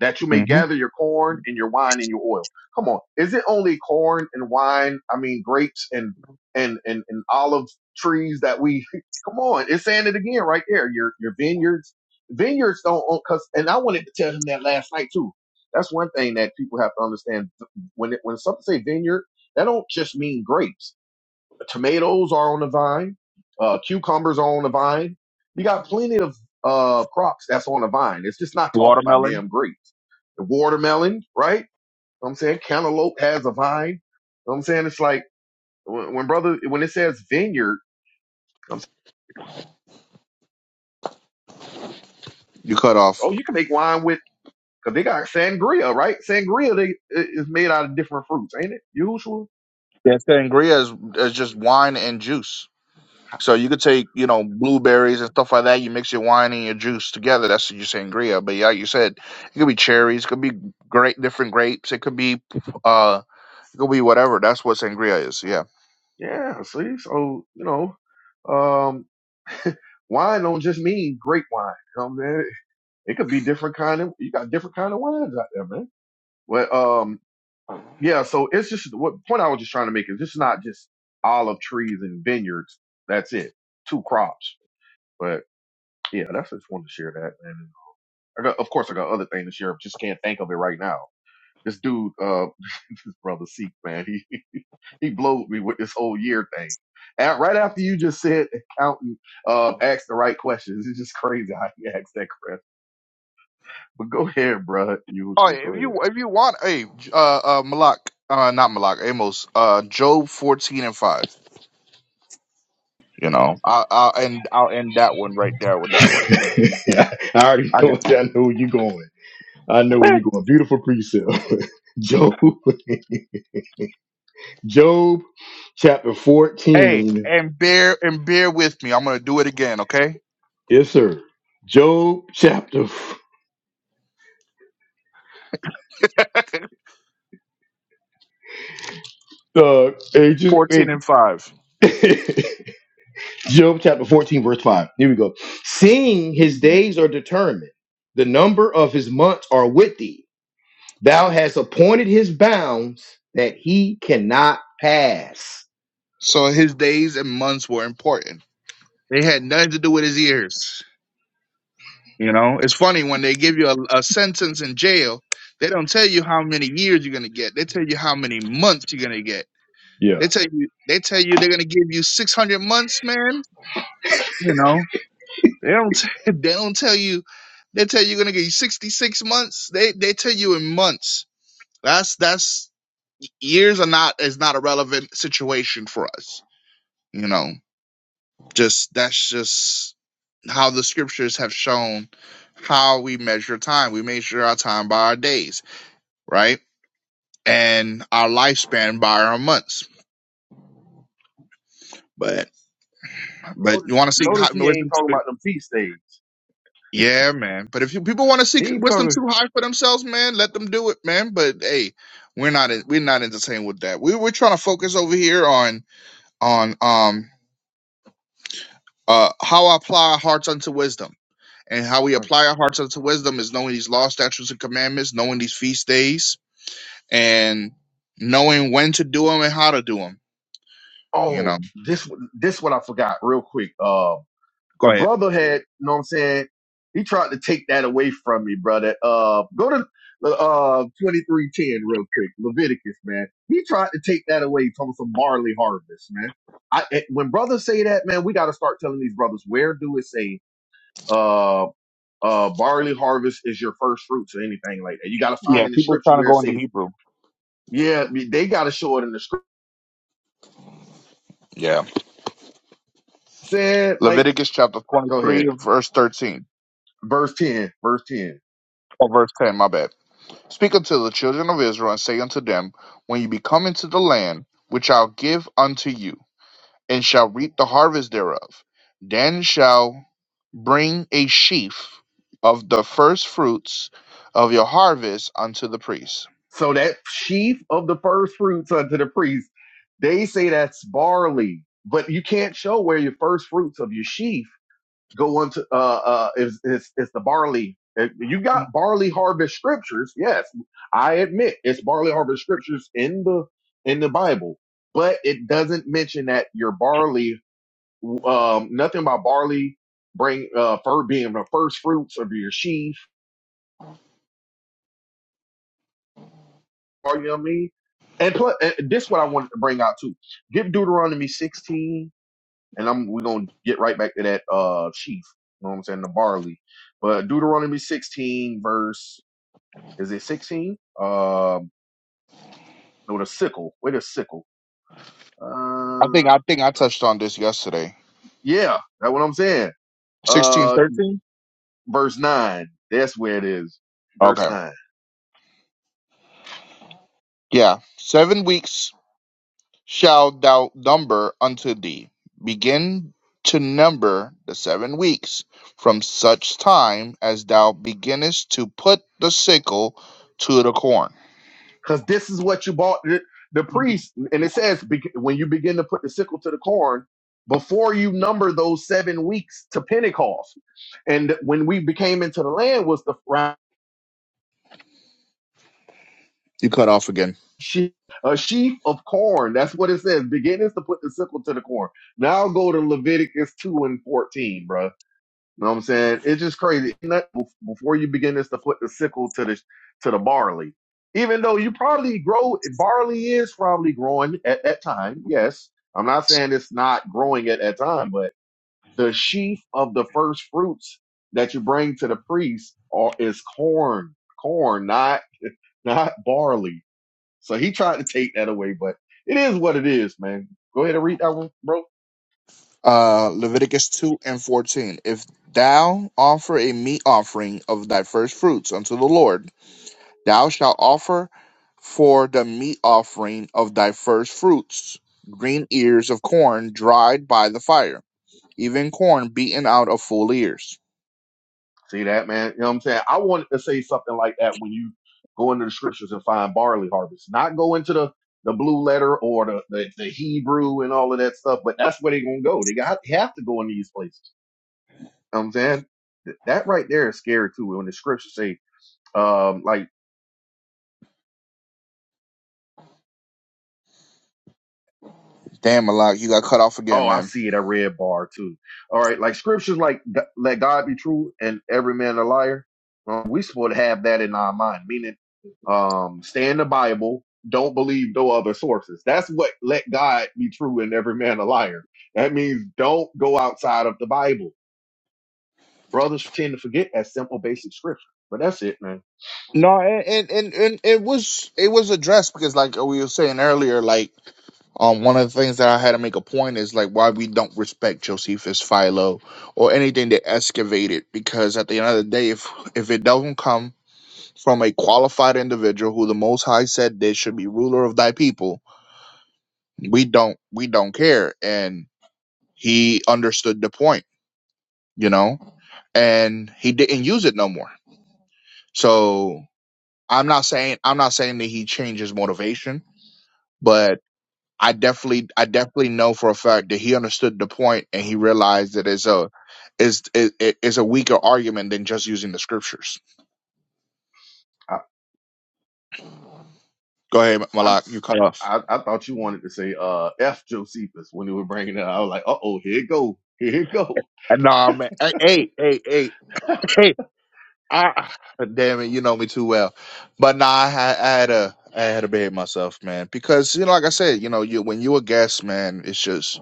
Speaker 3: that you may
Speaker 2: Mhm.
Speaker 3: gather your corn and your wine and your oil. Come on. Is it only corn and wine? I mean grapes and and and, and olive trees that we come on, it's saying it again right there. Your your vineyards. Vineyards don't own cause and I wanted to tell him that last night too. That's one thing that people have to understand. When it, when something say vineyard, that don't just mean grapes Tomatoes are on the vine. Uh, cucumbers are on the vine. You got plenty of uh, crops that's on the vine. It's just not talking about
Speaker 2: Watermelon.
Speaker 3: damn grapes. The watermelon, right? Know what I'm saying cantaloupe has a vine. Know what I'm saying it's like when when brother when it says vineyard, I'm saying,
Speaker 2: You cut off.
Speaker 3: oh you can make wine with because they got sangria, right? Sangria they i- is made out of different fruits, ain't it? Usual,
Speaker 2: Yeah, sangria is, is just wine and juice. So you could take, you know, blueberries and stuff like that. You mix your wine and your juice together. That's your sangria. But yeah, like you said it could be cherries, it could be great different grapes, it could be uh, it could be whatever. That's what sangria is. Yeah.
Speaker 3: yeah. See, so you know, um, wine don't just mean grape wine. You know what I'm saying? It could be different kind of you got different kind of wines out there, man. Well, um, yeah. So it's just what point I was just trying to make is it's not just olive trees and vineyards. That's it, two crops. But yeah, that's just wanted to share that, man. And I got, of course, I got other things to share. but Just can't think of it right now. This dude, uh, this brother Seek, man, he he blowed me with this whole year thing. At, right after you just said accountant uh, asked the right questions, it's just crazy how he asked that question. But go ahead, bro. You
Speaker 2: Oh,
Speaker 3: should
Speaker 2: yeah, if
Speaker 3: go ahead.
Speaker 2: you if you want, hey, uh, uh, Malak, uh, not Malak, Amos, uh, Job fourteen and five. You know, I, I'll end I'll end that one right there with that one.
Speaker 1: I already
Speaker 2: I
Speaker 1: know. I know where you're going. I know where
Speaker 2: got.
Speaker 1: you're going. Beautiful precept, Job. Job chapter
Speaker 2: Hey,
Speaker 1: 14
Speaker 2: and bear and bear with me. I'm gonna do it again, okay?
Speaker 1: Yes, sir. Job chapter uh it just
Speaker 2: 14
Speaker 1: it-
Speaker 2: and 5.
Speaker 1: Job chapter 14, verse 5. Here we go. Seeing his days are determined, the number of his months are with thee. Thou hast appointed his bounds that he cannot pass.
Speaker 2: So his days and months were important. They had nothing to do with his years. You know, it's funny when they give you a, a sentence in jail, they don't tell you how many years you're gonna get. They tell you how many months you're gonna get.
Speaker 1: Yeah.
Speaker 2: They tell you they tell you they're gonna give you 600 months, man. You know, they don't t- they don't tell you they tell you you're gonna get 66 months. They they tell you in months. That's that's years are not is not a relevant situation for us. You know. Just that's just how the scriptures have shown how we measure time. We measure our time by our days, right? And our lifespan by our months. But but
Speaker 3: Notice,
Speaker 2: you want to see
Speaker 3: notice
Speaker 2: hot
Speaker 3: he ain't
Speaker 2: wisdom
Speaker 3: talking
Speaker 2: too?
Speaker 3: about them feast days.
Speaker 2: Yeah, man. But if you, people want to seek
Speaker 3: He ain't
Speaker 2: wisdom
Speaker 3: talking.
Speaker 2: too high for themselves, man, let them do it, man. But hey, we're not we're not entertained with that. We we're trying to focus over here on on um uh how I apply our hearts unto wisdom And how we
Speaker 3: Right.
Speaker 2: apply our hearts unto wisdom is knowing these law, statutes, and commandments, knowing these feast days, and knowing when to do them and how to do them. You know,
Speaker 3: Oh, this this what I forgot real quick. Uh, the
Speaker 2: go ahead.
Speaker 3: brother had, you know what I'm saying? He tried to take that away from me, brother. Uh, go to uh 23:10 real quick, Leviticus, man. He tried to take that away, talking some barley harvest, man. I eh, when brothers say that, man, we got to start telling these brothers where do it say uh uh barley harvest is your first fruits or anything like that. You got to find
Speaker 2: Yeah,
Speaker 3: in the
Speaker 2: people
Speaker 3: scripture
Speaker 2: trying to
Speaker 3: where it
Speaker 2: go into
Speaker 3: says
Speaker 2: Hebrew.
Speaker 3: Yeah, they got to show it in the script.
Speaker 2: Yeah.
Speaker 3: Said like,
Speaker 2: Leviticus chapter
Speaker 3: go ahead,
Speaker 2: 23, and verse 13,
Speaker 3: verse ten, verse ten.
Speaker 2: or verse 10, my bad. Speak unto the children of Israel and say unto them, When you be come into the land, which I'll give unto you. and shall reap the harvest thereof. Then shall bring a sheaf of the first fruits of your harvest unto the priest.
Speaker 3: So that sheaf of the first fruits unto the priest, they say that's barley, but you can't show where your first fruits of your sheaf go unto. Uh, uh, is is is the barley? If You got barley harvest scriptures. Yes, I admit it's barley harvest scriptures in the in the Bible, but it doesn't mention that your barley um, nothing about barley, bring uh, for being the first fruits of your sheaf. Or, you know what I mean? And, plus, and this is what I wanted to bring out too. Get Deuteronomy 16, and I'm we're gonna get right back to that uh sheaf. You know what I'm saying? The barley, but Deuteronomy 16 verse is it 16? Um, no, the sickle. Wait, a sickle.
Speaker 2: I think
Speaker 3: Uh,
Speaker 2: I think I touched on this yesterday.
Speaker 3: yeah, that's what I'm saying.
Speaker 2: Sixteen
Speaker 3: Uh,
Speaker 2: thirteen.
Speaker 3: verse nine. That's where it is. Verse
Speaker 2: Okay.
Speaker 3: nine.
Speaker 2: Yeah. Seven weeks shall thou number unto thee. Begin to number the seven weeks from such time as thou beginnest to put the sickle to the corn.
Speaker 3: because this is what you bought the, the priest. And it says "Beg- when you begin to put the sickle to the corn, before you number those seven weeks to Pentecost. And when we became into the land was the round
Speaker 2: You cut off again.
Speaker 3: sheaf, a sheaf of corn. That's what it says. Begin is to put the sickle to the corn. Now go to Leviticus 2 and 14, You know what I'm saying? It's just crazy. And Before you begin this to put the sickle to the to the barley, even though you probably grow barley is probably growing at that time. Yes, I'm not saying it's not growing at that time, but the sheaf of the first fruits that you bring to the priest are, is corn, corn, not not barley. So he tried to take that away, but it is what it is, man. Go ahead and read that one, bro.
Speaker 2: Uh, Leviticus 2 and 14. If thou offer a meat offering of thy first fruits unto the Lord, thou shalt offer for the meat offering of thy first fruits green ears of corn dried by the fire, even corn beaten out of full ears.
Speaker 3: See that, man? You know what I'm saying? I wanted to say something like that when you go into the scriptures and find barley harvest, not go into the, the blue letter or the, the, the Hebrew and all of that stuff, but that's where they're going to go. They got, have to go in these places. You know what I'm saying? Th- That right there is scary too. When the scriptures say, um, like
Speaker 2: Damn, Malak, you got cut off again,
Speaker 3: Oh, I
Speaker 2: man.
Speaker 3: see it. I read bar too. All right, like scriptures, like let God be true and every man a liar. Um, we supposed to have that in our mind, meaning, um, stay in the Bible. Don't believe no other sources. That's what let God be true and every man a liar. That means don't go outside of the Bible. Brothers tend to forget that simple, basic scripture. But that's it, man.
Speaker 2: No, and, and, and, and it was it was addressed because, like we were saying earlier, like Um, one of the things that I had to make a point is like why we don't respect Josephus, Philo, or anything that excavated, because at the end of the day, if if it doesn't come from a qualified individual who the Most High said they should be ruler of thy people, we don't we don't care, and he understood the point, you know, and he didn't use it no more. So I'm not saying I'm not saying that he changed his motivation, but. I definitely I definitely know for a fact that he understood the point and he realized that it's a is it, it- it's a weaker argument than just using the scriptures.
Speaker 3: I
Speaker 2: Go ahead,
Speaker 3: I
Speaker 2: Malak, you cut off.
Speaker 3: I, I thought you wanted to say uh F Josephus when you were bringing it. up. I was like, uh oh, here it go, here it go.
Speaker 2: And nah, man, hey, hey, hey, hey, hey, ah, damn it, you know me too well. But nah, I had, I had a I had to behave myself, man, because you know, like I said, you know, you when you a guest, man, it's just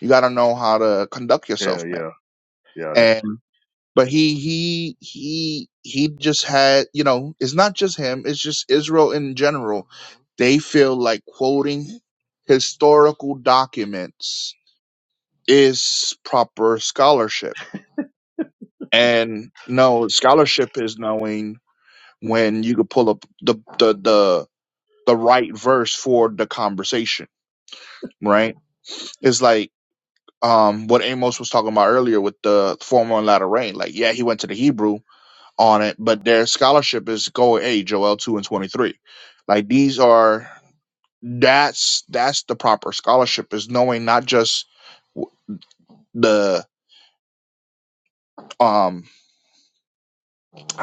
Speaker 2: you got to know how to conduct
Speaker 3: Yeah,
Speaker 2: yourself,
Speaker 3: yeah, yeah. That's
Speaker 2: man. but he he he he just had you know it's not just him it's just israel in general they feel like quoting historical documents is proper scholarship and no scholarship is knowing when you could pull up the the the, the right verse for the conversation right it's like um, what Amos was talking about earlier with the former and latter rain, like yeah, he went to the Hebrew, on it, but their scholarship is Goa A, Joel two and twenty three. Like these are that's that's the proper scholarship is knowing not just w- the um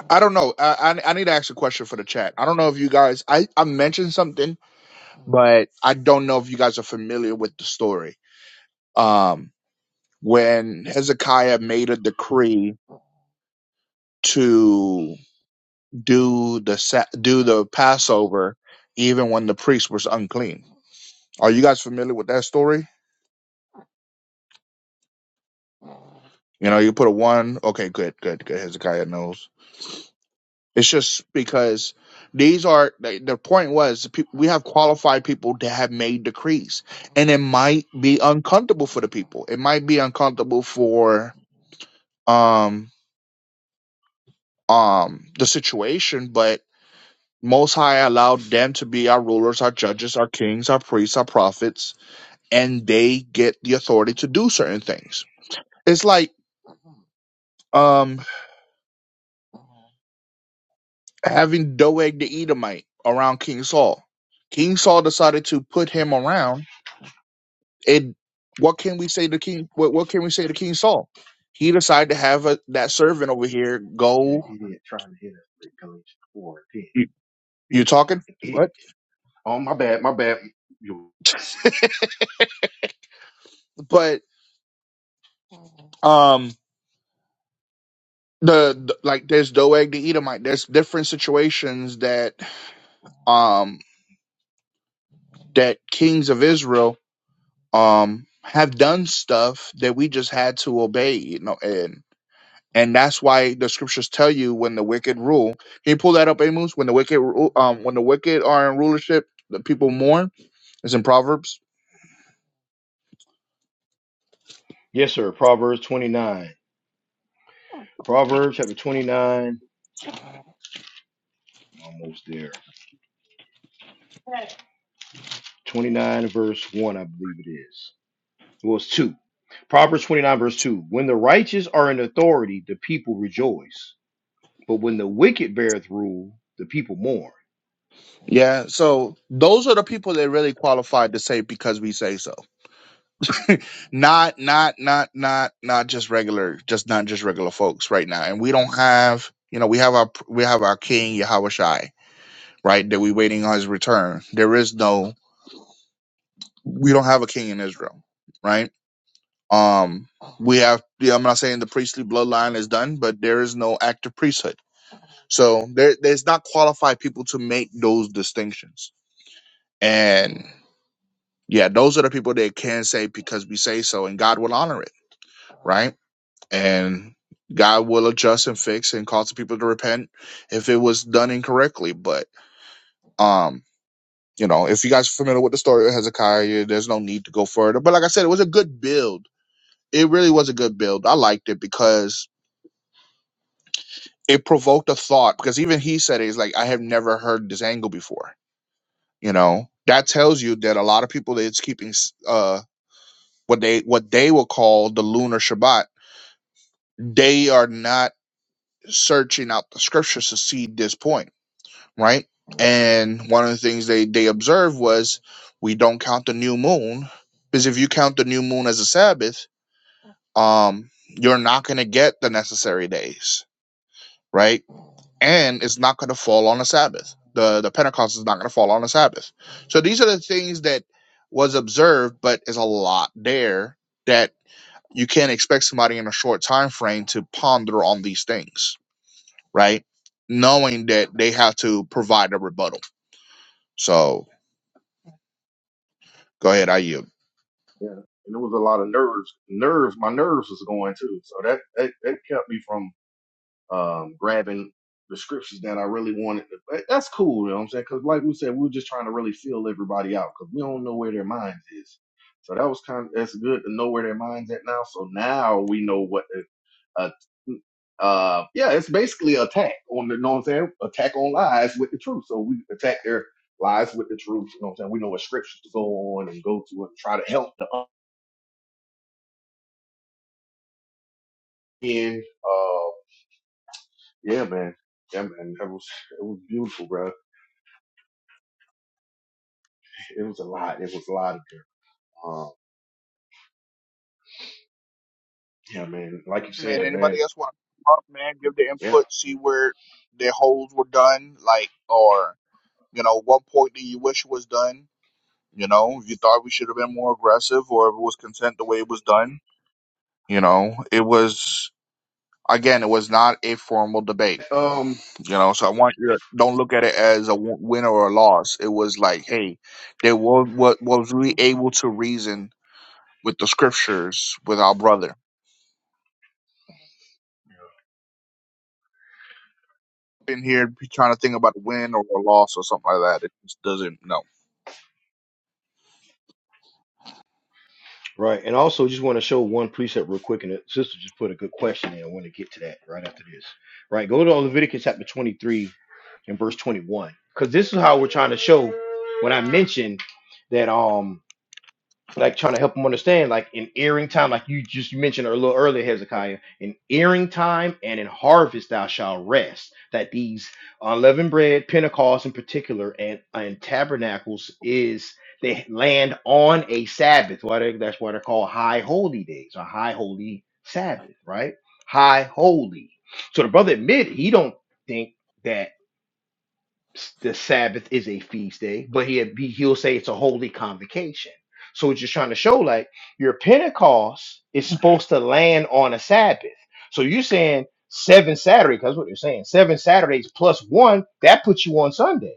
Speaker 2: I don't know I, I I need to ask a question for the chat. I don't know if you guys I I mentioned something, but I don't know if you guys are familiar with the story. Um, when Hezekiah made a decree to do the sa- do the Passover, even when the priest was unclean Are you guys familiar with that story? You know, you put a one. Okay, good, good, good. Hezekiah knows. It's just because these are the the point was pe- we have qualified people that have made decrees, and it might be uncomfortable for the people. It might be uncomfortable for um um the situation, but Most High allowed them to be our rulers, our judges, our kings, our priests, our prophets, and they get the authority to do certain things. It's like um having Doeg the Edomite around King Saul. King Saul decided to put him around. And what can we say to King? What, what can we say to King Saul? He decided to have a, that
Speaker 3: true.
Speaker 2: servant over here
Speaker 3: You see that
Speaker 2: go.
Speaker 3: idiot trying to hit us with Galatians 4 and
Speaker 2: You,
Speaker 3: 10.
Speaker 2: you
Speaker 3: He's a
Speaker 2: talking?
Speaker 3: fucking idiot.
Speaker 2: What?
Speaker 3: Oh, my bad, my bad. You-
Speaker 2: But um, the, the like, there's Doeg the Edomite. There's different situations that um that kings of Israel um have done stuff that we just had to obey. You know, and. and that's why the scriptures tell you when the wicked rule. Can you pull that up, Amos? When the wicked, ru- um, when the wicked are in rulership, the people mourn. It's in Proverbs.
Speaker 1: Yes, sir. Proverbs 29. Proverbs chapter 29. Almost there. 29 verse 1, I believe it is. Well, it's two. Proverbs 29, verse 2. When the righteous are in authority, the people rejoice. But when the wicked beareth rule, the people mourn.
Speaker 2: Yeah. So those are the people that really qualified to say because we say so. not, not, not, not, not just regular, just not just regular folks right now. And we don't have, you know, we have our we have our king Yahweh Shai, right? That we waiting on his return. There is no, we don't have a king in Israel, right? Um, we have, yeah, I'm not saying the priestly bloodline is done, but there is no active priesthood. So there, there's not qualified people to make those distinctions. And yeah, those are the people that can say because we say so, and God will honor it, right? And God will adjust and fix and cause the people to repent if it was done incorrectly. But um, you know, if you guys are familiar with the story of Hezekiah, there's no need to go further. But like I said, it was a good build. It really was a good build. I liked it because it provoked a thought because even he said it, he's like i have never heard this angle before you know that tells you that a lot of people that's keeping s- uh what they what they will call the lunar shabbat they are not searching out the scriptures to see this point right and one of the things they they observed was we don't count the new moon because if you count the new moon as a sabbath um you're not going to get the necessary days right and it's not going to fall on a Sabbath. The the Pentecost is not going to fall on a Sabbath. So these are the things that was observed, but is a lot there that you can't expect somebody in a short time frame to ponder on these things, right? Knowing that they have to provide a rebuttal. So go ahead, I yield.
Speaker 3: Yeah. And it was a lot of nerves. Nerves, my nerves was going too. So that, that, that kept me from um, grabbing the scriptures that I really wanted. But That's cool, you know what I'm saying? Because, like we said, we were just trying to really feel everybody out because we don't know where their minds is. So that was kind of that's good to know where their minds at now. So now we know what, uh, uh, yeah, it's basically attack on the, you know what I'm saying? Attack on lies with the truth. So we attack their lies with the truth. You know what I'm saying? We know what scriptures to go on and go to and try to help the end. Uh, yeah, man. Yeah, man. That was, it was beautiful, bro. It was a lot. It was a lot of them. Um, yeah, man. Like you
Speaker 2: Man,
Speaker 3: said, man.
Speaker 2: anybody else want to talk, man? Give their
Speaker 3: Yeah.
Speaker 2: input, see where their holes were done, like or you know, what point do you wish was done? You know, if you thought we should have been more aggressive or if it was content the way it was done, you know, it was, again, it was not a formal debate,
Speaker 3: Um,
Speaker 2: you know, so I want you to don't look at it as a w- win or a loss. It was like, hey, they were, what was we able to reason with the scriptures with our brother. In here trying to think about a win or a loss or something like that. It just doesn't, no.
Speaker 1: Right. And also, just want to show one precept real quick. And the sister just put a good question in. I want to get to that right after this. Right. Go to Leviticus chapter 23 and verse 21. Because this is how we're trying to show when I mentioned that. um like trying to help them understand, like in earing time, like you just mentioned a little earlier, Hezekiah, in earing time and in harvest thou shalt rest. That these unleavened bread, Pentecost in particular, and and tabernacles is they land on a Sabbath. Why they, that's why they're called high holy days or high holy Sabbath, right? High holy. So the brother admitted he don't think that the Sabbath is a feast day, but he he- will say it's a holy convocation. So it's just trying to show like your Pentecost is supposed to land on a Sabbath. So you're saying seven Saturday, because what you're saying, seven Saturdays plus one, that puts you on Sunday,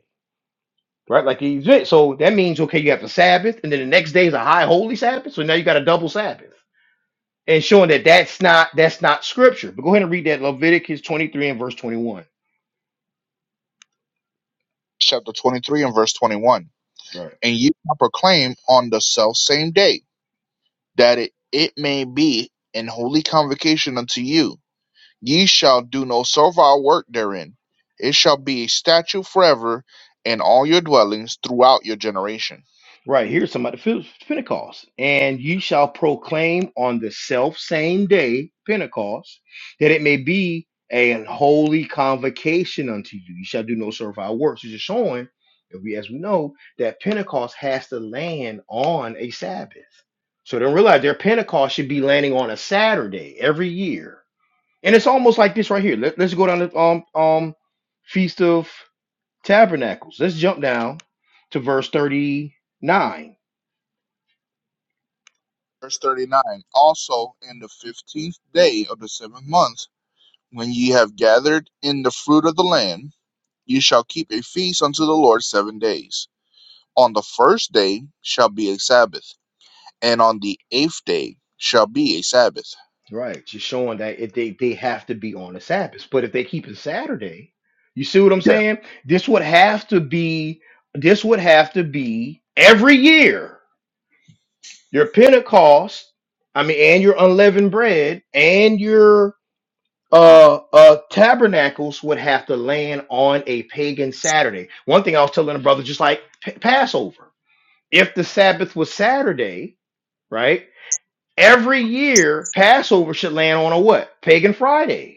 Speaker 1: right? Like he did. so that means okay, you have the Sabbath, and then the next day is a high holy Sabbath. So now you got a double Sabbath, and showing that that's not that's not scripture. But go ahead and read that Leviticus 23 and verse 21.
Speaker 2: Chapter 23 and verse 21. And ye shall proclaim on the self same day. that it, it may be an holy convocation unto you. Ye shall do no servile work therein. It shall be a statute forever in all your dwellings throughout your generation.
Speaker 1: Right here's some of the Phe- Pentecost. And ye shall proclaim on the self same day, Pentecost, that it may be an holy convocation unto you. You shall do no servile works. It's just showing, that we, as we know, that Pentecost has to land on a Sabbath. So they don't realize their Pentecost should be landing on a Saturday every year. And it's almost like this right here. Let, let's go down to um, um, Feast of Tabernacles. Let's jump down to verse 39
Speaker 2: Verse 39 Also in the fifteenth day of the seventh month, when ye have gathered in the fruit of the land, ye shall keep a feast unto the Lord seven days. On the first day shall be a Sabbath, and on the eighth day shall be a Sabbath.
Speaker 1: Right. Just showing that if they, they have to be on the Sabbath. But if they keep it Saturday, you see what I'm
Speaker 2: Yeah,
Speaker 1: saying? This would have to be this would have to be every year. Your Pentecost, I mean, and your unleavened bread and your uh uh tabernacles would have to land on a pagan Saturday. One thing I was telling a brother, just like P- Passover. If the Sabbath was Saturday, right? Every year, Passover should land on a what? Pagan Friday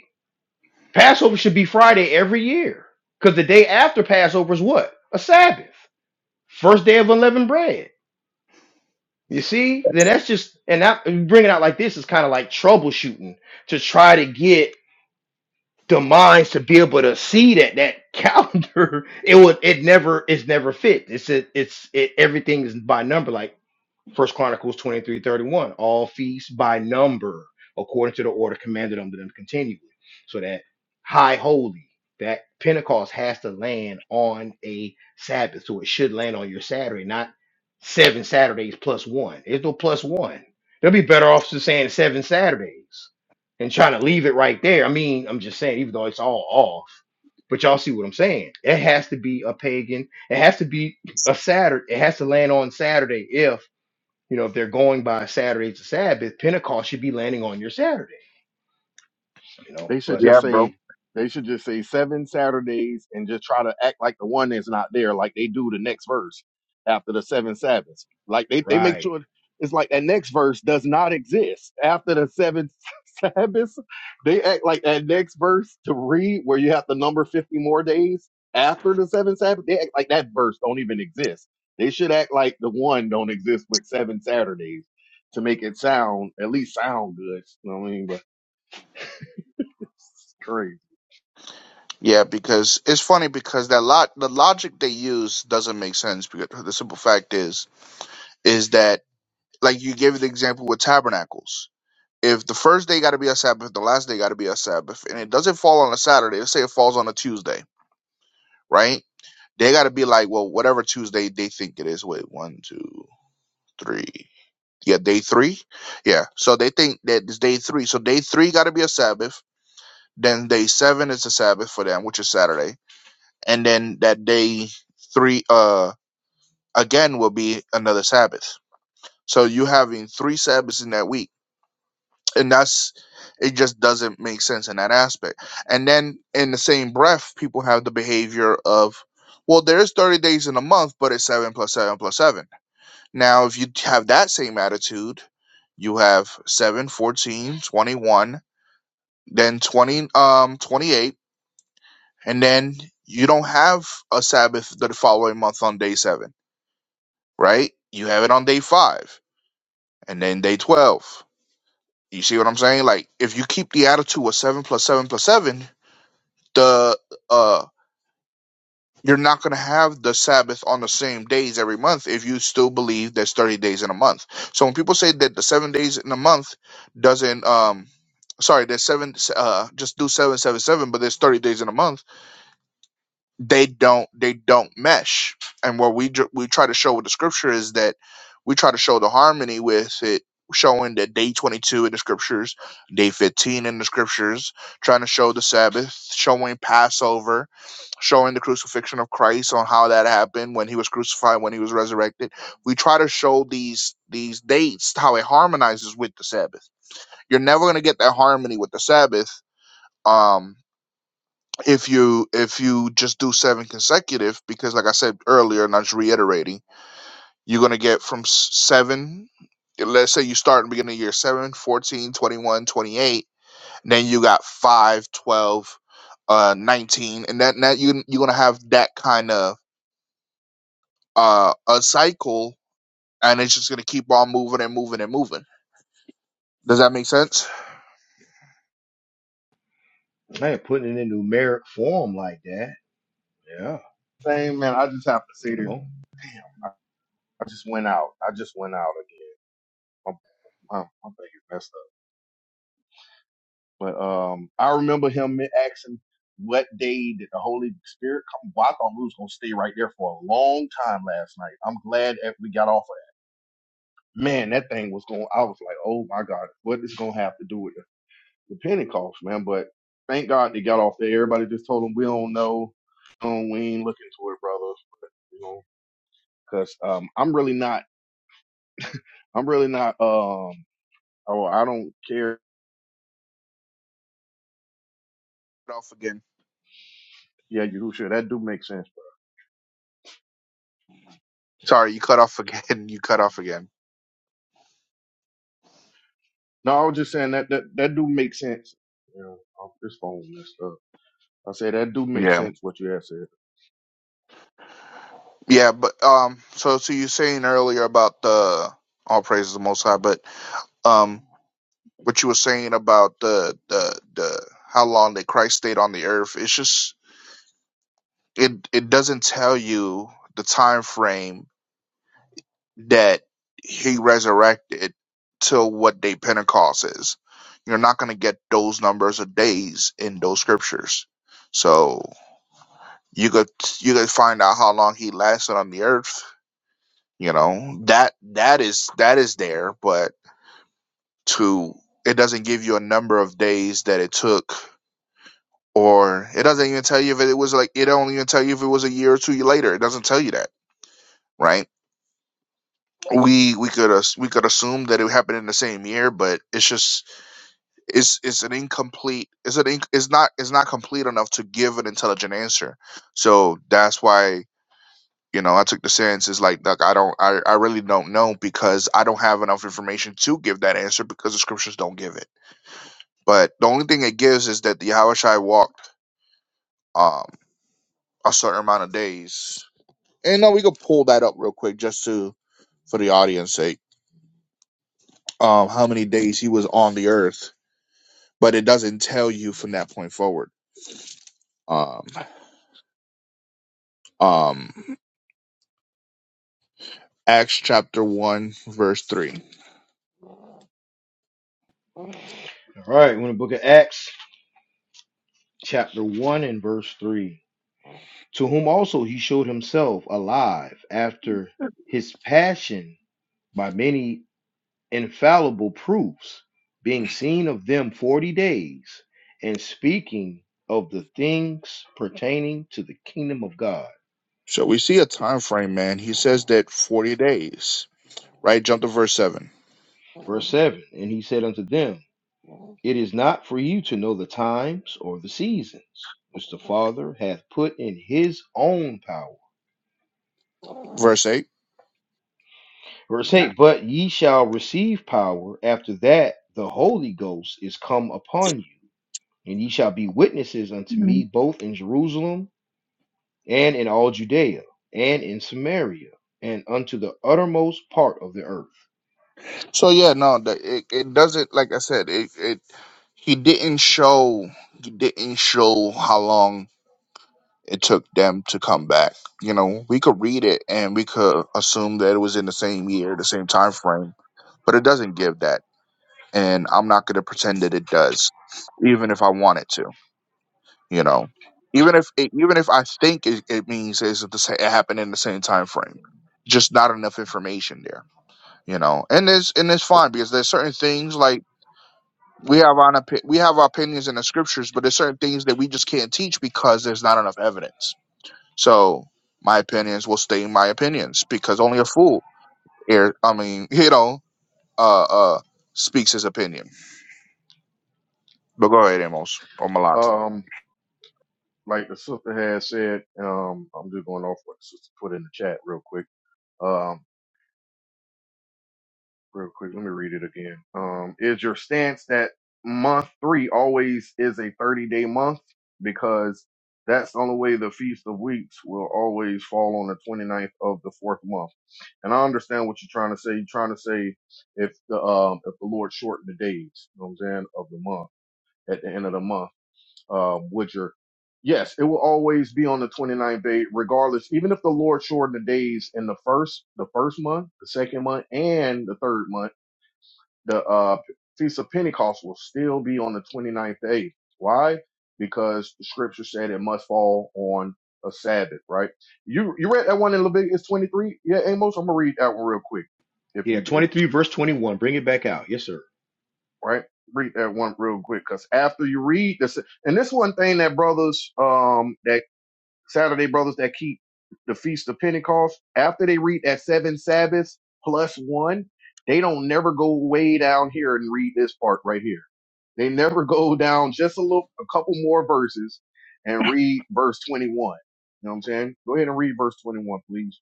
Speaker 1: Passover should be Friday every year because the day after Passover is what? A Sabbath. First day of unleavened bread. You see? Then that's just, and that, bringing it out like this is kind of like troubleshooting to try to get the minds to be able to see that that calendar it would it never it's never fit it's it, it's it everything is by number like First Chronicles 23 31 All feasts by number, according to the order commanded unto them continually. So that high holy, that Pentecost has to land on a Sabbath. So it should land on your Saturday, not seven Saturdays plus one. There's no plus one. They'll be better off just saying seven Saturdays and trying to leave it right there. I mean, I'm just saying, even though it's all off. But y'all see what I'm saying. It has to be a pagan. It has to be a Saturday. It has to land on Saturday if you know, if they're going by Saturday to Sabbath, Pentecost should be landing on your Saturday, you know.
Speaker 3: They should
Speaker 1: But
Speaker 2: yeah,
Speaker 3: just
Speaker 2: bro.
Speaker 3: say they should just say seven Saturdays and just try to act like the one is not there, like they do the next verse after the seven Sabbaths. Like they, they make
Speaker 1: right.
Speaker 3: sure it's like that next verse does not exist after the seven Sabbaths. They act like that next verse to read where you have to number fifty more days after the seven Sabbath. They act like that verse don't even exist. They should act like the one don't exist with seven Saturdays to make it sound at least sound good. You know what I mean? But it's crazy.
Speaker 2: Yeah, because it's funny because that lot the logic they use doesn't make sense because the simple fact is is that like you gave the example with tabernacles. If the first day got to be a Sabbath, the last day got to be a Sabbath, and it doesn't fall on a Saturday. Let's say it falls on a Tuesday, right? They got to be like, well, whatever Tuesday they think it is. Wait, one, two, three. Yeah, day three. Yeah, so they think that it's day three. So day three got to be a Sabbath. Then day seven is a Sabbath for them, which is Saturday and then that day three uh again will be another sabbath so you having three sabbaths in that week and that's it just doesn't make sense in that aspect and then in the same breath people have the behavior of well there's 30 days in a month but it's 7 plus 7 plus 7 now if you have that same attitude you have 7, 14, 21, then 20 um 28 and then you don't have a sabbath the following month on day 7 right? You have it on day five and then day 12. You see what I'm saying? Like, if you keep the attitude of seven plus seven plus seven, the, uh, you're not going to have the Sabbath on the same days every month if you still believe there's 30 days in a month. So when people say that the seven days in a month doesn't, um, sorry, there's seven, uh, just do seven, seven, seven, but there's 30 days in a month they don't they don't mesh and what we dr- we try to show with the scripture is that we try to show the harmony with it showing that day 22 in the scriptures day 15 in the scriptures trying to show the sabbath showing passover showing the crucifixion of christ on how that happened when he was crucified when he was resurrected we try to show these these dates how it harmonizes with the sabbath you're never going to get that harmony with the sabbath um if you if you just do seven consecutive because like i said earlier and i'm just reiterating you're going to get from s- seven let's say you start in the beginning of year seven, fourteen, twenty one, twenty eight. 14 then you got 5, 12, uh 19 and that now you, you're going to have that kind of uh a cycle and it's just going to keep on moving and moving and moving Does that make sense?
Speaker 1: Man, putting it in numeric form like that. Yeah,
Speaker 3: Same man. I just have to say
Speaker 1: you
Speaker 3: this.
Speaker 1: know.
Speaker 3: I just went out. I just went out again. My, my, my thing is messed up. But um, I remember him asking what day did the Holy Spirit come. Well, I thought we was gonna stay right there for a long time last night. I'm glad that we got off of that. Man, that thing was going. I was like, oh my god, what is gonna have to do with the, the Pentecost, man? But thank God they got off there. Everybody just told them we don't know. Um, we ain't looking to it, brother. You know, because um, I'm really not. I'm really not. Um, Oh, I don't care.
Speaker 2: Cut off again.
Speaker 3: Yeah, Yahushua, that do make sense.
Speaker 2: Sorry, you cut off again. You cut off again.
Speaker 3: No, I was just saying that that, that do make sense. You know, oh, this phone messed up. I said that do make
Speaker 2: Yeah.
Speaker 3: sense what you had said.
Speaker 2: Yeah, but um so so you were saying earlier about the all praises the most high, but um what you were saying about the the the how long that Christ stayed on the earth, it's just it it doesn't tell you the time frame that he resurrected to what day Pentecost is. You're not going to get those numbers of days in those scriptures. So you could you could find out how long he lasted on the earth. You know that that is that is there, but to it doesn't give you a number of days that it took, or it doesn't even tell you if it was like it don't even tell you if it was a year or two later. It doesn't tell you that, right? we we could as- we could assume that it happened in the same year, but it's just is is an incomplete is an inc- is not is not complete enough to give an intelligent answer. So that's why you know I took the stance is like look I don't I, I really don't know because I don't have enough information to give that answer because the scriptures don't give it. But the only thing it gives is that the Yahushai walked um a certain amount of days. And now we could pull that up real quick just to for the audience sake. Um how many days he was on the earth, but it doesn't tell you from that point forward. Um um Acts chapter 1, verse 3.
Speaker 1: All right, we're in the book of Acts, chapter one and verse three. To whom also he showed himself alive after his passion by many infallible proofs, being seen of them forty days, and speaking of the things pertaining to the kingdom of God
Speaker 2: So we see a time frame, man. He says that 40 days, right? Jump to verse 7,
Speaker 1: Verse 7 And he said unto them, It is not for you to know the times or the seasons, which the Father hath put in his own power.
Speaker 2: verse 8.
Speaker 1: Verse 8 But ye shall receive power after that the Holy Ghost is come upon you, and ye shall be witnesses unto me both in Jerusalem and in all Judea and in Samaria and unto the uttermost part of the earth.
Speaker 2: So yeah, no, the, it, it doesn't, like I said, it, it he didn't show he didn't show how long it took them to come back. You know, we could read it and we could assume that it was in the same year, the same time frame, but it doesn't give that. And I'm not going to pretend that it does, even if I wanted to. you know even if it, even if i think it, it means it's the same, it happened in the same time frame just not enough information there you know and it's and it's fine because there's certain things like we have on opi- we have our opinions in the scriptures but there's certain things that we just can't teach because there's not enough evidence so my opinions will stay my opinions because only a fool here i mean you know uh uh speaks his opinion but go ahead amos or malak
Speaker 3: Um, like the sister had said, um, I'm just going off what the sister put in the chat real quick. Um, real quick, let me read it again. Um, is your stance that month three always is a 30 day month because that's the only way the Feast of Weeks will always fall on the 29th of the fourth month. And I understand what you're trying to say. You're trying to say if the um if the Lord shortened the days, you know what I'm saying, of the month at the end of the month, um, would your yes, it will always be on the 29th day, regardless. Even if the Lord shortened the days in the first, the first month, the second month, and the third month the uh, Feast of Pentecost will still be on the 29th day. Why? Because the scripture said it must fall on a Sabbath, right? You you read that one in Leviticus 23? Yeah, Amos, I'm going to read that one real quick if
Speaker 1: Yeah,
Speaker 3: you did,
Speaker 1: 23, verse 21. Bring it back out. Yes, sir.
Speaker 3: right? Read that one real quick because after you read this, and this one thing that brothers um, that Saturday brothers that keep the feast of Pentecost, after they read that seven Sabbaths plus one, they don't never go way down here and read this part right here. They never go down just a little, a couple more verses and read verse 21. You know what I'm saying? Go ahead and read verse 21, please.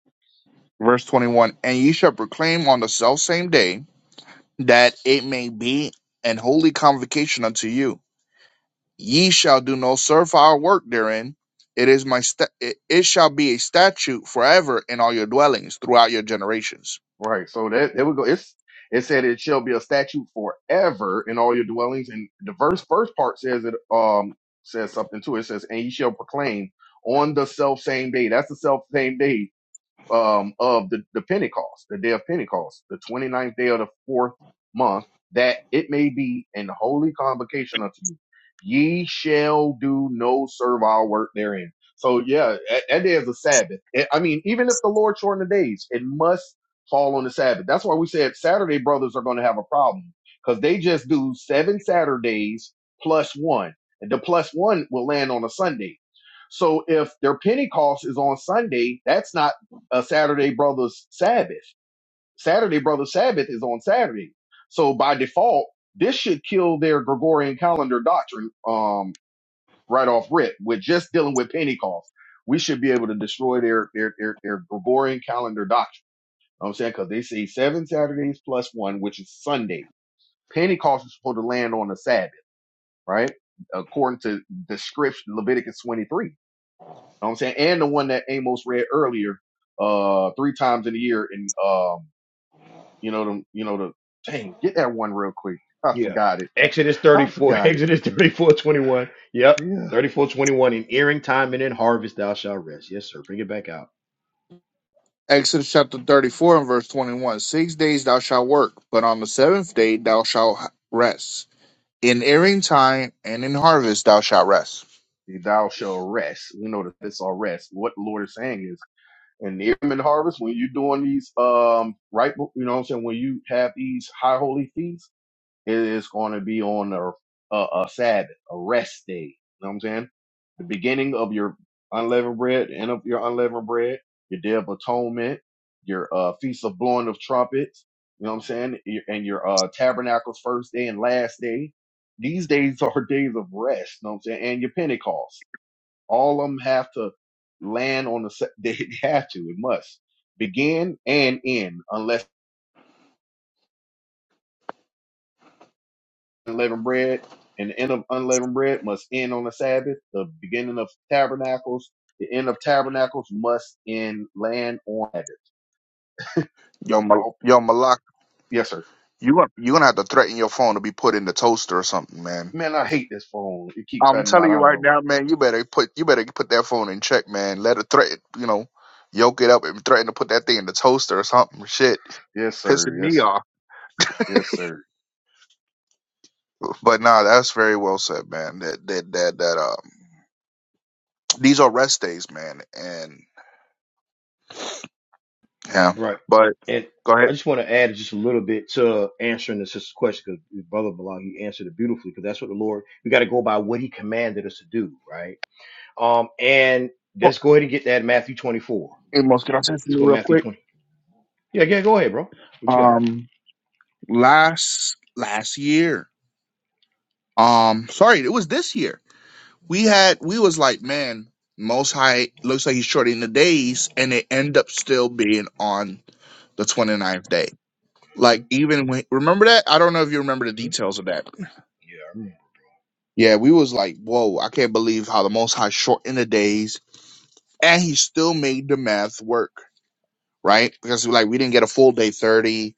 Speaker 2: verse 21 and ye shall proclaim on the self same day that it may be an holy convocation unto you. Ye shall do no servile work therein. It is my sta- it it shall be a statute forever in all your dwellings throughout your generations.
Speaker 3: Right. So that there we go. It's it said it shall be a statute forever in all your dwellings. And the verse first part says it um says something too. It says, and ye shall proclaim on the self same day. That's the self same day um, of the, the Pentecost, the day of Pentecost, the twenty ninth day of the fourth month, that it may be an holy convocation unto you. Ye shall do no servile work therein. So yeah, that, that day is a Sabbath. Eh, I mean, even if the Lord shortened the days, it must fall on the Sabbath. That's why we said Saturday brothers are going to have a problem because they just do seven Saturdays plus one. And the plus one will land on a Sunday. So if their Pentecost is on Sunday, that's not uh, Saturday Brothers Sabbath. Saturday Brothers Sabbath is on Saturday. So by default, this should kill their Gregorian calendar doctrine um, right off rip. We're just dealing with Pentecost. We should be able to destroy their their their, their Gregorian calendar doctrine. You know what I'm saying because they say seven Saturdays plus one, which is Sunday. Pentecost is supposed to land on the Sabbath, right? According to the script, Leviticus 23. You know what I'm saying? And the one that Amos read earlier, uh, three times in a year in, um, You know them. You know the dang. Get that one real quick. I
Speaker 1: Yeah.
Speaker 3: forgot it.
Speaker 1: Exodus
Speaker 3: I
Speaker 1: 34,
Speaker 3: forgot it.
Speaker 1: Exodus 34 21. Yep.
Speaker 3: Yeah.
Speaker 1: 34 21 In earing time and in harvest thou shalt rest. Yes, sir. Bring it back out.
Speaker 2: Exodus chapter 34 and verse 21. Six days thou shalt work, but on the seventh day thou shalt rest. In earing time and in harvest thou shalt rest.
Speaker 3: Thou shall rest. We know that this all rest. What the Lord is saying is, in the Yearman harvest, when you're doing these, um, right, you know what I'm saying, when you have these high holy feasts, It is going to be on a, a, a Sabbath, a rest day. You know what I'm saying? The beginning of your unleavened bread, the end of your unleavened bread, your day of atonement, your uh, feast of blowing of trumpets. You know what I'm saying? Your- And your uh, tabernacles first day and last day. These days are days of rest. You know what I'm saying? And your Pentecost. All of them have to land on the, sa- they have to, it must begin and end unless unleavened bread, and the end of unleavened bread must end on the Sabbath. The beginning of tabernacles, the end of tabernacles must end land on Sabbath.
Speaker 2: Yo, Mal-
Speaker 3: Oh,
Speaker 2: yo Malak,
Speaker 3: yes, sir.
Speaker 2: You gonna you gonna have to threaten your phone to be put in the toaster or something, man.
Speaker 3: Man, I hate this phone. It keep
Speaker 2: I'm
Speaker 3: cutting
Speaker 2: telling
Speaker 3: out.
Speaker 2: you
Speaker 3: I
Speaker 2: right
Speaker 3: know.
Speaker 2: now, man. You better put you better put that phone in check, man. Let it threaten, you know, yoke it up and threaten to put that thing in the toaster or something. Shit,
Speaker 3: Yes,
Speaker 2: pissing
Speaker 3: sir. Yes,
Speaker 2: me
Speaker 3: sir.
Speaker 2: off.
Speaker 3: Yes, sir.
Speaker 2: But nah, that's very well said, man. That that that that um, these are rest days, man. And yeah,
Speaker 1: Right.
Speaker 2: but
Speaker 1: And
Speaker 2: go ahead,
Speaker 1: I just want to add just a little bit to answering the sister's question because Brother Bilal, he answered it beautifully because that's what the Lord, we got to go by what he commanded us to do, right? Um, And
Speaker 2: Oh,
Speaker 1: let's go ahead and get that Matthew 24.
Speaker 2: Amos. Can I say
Speaker 1: Let's
Speaker 2: something
Speaker 1: go
Speaker 2: real
Speaker 1: Matthew
Speaker 2: quick?
Speaker 1: 24. Yeah, yeah, go ahead, bro. What you got?
Speaker 2: Um, last last year, um, sorry, it was this year. we had we was like, man, most high looks like he's shorting the days, and they end up still being on the 29th day.
Speaker 1: hmm
Speaker 2: Like even when remember that? I don't know if you remember the
Speaker 1: hmm
Speaker 2: details of that.
Speaker 1: Yeah, I
Speaker 2: Yeah, we was like, whoa, I can't believe how the most high shortened the days and he still made the math work, right? Because like we didn't get a full day 30.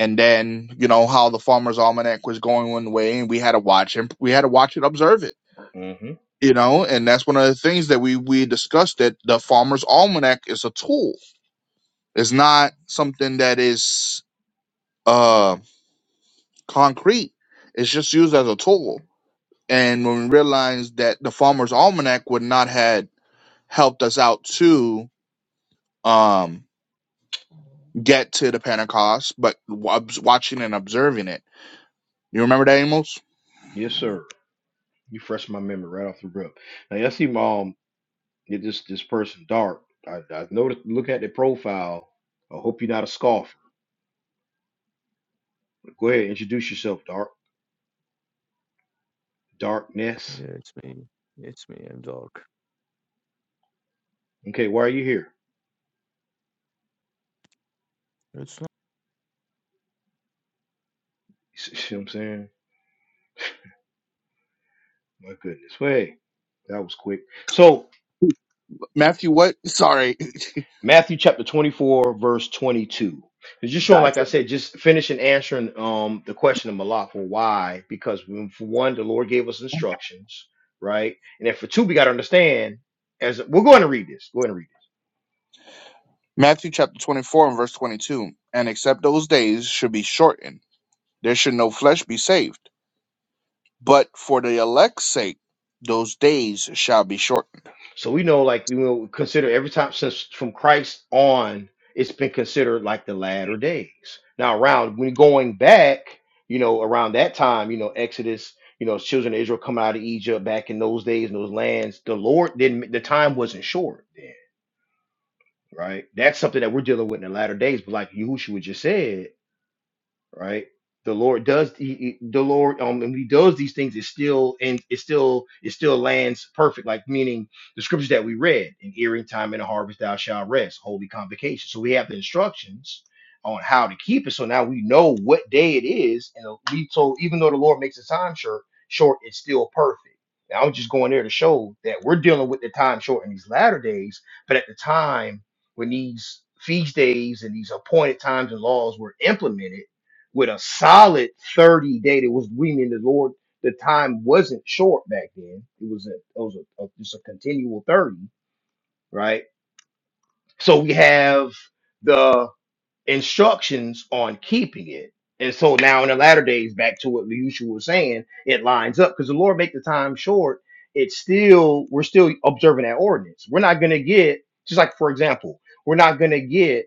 Speaker 2: And then, you know, how the farmer's almanac was going one way and we had to watch him we had to watch it, observe it
Speaker 1: remember. hmm
Speaker 2: you know and that's one of the things that we we discussed that the farmer's almanac is a tool it's not something that is uh concrete it's just used as a tool and when we realized that the farmer's almanac would not had helped us out to um get to the pentecost but wa- watching and observing it you remember that amos
Speaker 1: Yes, sir. You fresh my memory right off the rip. Now, y'all see, mom, get this this person dark. I, I noticed. Look at their profile. I hope you're not a scoffer. Go ahead, introduce yourself, dark darkness.
Speaker 5: Yeah, it's me. It's me. I'm dark.
Speaker 1: Okay, why are you here?
Speaker 5: It's
Speaker 1: You see what I'm saying? My goodness, way that was quick. So.
Speaker 2: matthew what sorry
Speaker 1: Matthew chapter 24, verse 22. It's just showing, like I said, just finishing answering um the question of Malak for why. Because when, for one, the Lord gave us instructions, right? And then for two, we got to understand. As we're going to read this, go ahead and read
Speaker 2: matthew chapter 24 and verse 22 and except those days should be shortened there should no flesh be saved. But for the elect's sake, those days shall be shortened.
Speaker 1: So we know, like, you know, consider every time since from Christ on, it's been considered like the latter days. Now, around when going back, you know, around that time, you know, Exodus, you know, children of Israel coming out of Egypt back in those days in those lands, the Lord didn't, the time wasn't short then, right? That's something that we're dealing with in the latter days. But like Yahushua just said, right? The Lord does he- he- the Lord um when he does these things it still and it still it still lands perfect, like meaning the scriptures that we read in earring time and a harvest thou shalt rest, holy convocation. So we have the instructions on how to keep it. So now we know what day it is, and we told even though the Lord makes the time short, short it's still perfect. Now I'm just going there to show that we're dealing with the time short in these latter days, but at the time when these feast days and these appointed times and laws were implemented with a solid 30 day that was we mean the Lord the time wasn't short back then. It was a it was a, a just a continual 30, right? So we have the instructions on keeping it. And so now in the latter days, back to what Yeshua was saying, it lines up because the Lord make the time short. It's still we're still observing that ordinance. We're not gonna get just like for example, we're not gonna get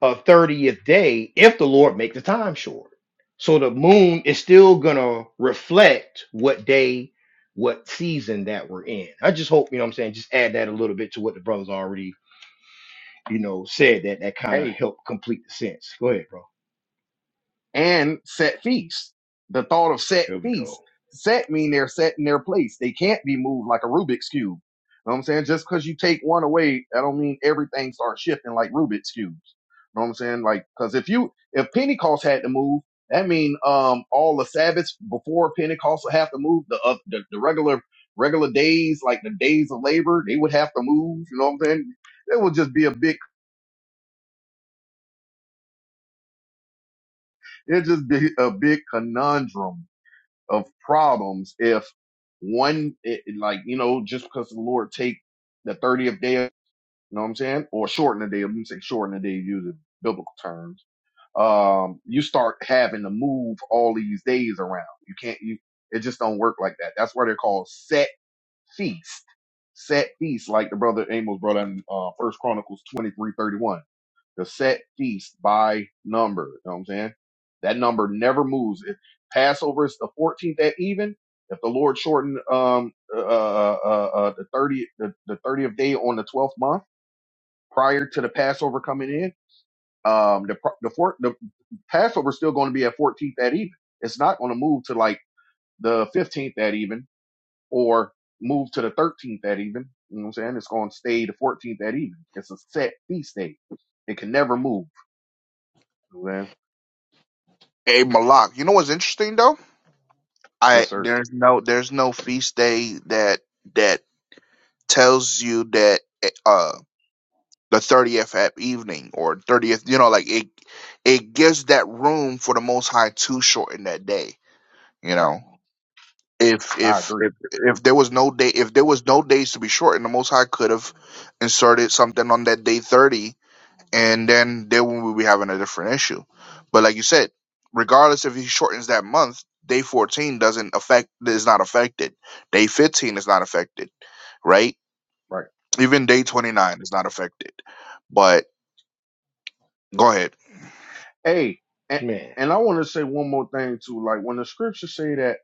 Speaker 1: a 30th day if the Lord make the time short. So the moon is still gonna reflect what day, what season that we're in. I just hope, you know what I'm saying, just add that a little bit to what the brothers already, you know, said that that kind of
Speaker 3: Hey,
Speaker 1: helped complete the sense. Go ahead, bro.
Speaker 3: and set feasts. The thought of set
Speaker 1: Here we go.
Speaker 3: feasts. Set mean they're set in their place. They can't be moved like a Rubik's cube. You Know what I'm saying? Just because you take one away, I don't mean everything starts shifting like Rubik's cubes. You Know what I'm saying? Like, cause if you, if Pentecost had to move, that mean, um, all the Sabbaths before Pentecost would have to move. The, uh, the, the regular, regular days, like the days of labor, they would have to move. You know what I'm saying? It would just be a big, it'd just be a big conundrum of problems if one, it, like, you know, just because the Lord take the 30th day, you know what I'm saying? Or shorten the day, let me say shorten the day, using biblical terms. Um, you start having to move all these days around. You can't, you, it just don't work like that. That's why they're called set feast. Set feast, like the brother Amos brought in, uh, first Chronicles 23 31 the set feast by number. You know what I'm saying? That number never moves. If Passover is the 14th at even, if the Lord shortened um uh, uh, uh, uh uh, the 30 the, the 30th day on the 12th month prior to the Passover coming in, um the pro- the four, the Passover still going to be at 14th at even. It's not going to move to like the 15th at even or move to the 13th at even. You know what I'm saying? It's going to stay the 14th at even. It's a set feast day. It can never move. You know what I'm saying?
Speaker 2: A Malak. You know what's interesting though? I
Speaker 3: Yes, sir.
Speaker 2: there's no there's no feast day that that tells you that uh the thirtieth at evening or thirtieth. You know, like it it gives that room for the Most High to shorten that day. You
Speaker 3: Right.
Speaker 2: know. If,
Speaker 3: I
Speaker 2: if
Speaker 3: agree.
Speaker 2: if if there was no day if there was no days to be shortened, the Most High could have inserted something on that day thirty and then then we will be having a different issue. But like you said, regardless if he shortens that month, day fourteen doesn't affect is not affected. Day fifteen is not affected, right?
Speaker 3: Right.
Speaker 2: Even day twenty nine is not affected. But go ahead.
Speaker 3: Hey, and,
Speaker 1: Man.
Speaker 3: and I want to say one more thing too. Like when the scriptures say that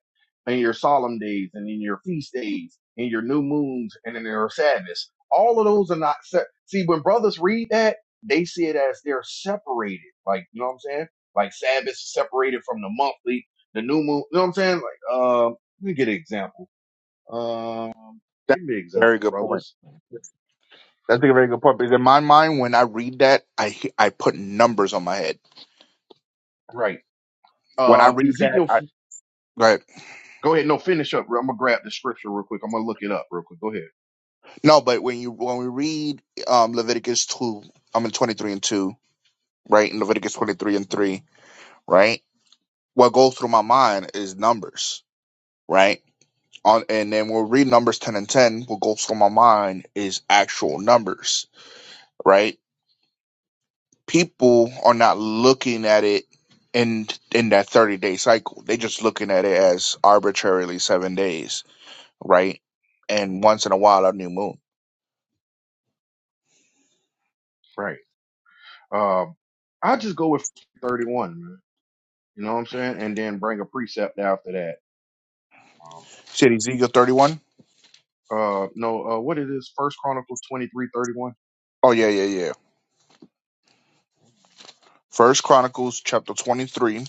Speaker 3: in your solemn days and in your feast days, in your new moons and in your sadness, all of those are not set. See, when brothers read that, they see it as they're separated. Like, you know what I'm saying? Like Sabbath separated from the monthly, the new moon. You know what I'm saying? Like, um, let me get an example. Um,
Speaker 2: That's
Speaker 3: give me an
Speaker 2: a very
Speaker 3: example,
Speaker 2: good point.
Speaker 3: brothers.
Speaker 2: That's a very good point because in my mind, when I read that, I he- I put numbers on my head.
Speaker 3: Right.
Speaker 2: When I
Speaker 3: Uh,
Speaker 2: read that,
Speaker 3: Ezekiel
Speaker 2: I go ahead.
Speaker 3: Go ahead. No, finish up. I'm gonna grab the scripture real quick. I'm gonna look it up real quick. Go ahead.
Speaker 2: No, but when you when we read um, Leviticus two, I'm in twenty three and two, right? In Leviticus twenty three and three, right? what goes through my mind is numbers, right? On and then we'll read numbers ten and ten. What goes through my mind is actual numbers, right? People are not looking at it in in that thirty day cycle. They're just looking at it as arbitrarily seven days, right? And once in a while a new moon.
Speaker 3: Right. Um, I'll just go with 31, man. You know what I'm saying? And then bring a precept after that.
Speaker 2: Said Ezekiel thirty one.
Speaker 3: Uh, no, uh, what it is? First Chronicle 23:31.
Speaker 2: Oh yeah, yeah, yeah. First Chronicles chapter twenty three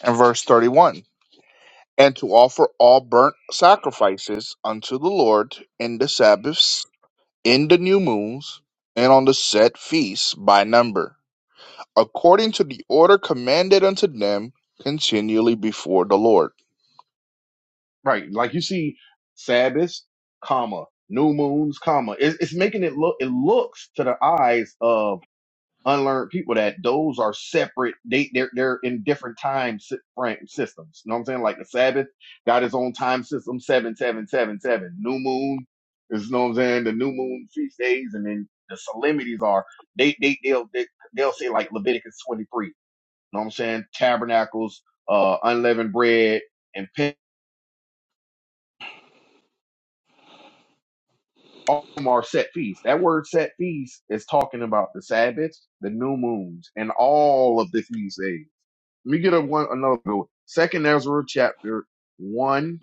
Speaker 2: and verse thirty one. and to offer all burnt sacrifices unto the Lord in the Sabbaths, in the new moons, and on the set feasts by number, according to the order commanded unto them continually before the Lord.
Speaker 3: Right. Like you see, Sabbaths, comma, new moons, comma. It, it's making it look. It looks to the eyes of unlearned people that those are separate they they're, they're in different time si- frame systems you know what i'm saying like the sabbath got his own time system 7777 new moon is you know what i'm saying the new moon feast days and then the solemnities are they they they'll they, they'll say like leviticus 23 you know what i'm saying tabernacles uh unleavened bread and Pen- all of them are set feasts that word set feast is talking about the sabbaths the new moons and all of the feast days Let me get a one another good one. Second Ezra chapter one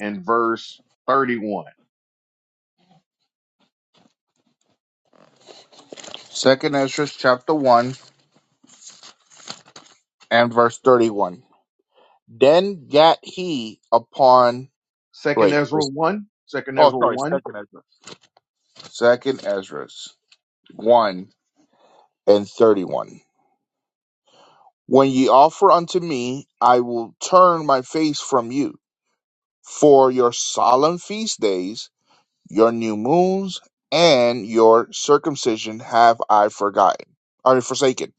Speaker 3: and verse thirty one.
Speaker 2: Second Ezra chapter one and verse thirty one. Then gat he upon
Speaker 3: Second
Speaker 2: wait
Speaker 3: Ezra
Speaker 2: is-
Speaker 3: one. Second
Speaker 2: oh
Speaker 3: Ezra
Speaker 2: sorry,
Speaker 3: one.
Speaker 2: second Ezra. Second Ezra one and thirty one. When ye offer unto me, I will turn my face from you for your solemn feast days, your new moons, and your circumcision have I forgotten, or forsaken.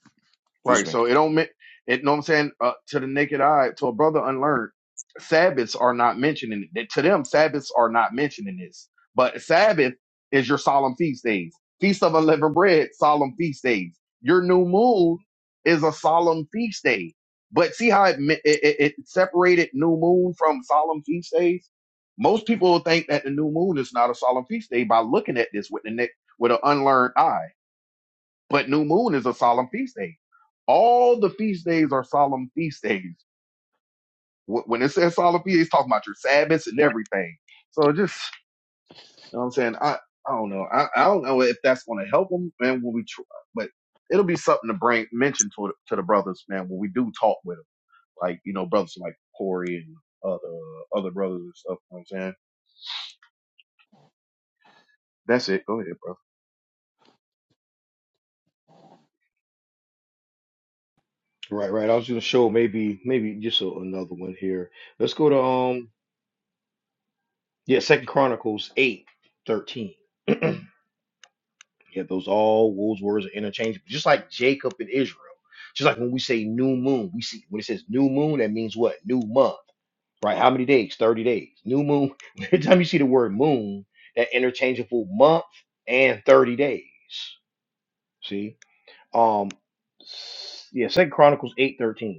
Speaker 2: Excuse
Speaker 3: Right.
Speaker 2: me.
Speaker 3: So it don't mean it. Know what I'm saying? Uh, to the naked eye, to a brother unlearned, Sabbaths are not mentioning it. To them, Sabbaths are not mentioning this. But Sabbath is your solemn feast days, feast of unleavened bread, solemn feast days. Your new moon is a solemn feast day. But see how it mi- it, it, it separated new moon from solemn feast days. Most people think that the new moon is not a solemn feast day by looking at this with the neck with an unlearned eye. But new moon is a solemn feast day. All the feast days are solemn feast days. Wh- When it says solemn feast, it's talking about your Sabbaths and everything. So just, you know what I'm saying? I, I don't know. I, I don't know if that's going to help them, man, when we, tr- but it'll be something to bring, mention to, to the brothers, man, when we do talk with them. Like, you know, brothers like Corey and other, other brothers and stuff. You know what I'm saying? That's it. Go ahead, bro.
Speaker 1: Right, right. I was gonna show maybe maybe just a, another one here. Let's go to um yeah, Second Chronicles 8 13. Yeah, those all those words are interchangeable, just like Jacob and Israel. Just like when we say new moon, we see when it says new moon, that means what? New month, right? How many days? 30 days. New moon. Every time you see the word moon, that interchangeable month and 30 days. See? Um s- yeah, Second Chronicles 8 13.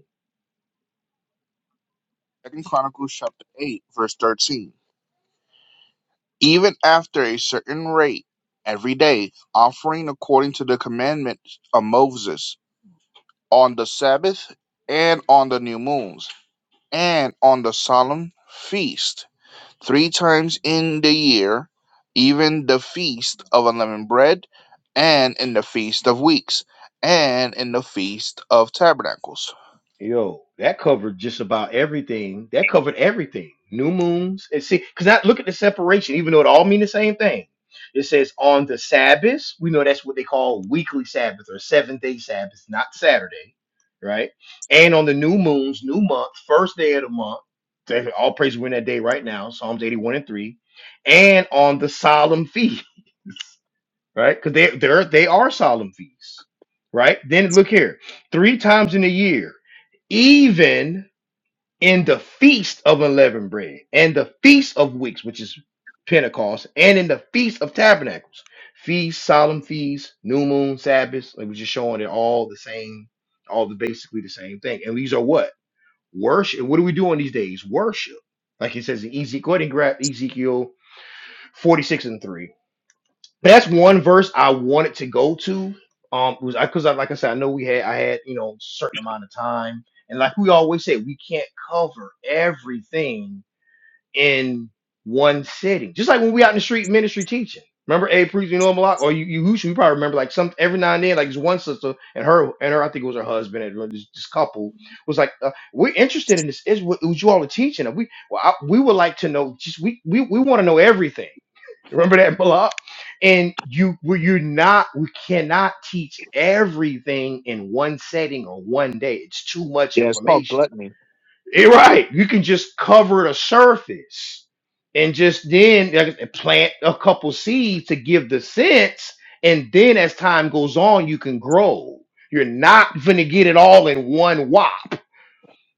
Speaker 2: Second Chronicles chapter eight, verse thirteen. Even after a certain rate every day, offering according to the commandment of Moses on the Sabbath and on the new moons and on the solemn feast three times in the year, even the feast of unleavened bread, and in the feast of weeks, and in the feast of tabernacles.
Speaker 1: Yo, that covered just about everything. That covered everything. New moons. And see, because I look at the separation, even though it all mean the same thing. It says on the Sabbath. We know that's what they call weekly Sabbath or seventh day Sabbath, not Saturday, right? And on the new moons, new month, first day of the month. All praise we're in that day right now. Psalms 81 and 3. And on the solemn feast right? Because they they're they are solemn feasts, right? Then look here, three times in a year, even in the feast of unleavened bread and the feast of weeks, which is Pentecost, and in the feast of tabernacles, feast, solemn feast, new moon, Sabbaths. Like we're just showing it all the same, all the basically the same thing. And these are what worship. What are we doing these days? Worship. Like it says in Ezekiel, go ahead and grab Ezekiel 46 and 3 that's one verse I wanted to go to. Um, was I because I like I said I know we had I had you know certain amount of time, and like we always say, we can't cover everything in one sitting. Just like when we out in the street ministry teaching. Remember A priest, you know him a lot, or you you Yahusha, you probably remember like some every now and then, like this one sister and her and her, I think it was her husband and this, this couple was like, uh, we're interested in this. Is what was you all are teaching? we well, I, we would like to know. Just we we we want to know everything Remember that Malak? And you well, you're not we cannot teach everything in one setting or one day. It's too much
Speaker 2: Yeah, it's called
Speaker 1: information.
Speaker 2: gluttony.
Speaker 1: You're right. You can just cover the surface and just then like, plant a couple seeds to give the sense. And then as time goes on, you can grow. You're not gonna get it all in one wop.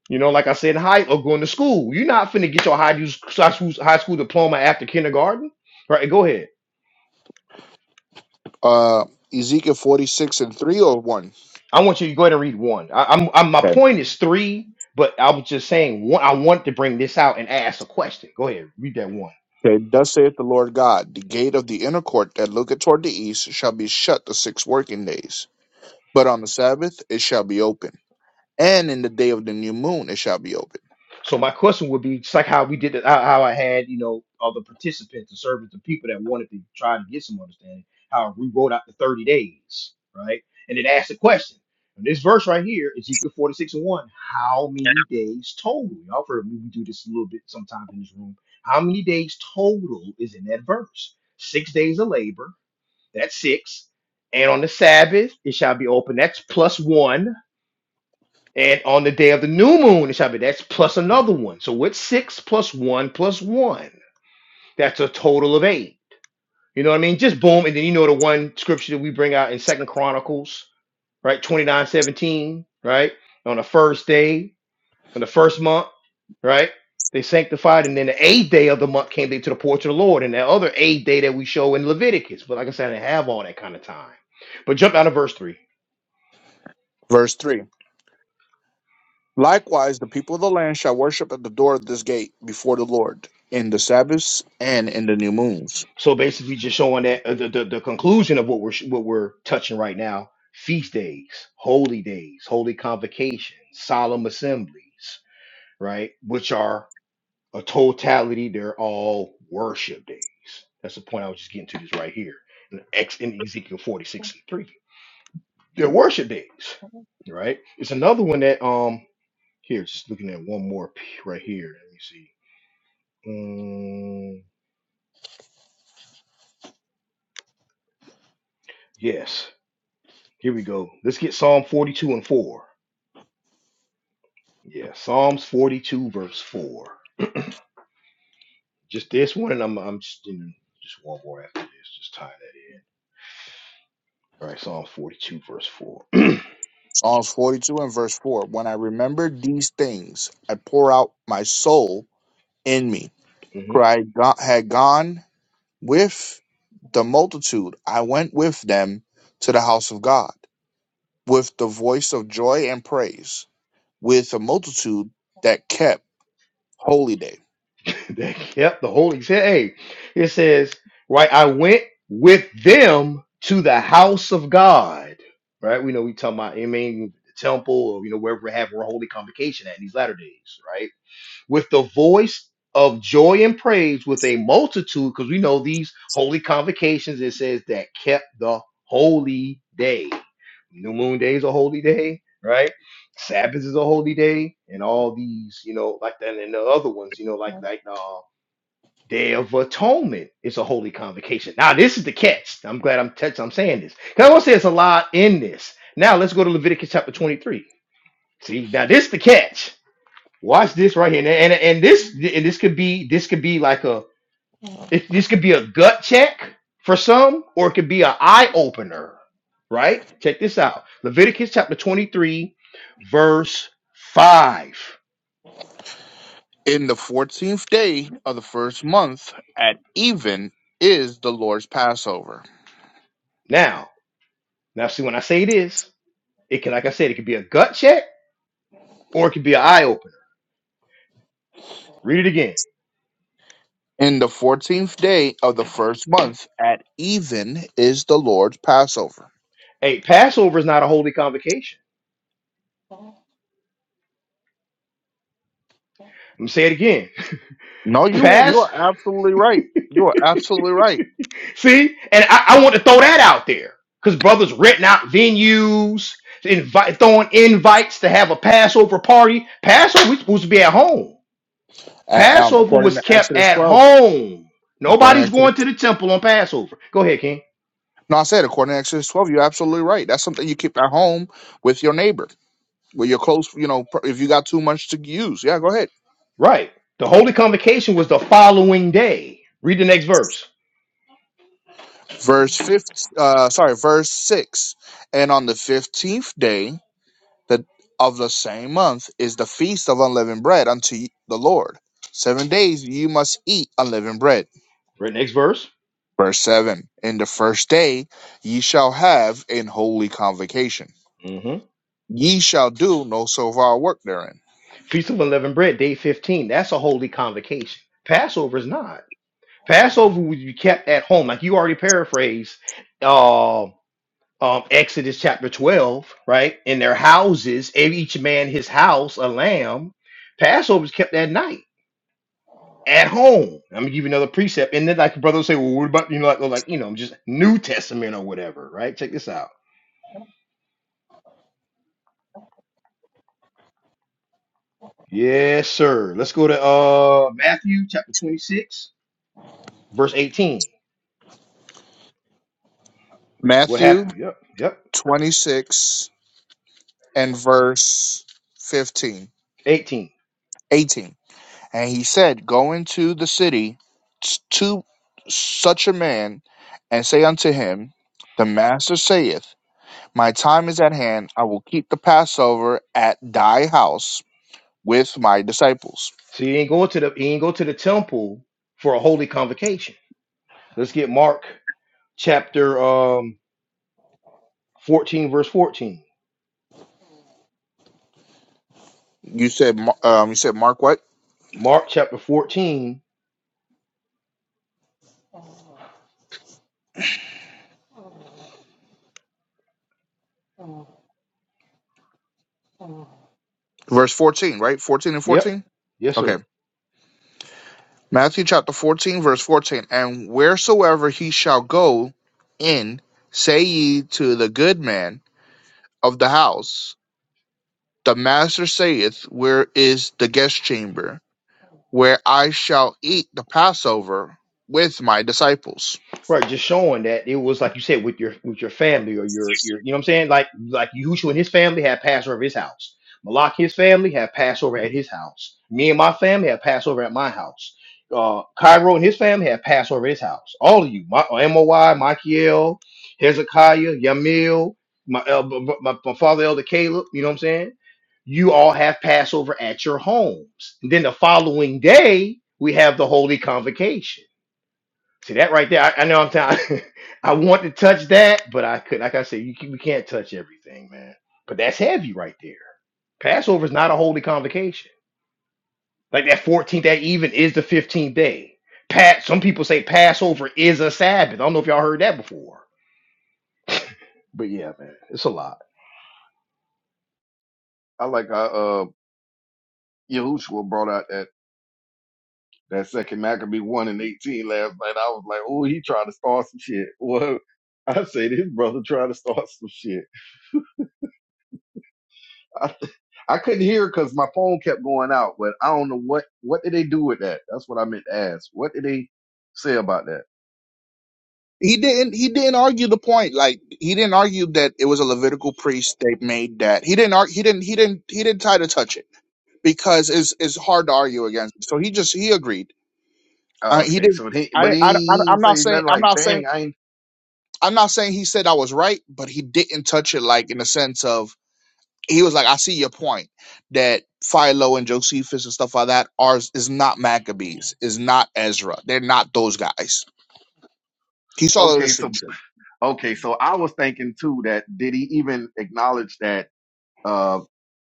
Speaker 1: You know, like I said, in high or going to school. You're not finna get your high, high school high school diploma after kindergarten. Right, go ahead.
Speaker 2: Uh, Ezekiel 46 and 301.
Speaker 1: I want you to go ahead and read one. I, I'm, I'm my
Speaker 2: Okay.
Speaker 1: point is three, but I was just saying one. I want to bring this out and ask a question. Go ahead, read that one.
Speaker 2: Okay, thus saith the Lord God, the gate of the inner court that looketh toward the east shall be shut the six working days, but on the Sabbath it shall be open, and in the day of the new moon it shall be open.
Speaker 1: So my question would be just like how we did it, how, how I had you know all the participants, the servants, the people that wanted to try to get some understanding. How we wrote out the thirty days, right? And it asked a question. And this verse right here, Ezekiel 46 and 1, how many days total? Y'all heard me we do this a little bit sometimes in this room. How many days total is in that verse? Six days of labor, That's six. And on the Sabbath, it shall be open. That's plus one. And on the day of the new moon, it shall be. That's plus another one. So what's six plus one plus one? That's a total of eight. You know what I mean? Just boom. And then you know the one scripture that we bring out in Second Chronicles, right? 29 17, right? On the first day, on the first month, right? They sanctified, and then the eighth day of the month came they to the porch of the Lord, and that other eighth day that we show in Leviticus. But like I said, I didn't have all that kind of time. But jump out of verse 3.
Speaker 2: Verse 3. Likewise, the people of the land shall worship at the door of this gate before the Lord in the Sabbaths and in the new moons.
Speaker 1: So basically, just showing that uh, the, the the conclusion of what we're sh- what we're touching right now: feast days, holy days, holy convocations, solemn assemblies, right? Which are a totality; they're all worship days. That's the point I was just getting to. This right here in X in Ezekiel forty six and three. They're worship days, right? It's another one that um here just looking at one more p- right here. Let me see. Mm, yes, here we go. Let's get Psalm forty two and four. Yeah, Psalms 42, verse 4. Just this one, and I'm, I'm just, you know, just one more after this, just tie that in. All right, Psalms 42, verse 4.
Speaker 2: Psalms 42 and verse 4. When I remember these things, I pour out my soul in me.
Speaker 1: hmm
Speaker 2: For I go- had gone with the multitude, I went with them to the house of God with the voice of joy and praise, with a multitude that kept holy day.
Speaker 1: That kept the Holy. Hey, it says, right, I went with them to the house of God. Right? We know we talking about, I mean, the temple, or, you know, wherever we're having our holy convocation at in these latter days, right? with the voice of joy and praise with a multitude, because we know these holy convocations, it says that kept the holy day. New moon day is a holy day, right? Sabbath is a holy day, and all these, you know, like that, and the other ones, you know, like like uh, Day of Atonement is a holy convocation. Now this is the catch. I'm glad I'm touch I'm saying this because I want to say it's a lot in this. Now let's go to Leviticus chapter 23. See, now this is the catch. Watch this right here, and and, and this and this could be this could be like a it- this could be a gut check for some, or it could be an eye opener, right? Check this out: Leviticus chapter twenty three, verse five.
Speaker 2: In the fourteenth day of the first month at even is the Lord's Passover.
Speaker 1: Now, now, see when I say this, it can, like I said, it could be a gut check or it could be an eye opener. Read it again.
Speaker 2: In the fourteenth day of the first month at even is the Lord's Passover.
Speaker 1: Hey, Passover is not a holy convocation. I'm gonna say it again.
Speaker 2: No, you you are absolutely right. You are absolutely right.
Speaker 1: See, and I, I want to throw that out there because brothers renting out venues, invite, throwing invites to have a Passover party. Passover was supposed to be at home.
Speaker 2: Uh, um,
Speaker 1: Passover
Speaker 2: according
Speaker 1: was
Speaker 2: to
Speaker 1: kept
Speaker 2: Exodus
Speaker 1: at
Speaker 2: twelve.
Speaker 1: home.
Speaker 2: According to
Speaker 1: Nobody's
Speaker 2: Exodus,
Speaker 1: going to the temple on Passover. Go ahead, King.
Speaker 2: no, I said according to Exodus twelve. You're absolutely right. That's something you keep at home with your neighbor, with your close. You know, pr- if you got too much to use, yeah, go ahead.
Speaker 1: Right. The holy convocation was the following day. Read the next verse.
Speaker 2: verse fifth, uh sorry verse 6 and on the 15th day that of the same month is the feast of unleavened bread unto the lord seven days you must eat unleavened bread
Speaker 1: Read the next verse.
Speaker 2: verse 7 in the first day ye shall have an holy convocation
Speaker 1: hmm
Speaker 2: ye shall do no servile work therein
Speaker 1: Feast of Unleavened Bread, day 15. That's a holy convocation. Passover is not. Passover would be kept at home, like you already paraphrased uh, um, Exodus chapter 12, right? In their houses, every- each man his house, a lamb. Passover is kept at night, at home. I'm gonna give you another precept. And then like the brother would say, Well, what about you know, like, like you know, just New Testament or whatever, right? Check this out. Yes, sir. Let's go to uh Matthew chapter 26, verse 18. What
Speaker 2: matthew
Speaker 1: happened? Yep, yep,
Speaker 2: 26 and verse 15
Speaker 1: 18.
Speaker 2: 18. And he said, Go into the city to such a man, and say unto him, The master saith, My time is at hand. I will keep the Passover at thy house with my disciples.
Speaker 1: So you ain't go to the you ain't go to the temple for a holy convocation Let's get Mark chapter um, 14, verse 14.
Speaker 2: You said, um, you said Mark what?
Speaker 1: Mark chapter 14.
Speaker 2: Verse fourteen, right? Fourteen and
Speaker 1: Yep.
Speaker 2: fourteen.
Speaker 1: Yes, sir.
Speaker 2: Okay, Matthew chapter fourteen, verse fourteen. And wheresoever he shall go in, say ye to the good man of the house The Master saith, Where is the guest chamber, where I shall eat the Passover with my disciples?
Speaker 1: Right, just showing that it was like you said with your with your family or your your you know what I'm saying like like Yahushua and his family had Passover at his house. Malak his family had Passover at his house. Me and my family had Passover at my house. Uh, Cairo and his family had Passover at his house. All of you, my uh, Moy, Michael, Hezekiah, Yamil, my, uh, b- b- my my father Elder Caleb. You know what I'm saying? You all have Passover at your homes. And then the following day we have the Holy Convocation. See that right there. I, I know I'm telling. I want to touch that, but I could. Like I said, you can, we can't touch everything, man. But that's heavy right there. Passover is not a holy convocation. Like that 14th, that even is the 15th day. Pat. Some people say Passover is a Sabbath. I don't know if y'all heard that before. But yeah, man, it's a lot.
Speaker 3: I like how uh, Yahushua brought out that. That second Maccabee won in 18 last night. I was like, oh, he tried to start some shit. Well, I said his brother tried to start some shit. I, I couldn't hear because my phone kept going out, but I don't know what, what did they do with that? That's what I meant to ask. What did they say about that?
Speaker 2: He didn't he didn't argue the point. Like he didn't argue that it was a Levitical priest that made that. He didn't ar- he didn't he didn't he didn't try to touch it because it's it's hard to argue against. So he just he agreed. Uh,
Speaker 3: Oh,
Speaker 2: he
Speaker 3: okay.
Speaker 2: didn't
Speaker 3: So he,
Speaker 2: I,
Speaker 3: but
Speaker 2: didn't- I I
Speaker 3: he
Speaker 2: I'm
Speaker 3: didn't
Speaker 2: not
Speaker 3: say
Speaker 2: saying
Speaker 3: nothing
Speaker 2: I'm
Speaker 3: like,
Speaker 2: not saying
Speaker 3: dang, I ain't,
Speaker 2: I'm not saying he said I was right, but he didn't touch it like in the sense of he was like, I see your point that Philo and Josephus and stuff like that are is not Maccabees, is not Ezra. They're not those guys. He saw the
Speaker 3: okay. So,
Speaker 2: distinction.
Speaker 3: okay. So I was thinking too that did he even acknowledge that, uh,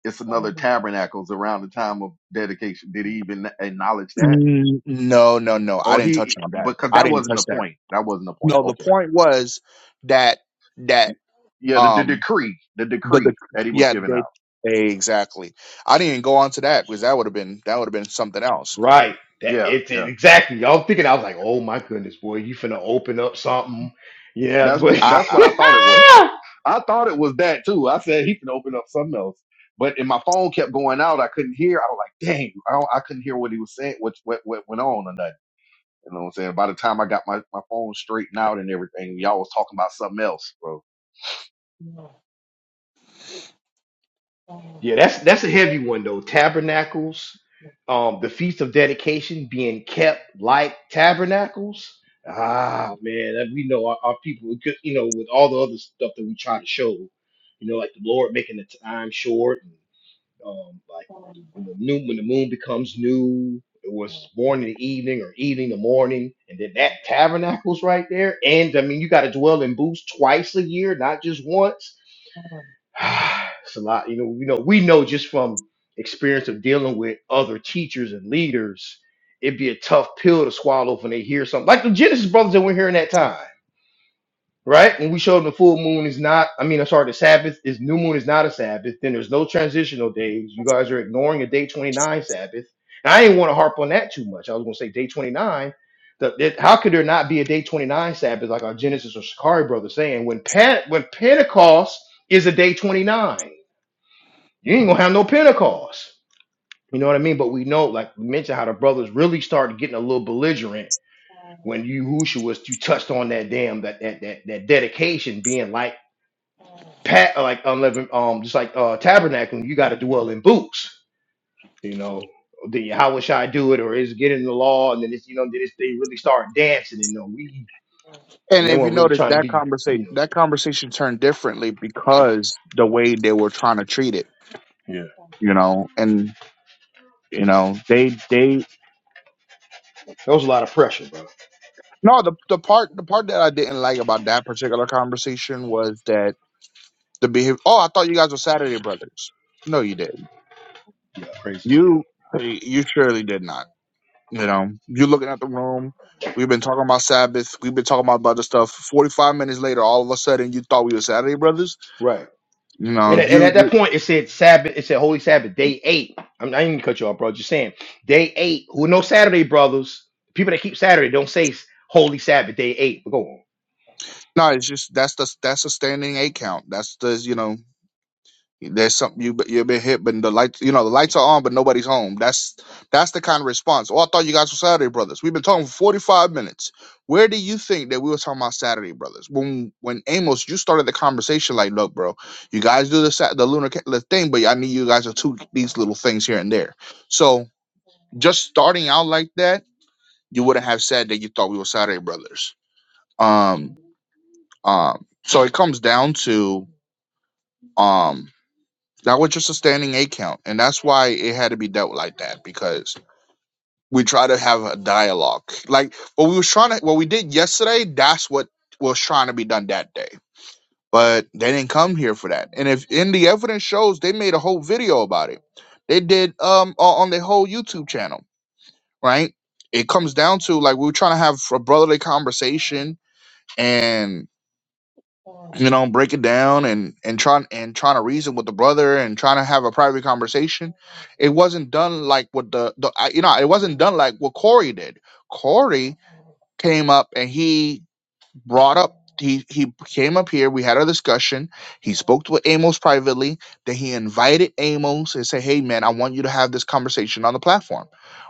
Speaker 3: it's another tabernacles around the time of dedication. Did he even acknowledge that?
Speaker 2: Mm, No, no, no. I
Speaker 3: Oh,
Speaker 2: didn't touch
Speaker 3: he
Speaker 2: on that.
Speaker 3: because
Speaker 2: I
Speaker 3: that
Speaker 2: didn't
Speaker 3: wasn't
Speaker 2: touch
Speaker 3: the
Speaker 2: that.
Speaker 3: point. That wasn't the point.
Speaker 2: No, the
Speaker 3: Okay.
Speaker 2: point was that that
Speaker 3: Yeah, the, the
Speaker 2: um
Speaker 3: decree, the
Speaker 2: the,
Speaker 3: decree
Speaker 2: the
Speaker 3: that he was
Speaker 2: yeah
Speaker 3: giving
Speaker 2: they,
Speaker 3: out.
Speaker 2: they exactly. I didn't even go on to that because that would have been that would have been something else.
Speaker 1: Right. That
Speaker 3: Yeah,
Speaker 1: it's it-
Speaker 3: yeah.
Speaker 1: exactly. i all thinking I was like, oh my goodness, boy, you finna open up something. Yeah,
Speaker 3: That's
Speaker 1: but
Speaker 2: I,
Speaker 3: that's
Speaker 2: I
Speaker 3: what I thought it was. I thought it was that too. I said he can open up something else, but and my phone kept going out. I couldn't hear. I was like, dang, I, don't, I couldn't hear what he was saying, what what what went on or nothing. You know what I'm saying? By the time I got my my phone straightened out and everything, y'all was talking about something else, bro.
Speaker 1: yeah, that's that's a heavy one though. Tabernacles, um, the feast of dedication being kept like tabernacles. Ah man, that- we know our, our people, we could- you know, with all the other stuff that we try to show, you know, like the Lord making the time short. um, like the- when the new when the moon becomes new, it was born in the evening or evening the morning, and then that tabernacles right there. And I mean, you got to dwell in booths twice a year, not just once. it's a lot, you know. You know, we know just from experience of dealing with other teachers and leaders, it'd be a tough pill to swallow when they hear something like the Genesis brothers that were here in that time right? When we showed them the full moon is not, I mean, I'm sorry, the Sabbath is new moon is not a Sabbath, then there's no transitional days. You guys are ignoring a day 29 Sabbath. And I didn't want to harp on that too much. I was going to say day 29. The, it- how could there not be a day 29 Sabbath, like our Genesis or Shakari brother saying, when, Pen- when Pentecost is a day 29? You ain't going to have no Pentecost. You know what I mean? But we know, like we mentioned, how the brothers really started getting a little belligerent when you Yahusha was you touched on that damn that that that, that dedication being like pat uh, like unleavened um just like uh tabernacle you got to dwell in boots you know the how should i do it or is it getting the law and then it's you know then it's, they really start dancing and you know we
Speaker 2: and
Speaker 1: and they
Speaker 2: if you
Speaker 1: weren't really
Speaker 2: notice
Speaker 1: trying to
Speaker 2: that
Speaker 1: be
Speaker 2: conversation
Speaker 1: you know
Speaker 2: that conversation turned differently because the way they were trying to treat it. you know, and you know, they they
Speaker 1: that was a lot of pressure bro
Speaker 2: no the the part the part that I didn't like about that particular conversation was that the behavior. Oh, I thought you guys were Saturday brothers. No, you didn't.
Speaker 1: yeah crazy as hell
Speaker 2: You you surely did not. You know, you looking at the room. We've been talking about Sabbath. We've been talking about other stuff. Forty five minutes later, all of a sudden, you thought we were Saturday brothers.
Speaker 1: Right.
Speaker 2: You know,
Speaker 1: And at, and
Speaker 2: you
Speaker 1: at that
Speaker 2: you
Speaker 1: point, it said Sabbath. It said Holy Sabbath, day eight. I'm not even gonna cut you off, bro. Just saying, day eight. Who know Saturday, brothers? People that keep Saturday don't say s- Holy Sabbath, day eight. But go on.
Speaker 2: no. It's just that's the that's a standing eight count. That's the you know There's something you you've been hit, but the lights you know the lights are on, but nobody's home. That's that's the kind of response. Oh, I thought you guys were Saturday brothers. We've been talking for 45 minutes. Where do you think that we were talking about Saturday brothers? When when Amos, you started the conversation like, look, bro, you guys do the Sat- the lunar ca- the thing, but I need you guys to tweak these little things here and there. So just starting out like that, you wouldn't have said that you thought we were Saturday brothers. Um, um. So it comes down to um. That was just a standing A count, and that's why it had to be dealt like that because we try to have a dialogue. Like what we was trying to, what we did yesterday, that's what was trying to be done that day. But they didn't come here for that. And if in the evidence shows, they made a whole video about it. They did um o- on their whole YouTube channel, right? It comes down to like we were trying to have a brotherly conversation, and. you know break it down and and trying and trying to reason with the brother and trying to have a private conversation it wasn't done like what the, the I- you know it wasn't done like what corey did corey came up and he brought up he he came up here we had a discussion he spoke to amos privately then he invited amos and said hey man i want you to have this conversation on the platform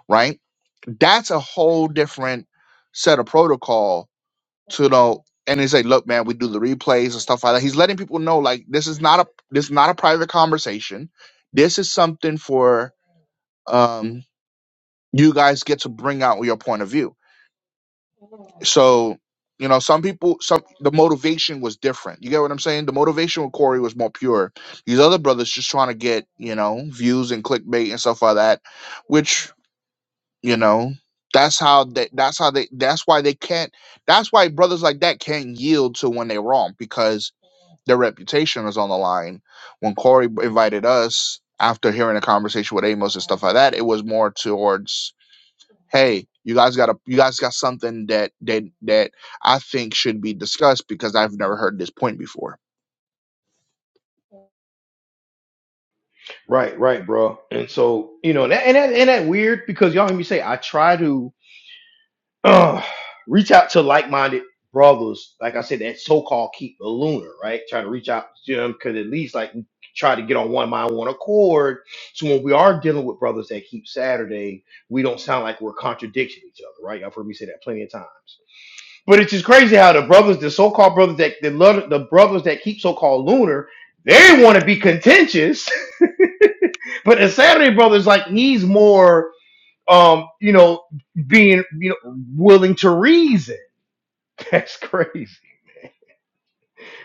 Speaker 2: right that's a whole different set of protocol to you know and they say look man we do the replays and stuff like that he's letting people know like this is not a this is not a private conversation this is something for um you guys get to bring out your point of view so you know some people some the motivation was different you get what i'm saying the motivation with corey was more pure these other brothers just trying to get you know views and clickbait and stuff like that which you know that's how they that's how they that's why they can't that's why brothers like that can't yield to when they're wrong because Their reputation was on the line. When Corey invited us after hearing a conversation with Amos, stuff like that, it was more towards, hey, you guys got a you guys got something that that that I think should be discussed because I've never heard this point before.
Speaker 1: Right, right, bro. And so you know, and that, and that, and that weird because y'all hear me say I try to. Ugh. reach out to like-minded brothers, like I said, that so-called keep the lunar, right? Try to reach out to them because at least like we try to get on one mind, one accord. So when we are dealing with brothers that keep Saturday, we don't sound like we're contradicting each other, right? Y'all heard me say that plenty of times. But it's just crazy how the brothers, the so-called brothers that the love the brothers that keep so-called lunar, they want to be contentious, but the Saturday brothers like he's more um you know being you know willing to reason That's crazy,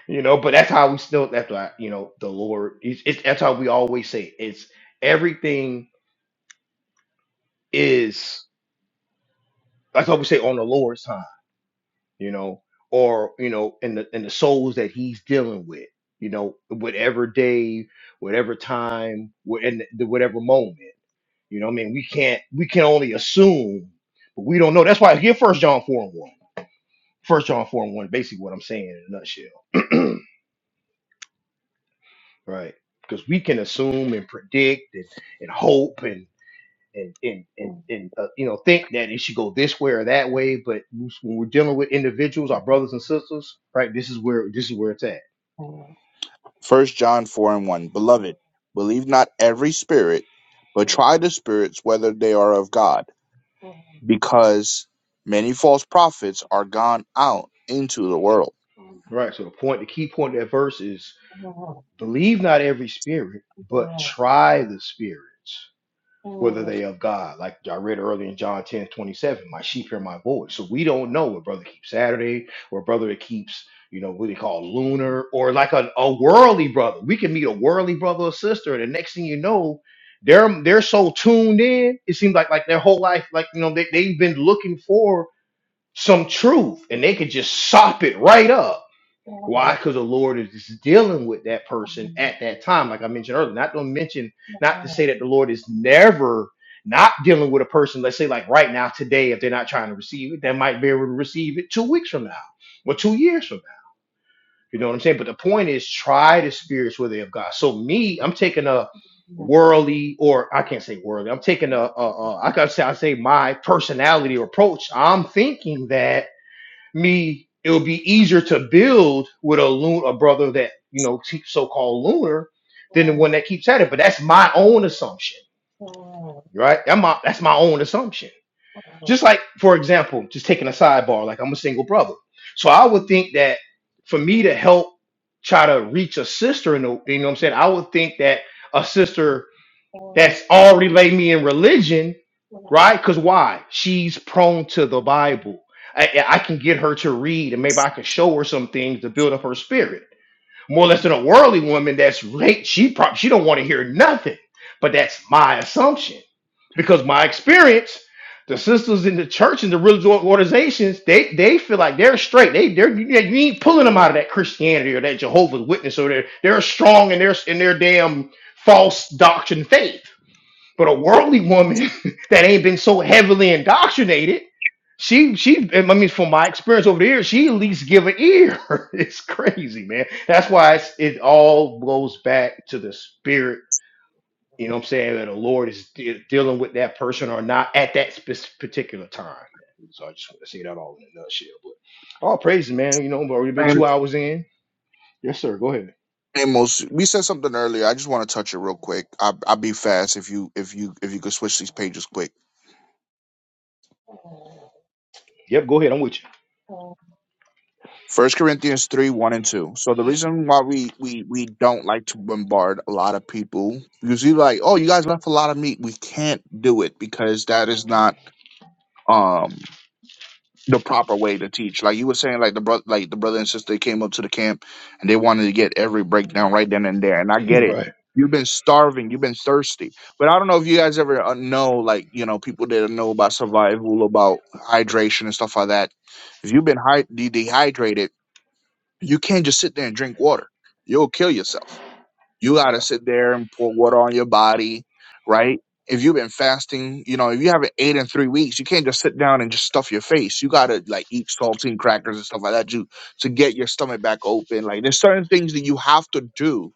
Speaker 1: you know. But that's how we still. That's why you know the Lord. It's, it's that's how we always say it. it's everything is. That's what we say on the Lord's time, you know, or you know, in the in the souls that He's dealing with, you know, whatever day, whatever time, wha- and the, whatever moment, you know. what I mean, we can't we can only assume, but we don't know. That's why here, First John four and one. First John four and one, basically what I'm saying in a nutshell. Right. Because we can assume and predict and, and hope and and and and, and uh, you know think that it should go this way or that way, but when we're dealing with individuals, our brothers and sisters, right? This is where this is where it's at.
Speaker 2: First John four and one, beloved, believe not every spirit, but try the spirits whether they are of God, because many false prophets are gone out into the world.
Speaker 1: Right. So the point, the key point of that verse is believe not every spirit, but try the spirits. whether they of God. Like I read earlier in John 10 27, my sheep hear my voice. So we don't know what brother keeps Saturday or brother that keeps, you know, what they call lunar or like a, a worldly brother. We can meet a worldly brother or sister, and the next thing you know, they're they're so tuned in, it seems like like their whole life, like you know, they, they've been looking for some truth and they could just sop it right up why? Because the Lord is just dealing with that person at that time, like I mentioned earlier. Not to mention, not to say that the Lord is never not dealing with a person, let's say like right now, today, if they're not trying to receive it, they might be able to receive it two weeks from now or two years from now. You know what I'm saying? But the point is try the spirits where they of God. So me, I'm taking a worldly or I can't say worldly, I'm taking a, a, a I gotta say I say my personality or approach. I'm thinking that me, it would be easier to build with a loon, a brother that you know so-called lunar, than the one that keeps at it. But that's my own assumption, right? That's my that's my own assumption. Just like, for example, just taking a sidebar, like I'm a single brother, so I would think that for me to help try to reach a sister, in the, you know what I'm saying, I would think that a sister that's already laid me in religion, right? Because why? She's prone to the Bible. I, I I can get her to read, and maybe I can show her some things to build up her spirit. More or less than a worldly woman that's late. She probably she don't want to hear nothing. But that's my assumption because my experience, the sisters in the church and the religious organizations, they they feel like they're straight. They they're you you ain't pulling them out of that Christianity or that Jehovah's Witness or they're they're strong in their in their damn false doctrine faith. But a worldly woman that ain't been so heavily indoctrinated, she she I mean from my experience over the years, she at least give an ear. it's crazy, man. That's why it's, it all goes back to the spirit. You know what I'm saying? That the Lord is de- dealing with that person or not at that spec- particular time. man. So I just want to say that all in a nutshell. But all praises, man. You know, we've already been two hours in. Yes, sir. Go ahead.
Speaker 2: Amos, we said something earlier. I just want to touch it real quick. I, I'll be fast if you if you if you could switch these pages quick.
Speaker 1: Yep, go ahead. I'm with
Speaker 2: First Corinthians three one and two. So the reason why we we we don't like to bombard a lot of people because you like oh you guys left a lot of meat. We can't do it because that is not um the proper way to teach. Like you were saying, like the brother, like the brother and sister came up to the camp and they wanted to get every breakdown right then and there. And I get
Speaker 1: you.
Speaker 2: it.
Speaker 1: right.
Speaker 2: You've been starving, you've been thirsty. But I don't know if you guys ever uh, know, like you know, people that know about survival, about hydration and stuff like that. If you've been hy- de- dehydrated, you can't just sit there and drink water. You'll kill yourself. You got to
Speaker 1: Yeah.
Speaker 2: sit there and pour water on your body, right? If you've been fasting, you know, if you haven't ate in three weeks, you can't just sit down and just stuff your face. You got to like eat saltine crackers and stuff like that to, to get your stomach back open. Like there's certain things that you have to do,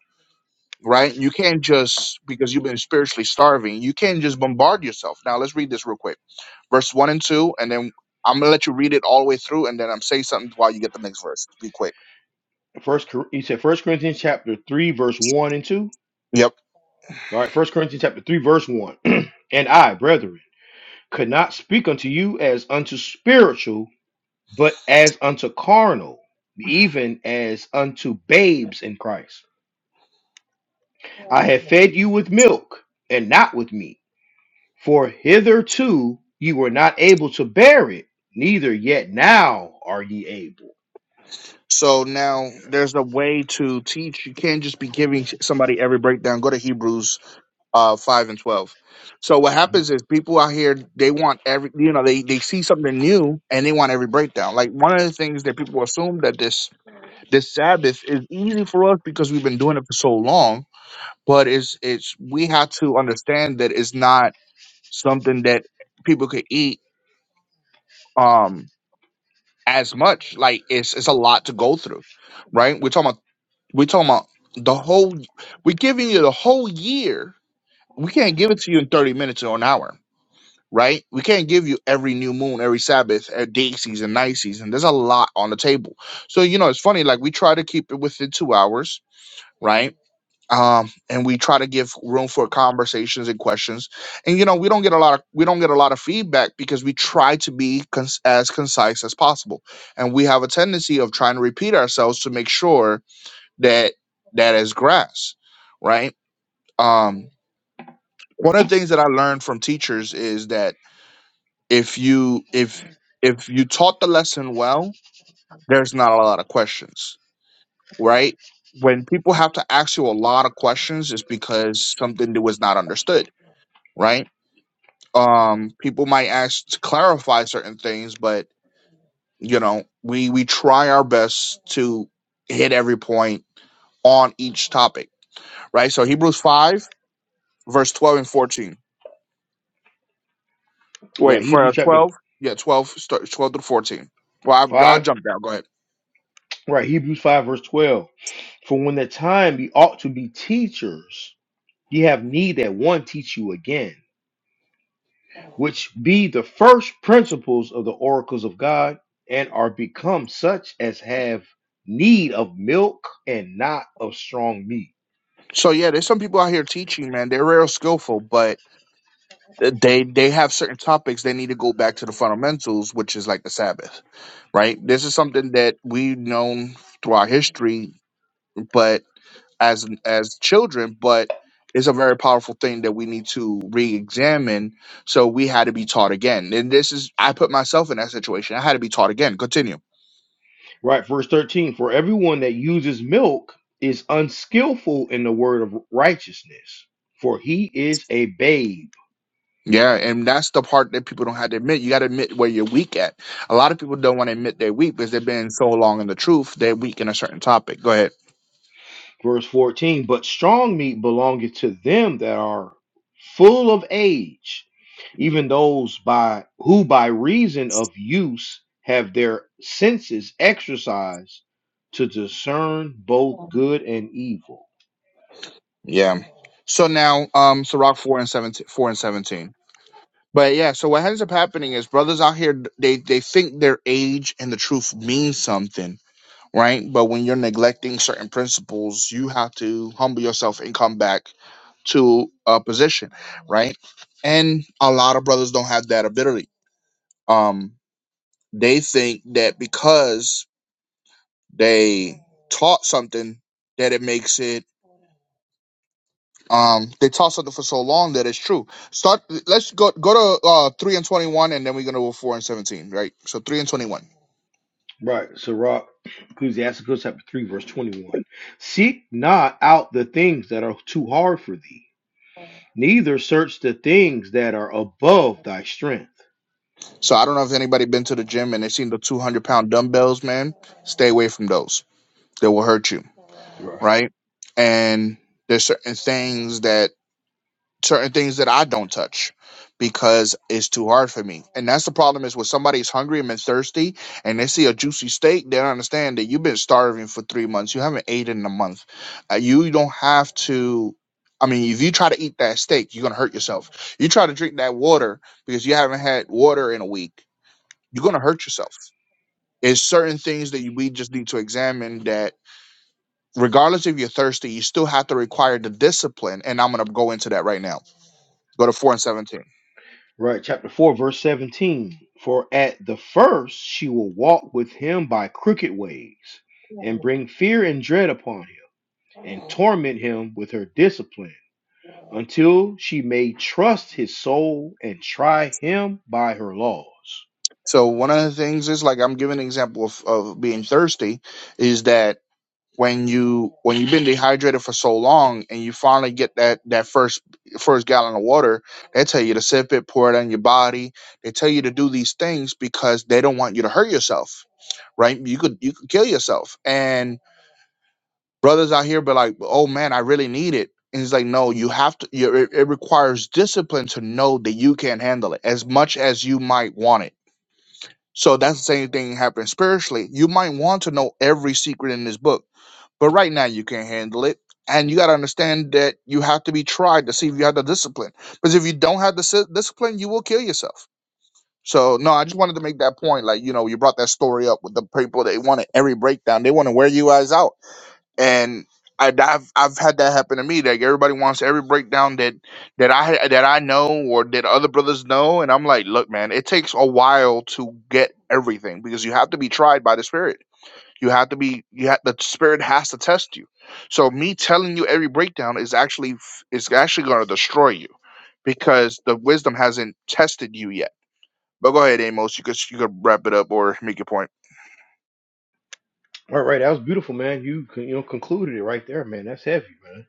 Speaker 2: right? You can't just, because you've been spiritually starving, you can't just bombard yourself. Now let's read this real quick. Verse one and two, and then I'm going to let you read it all the way through, and then I'm saying something while you get the next verse. Be quick.
Speaker 1: First, Cor- he said First Corinthians chapter three, verse one and two.
Speaker 2: Yep.
Speaker 1: All right, First Corinthians chapter 3, verse 1. and I, brethren, could not speak unto you as unto spiritual, but as unto carnal, even as unto babes in Christ. I have fed you with milk and not with meat, for hitherto you were not able to bear it, neither yet now are ye able.
Speaker 2: So now there's a way to teach. You can't just be giving somebody every breakdown. Go to Hebrews uh, five and twelve. So what happens is people out here they want every you know they they see something new and they want every breakdown. Like one of the things that people assume that this this Sabbath is easy for us because we've been doing it for so long. But it's it's we have to understand that it's not something that people could eat um as much. Like it's it's a lot to go through, right? We're talking about We're talking about the whole. We're giving you the whole year. We can't give it to you in thirty minutes or an hour, right? We can't give you every new moon, every Sabbath, every day season, night season. There's a lot on the table. So you know, it's funny. Like we try to keep it within two hours, right? Um, and we try to give room for conversations and questions. And you know, we don't get a lot of we don't get a lot of feedback because we try to be cons- as concise as possible. And we have a tendency of trying to repeat ourselves to make sure that that is grass, right? Um, one of the things that I learned from teachers is that if you if if you taught the lesson well, there's not a lot of questions, right? When people have to ask you a lot of questions, it's because something that was not understood, right? Um, people might ask to clarify certain things, but you know, we we try our best to hit every point on each topic, right? So Hebrews five, verse twelve and fourteen. Wait
Speaker 1: Right,
Speaker 2: for uh,
Speaker 1: Hebrews chapter
Speaker 2: twelve. Yeah, twelve. Start twelve to fourteen. Well, I, I
Speaker 1: 5,
Speaker 2: jumped out. Go ahead.
Speaker 1: right, Hebrews 5, verse 12. For when the time ye ought to be teachers, ye have need that one teach you again which be the first principles of the oracles of God, and are become such as have need of milk and not of strong meat.
Speaker 2: So yeah, there's some people out here teaching, man. They're real skillful, but they they have certain topics they need to go back to the fundamentals, which is like the Sabbath, right? This is something that we've known throughout history, but as as children, but it's a very powerful thing that we need to re-examine. So we had to be taught again, and this is I put myself in that situation. I had to be taught again. Continue.
Speaker 1: Right, verse 13 For everyone that uses milk is unskillful in the word of righteousness, for he is a babe.
Speaker 2: Yeah, and that's the part that people don't have to admit. You got to admit where you're weak at. A lot of people don't want to admit they're weak because they've been so long in the truth. They're weak in a certain topic. Go ahead.
Speaker 1: verse 14 but strong meat belongeth to them that are full of age even those by who by reason of use have their senses exercised to discern both good and evil
Speaker 2: Yeah. So now, um, so rock four and seventeen, four and seventeen. But yeah, so what ends up happening is brothers out here they they think their age and the truth means something, right? But when you're neglecting certain principles, you have to humble yourself and come back to a position, right? And a lot of brothers don't have that ability. Um, They think that because they taught something that it makes it um they taught something for so long that it's true. Start let's go go to uh three and twenty one and then we're gonna go four and seventeen, right? So three and twenty one.
Speaker 1: right so rock ecclesiasticus chapter 3 verse 21 seek not out the things that are too hard for thee neither search the things that are above thy strength
Speaker 2: So I don't know if anybody been to the gym and they seen the two hundred pound dumbbells, man. Stay away from those. They will hurt you,
Speaker 1: Right.
Speaker 2: right? And there's certain things that certain things that I don't touch because it's too hard for me. And that's the problem is when somebody's hungry and been thirsty and they see a juicy steak, they don't understand that you've been starving for three months. You haven't eaten in a month. Uh, you don't have to. I mean, if you try to eat that steak, you're gonna hurt yourself. You try to drink that water because you haven't had water in a week, you're gonna hurt yourself. It's certain things that you, we just need to examine that, regardless if you're thirsty, you still have to require the discipline. And I'm gonna go into that right now. Go to four and seventeen.
Speaker 1: Right, chapter 4, verse 17. For at the first she will walk with him by crooked ways, and bring fear and dread upon him, and torment him with her discipline, until she may trust his soul and try him by her laws.
Speaker 2: So one of the things is like I'm giving an example of, of being thirsty is that when you when you've been dehydrated for so long and you finally get that that first first gallon of water, they tell you to sip it, pour it on your body. They tell you to do these things because they don't want you to hurt yourself, right? You could you could kill yourself. And brothers out here be like, "Oh man, I really need it." And it's like, no, you have to. You, it, it requires discipline to know that you can't handle it as much as you might want it so that's the same thing happening spiritually. You might want to know every secret in this book, but right now you can't handle it. And you got to understand that you have to be tried to see if you have the discipline. Because if you don't have the si- discipline, you will kill yourself. So, no, I just wanted to make that point. Like, you know, you brought that story up with the people, they wanted every breakdown, they want to wear you guys out and I, have I've had that happen to me. Like everybody wants every breakdown that that I that I know or that other brothers know, and I'm like, look, man, it takes a while to get everything because you have to be tried by the spirit. You have to be you have the spirit has to test you. So me telling you every breakdown is actually f- is actually going to destroy you because the wisdom hasn't tested you yet. But go ahead, Amos. You could you could wrap it up or make your point.
Speaker 1: All right, that was beautiful, man. You you know concluded it right there, man. That's heavy, man.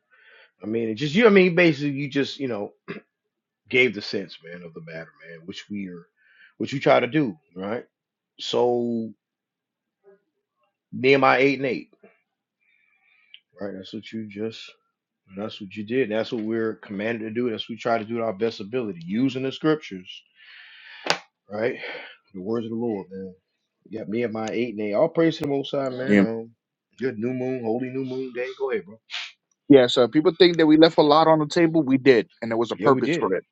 Speaker 1: I mean, it just you. I mean, basically, you just you know gave the sense, man, of the matter, man, which we are, which you try to do, right? So Nehemiah eight and eight. Right. That's what you just. That's what you did. That's what we're commanded to do. That's what we try to do to our best ability, using the scriptures. Right. The words of the Lord, man. You got me and my eight and eight. All praise to the Most High, man. Um, good new moon, holy new moon day. Go ahead, bro.
Speaker 2: Yeah, so people think that we left a lot on the table. We did, and there was a
Speaker 1: Yeah, we
Speaker 2: purpose
Speaker 1: did.
Speaker 2: for it.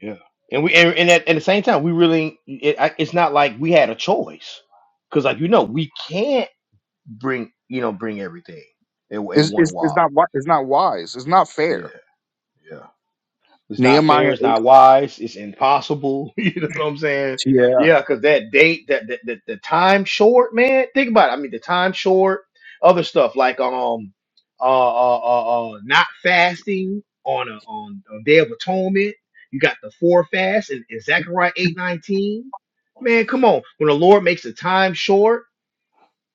Speaker 1: Yeah. And we and, and at, at the same time, we really. It, I- it's not like we had a choice, because like you know, we can't bring you know bring everything at, at
Speaker 2: It's
Speaker 1: one
Speaker 2: it's, it's
Speaker 1: wop.
Speaker 2: not wi- it's not wise. It's not
Speaker 1: Yeah.
Speaker 2: fair.
Speaker 1: Yeah. It's not fair.
Speaker 2: Nehemiah
Speaker 1: It's
Speaker 2: eight.
Speaker 1: not wise. It's impossible. You know what I'm saying?
Speaker 2: Yeah,
Speaker 1: Yeah, because that date, that, that, that the time short, man. Think about it. I mean, the time short. Other stuff like um, uh, uh, uh, uh not fasting on a on a day of atonement. You got the four fast in, in Zechariah eight nineteen. Man, come on. When the Lord makes the time short,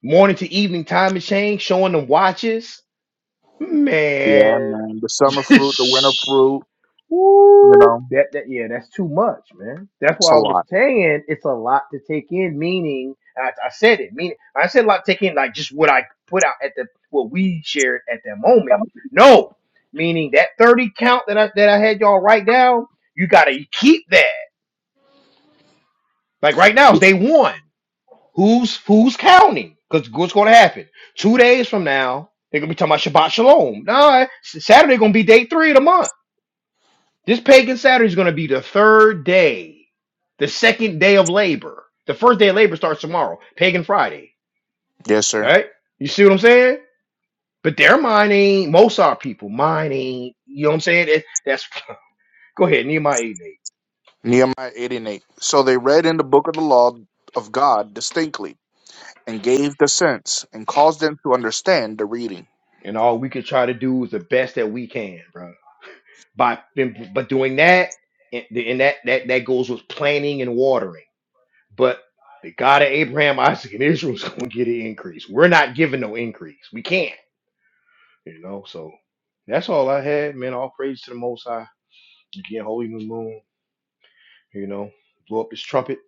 Speaker 1: morning to evening time is changed, showing them watches.
Speaker 2: yeah,
Speaker 1: Man.
Speaker 2: man. The summer fruit, the winter fruit. You know,
Speaker 1: Woo! That, that yeah, that's too much, man. That's
Speaker 2: it's
Speaker 1: why
Speaker 2: a
Speaker 1: I was
Speaker 2: lot.
Speaker 1: saying it's a lot to take in. Meaning, I, I said it. Meaning, I said a lot to take in, like just what I put out at the what we shared at that moment. No, meaning that thirty count that I that I had y'all write down. You gotta keep that. Like right now is day one. Who's who's counting? Because what's gonna happen? Two days from now, they're gonna be talking about Shabbat Shalom. Nah, Saturday gonna be day three of the month. This pagan Saturday is going to be the third day, the second day of labor. The first day of labor starts tomorrow, Pagan Friday.
Speaker 2: Yes, sir.
Speaker 1: Right? You see what I'm saying? But their mind ain't Mosar people. Mine ain't. You know what I'm saying? That- that's go ahead, Nehemiah 8 and 8.
Speaker 2: Nehemiah 8 and 8. So they read in the book of the law of God distinctly and gave the sense and caused them to understand the reading.
Speaker 1: And all we can try to do is the best that we can, bro. By but doing that, and, and that that that goes with planning and watering. But the God of Abraham, Isaac, and Israel is going to get an increase. We're not giving no increase. We can't. You know, so that's all I had, man. All praise to the Most High. Again, Holy New Moon. You know, blow up this trumpet.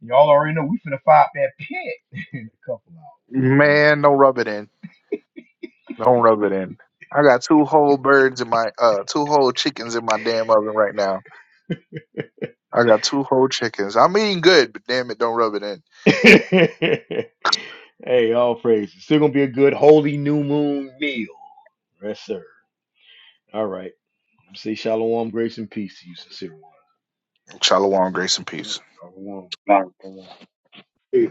Speaker 1: Y'all already know we finna fire up that pit in a couple
Speaker 2: Man, don't rub it in. Don't rub it in. I got two whole birds in my, uh, two whole chickens in my damn oven right now. I got two whole chickens. I'm eating good, but damn it, don't rub it in.
Speaker 1: hours, man. hey, all praise. It's still gonna be a good Holy New Moon meal. Yes, sir. All right. Say shalom, grace, and peace to you, sincere one.
Speaker 2: Shalom, grace, and
Speaker 3: Yeah,
Speaker 2: peace.
Speaker 3: y'all won. Y'all won.
Speaker 6: to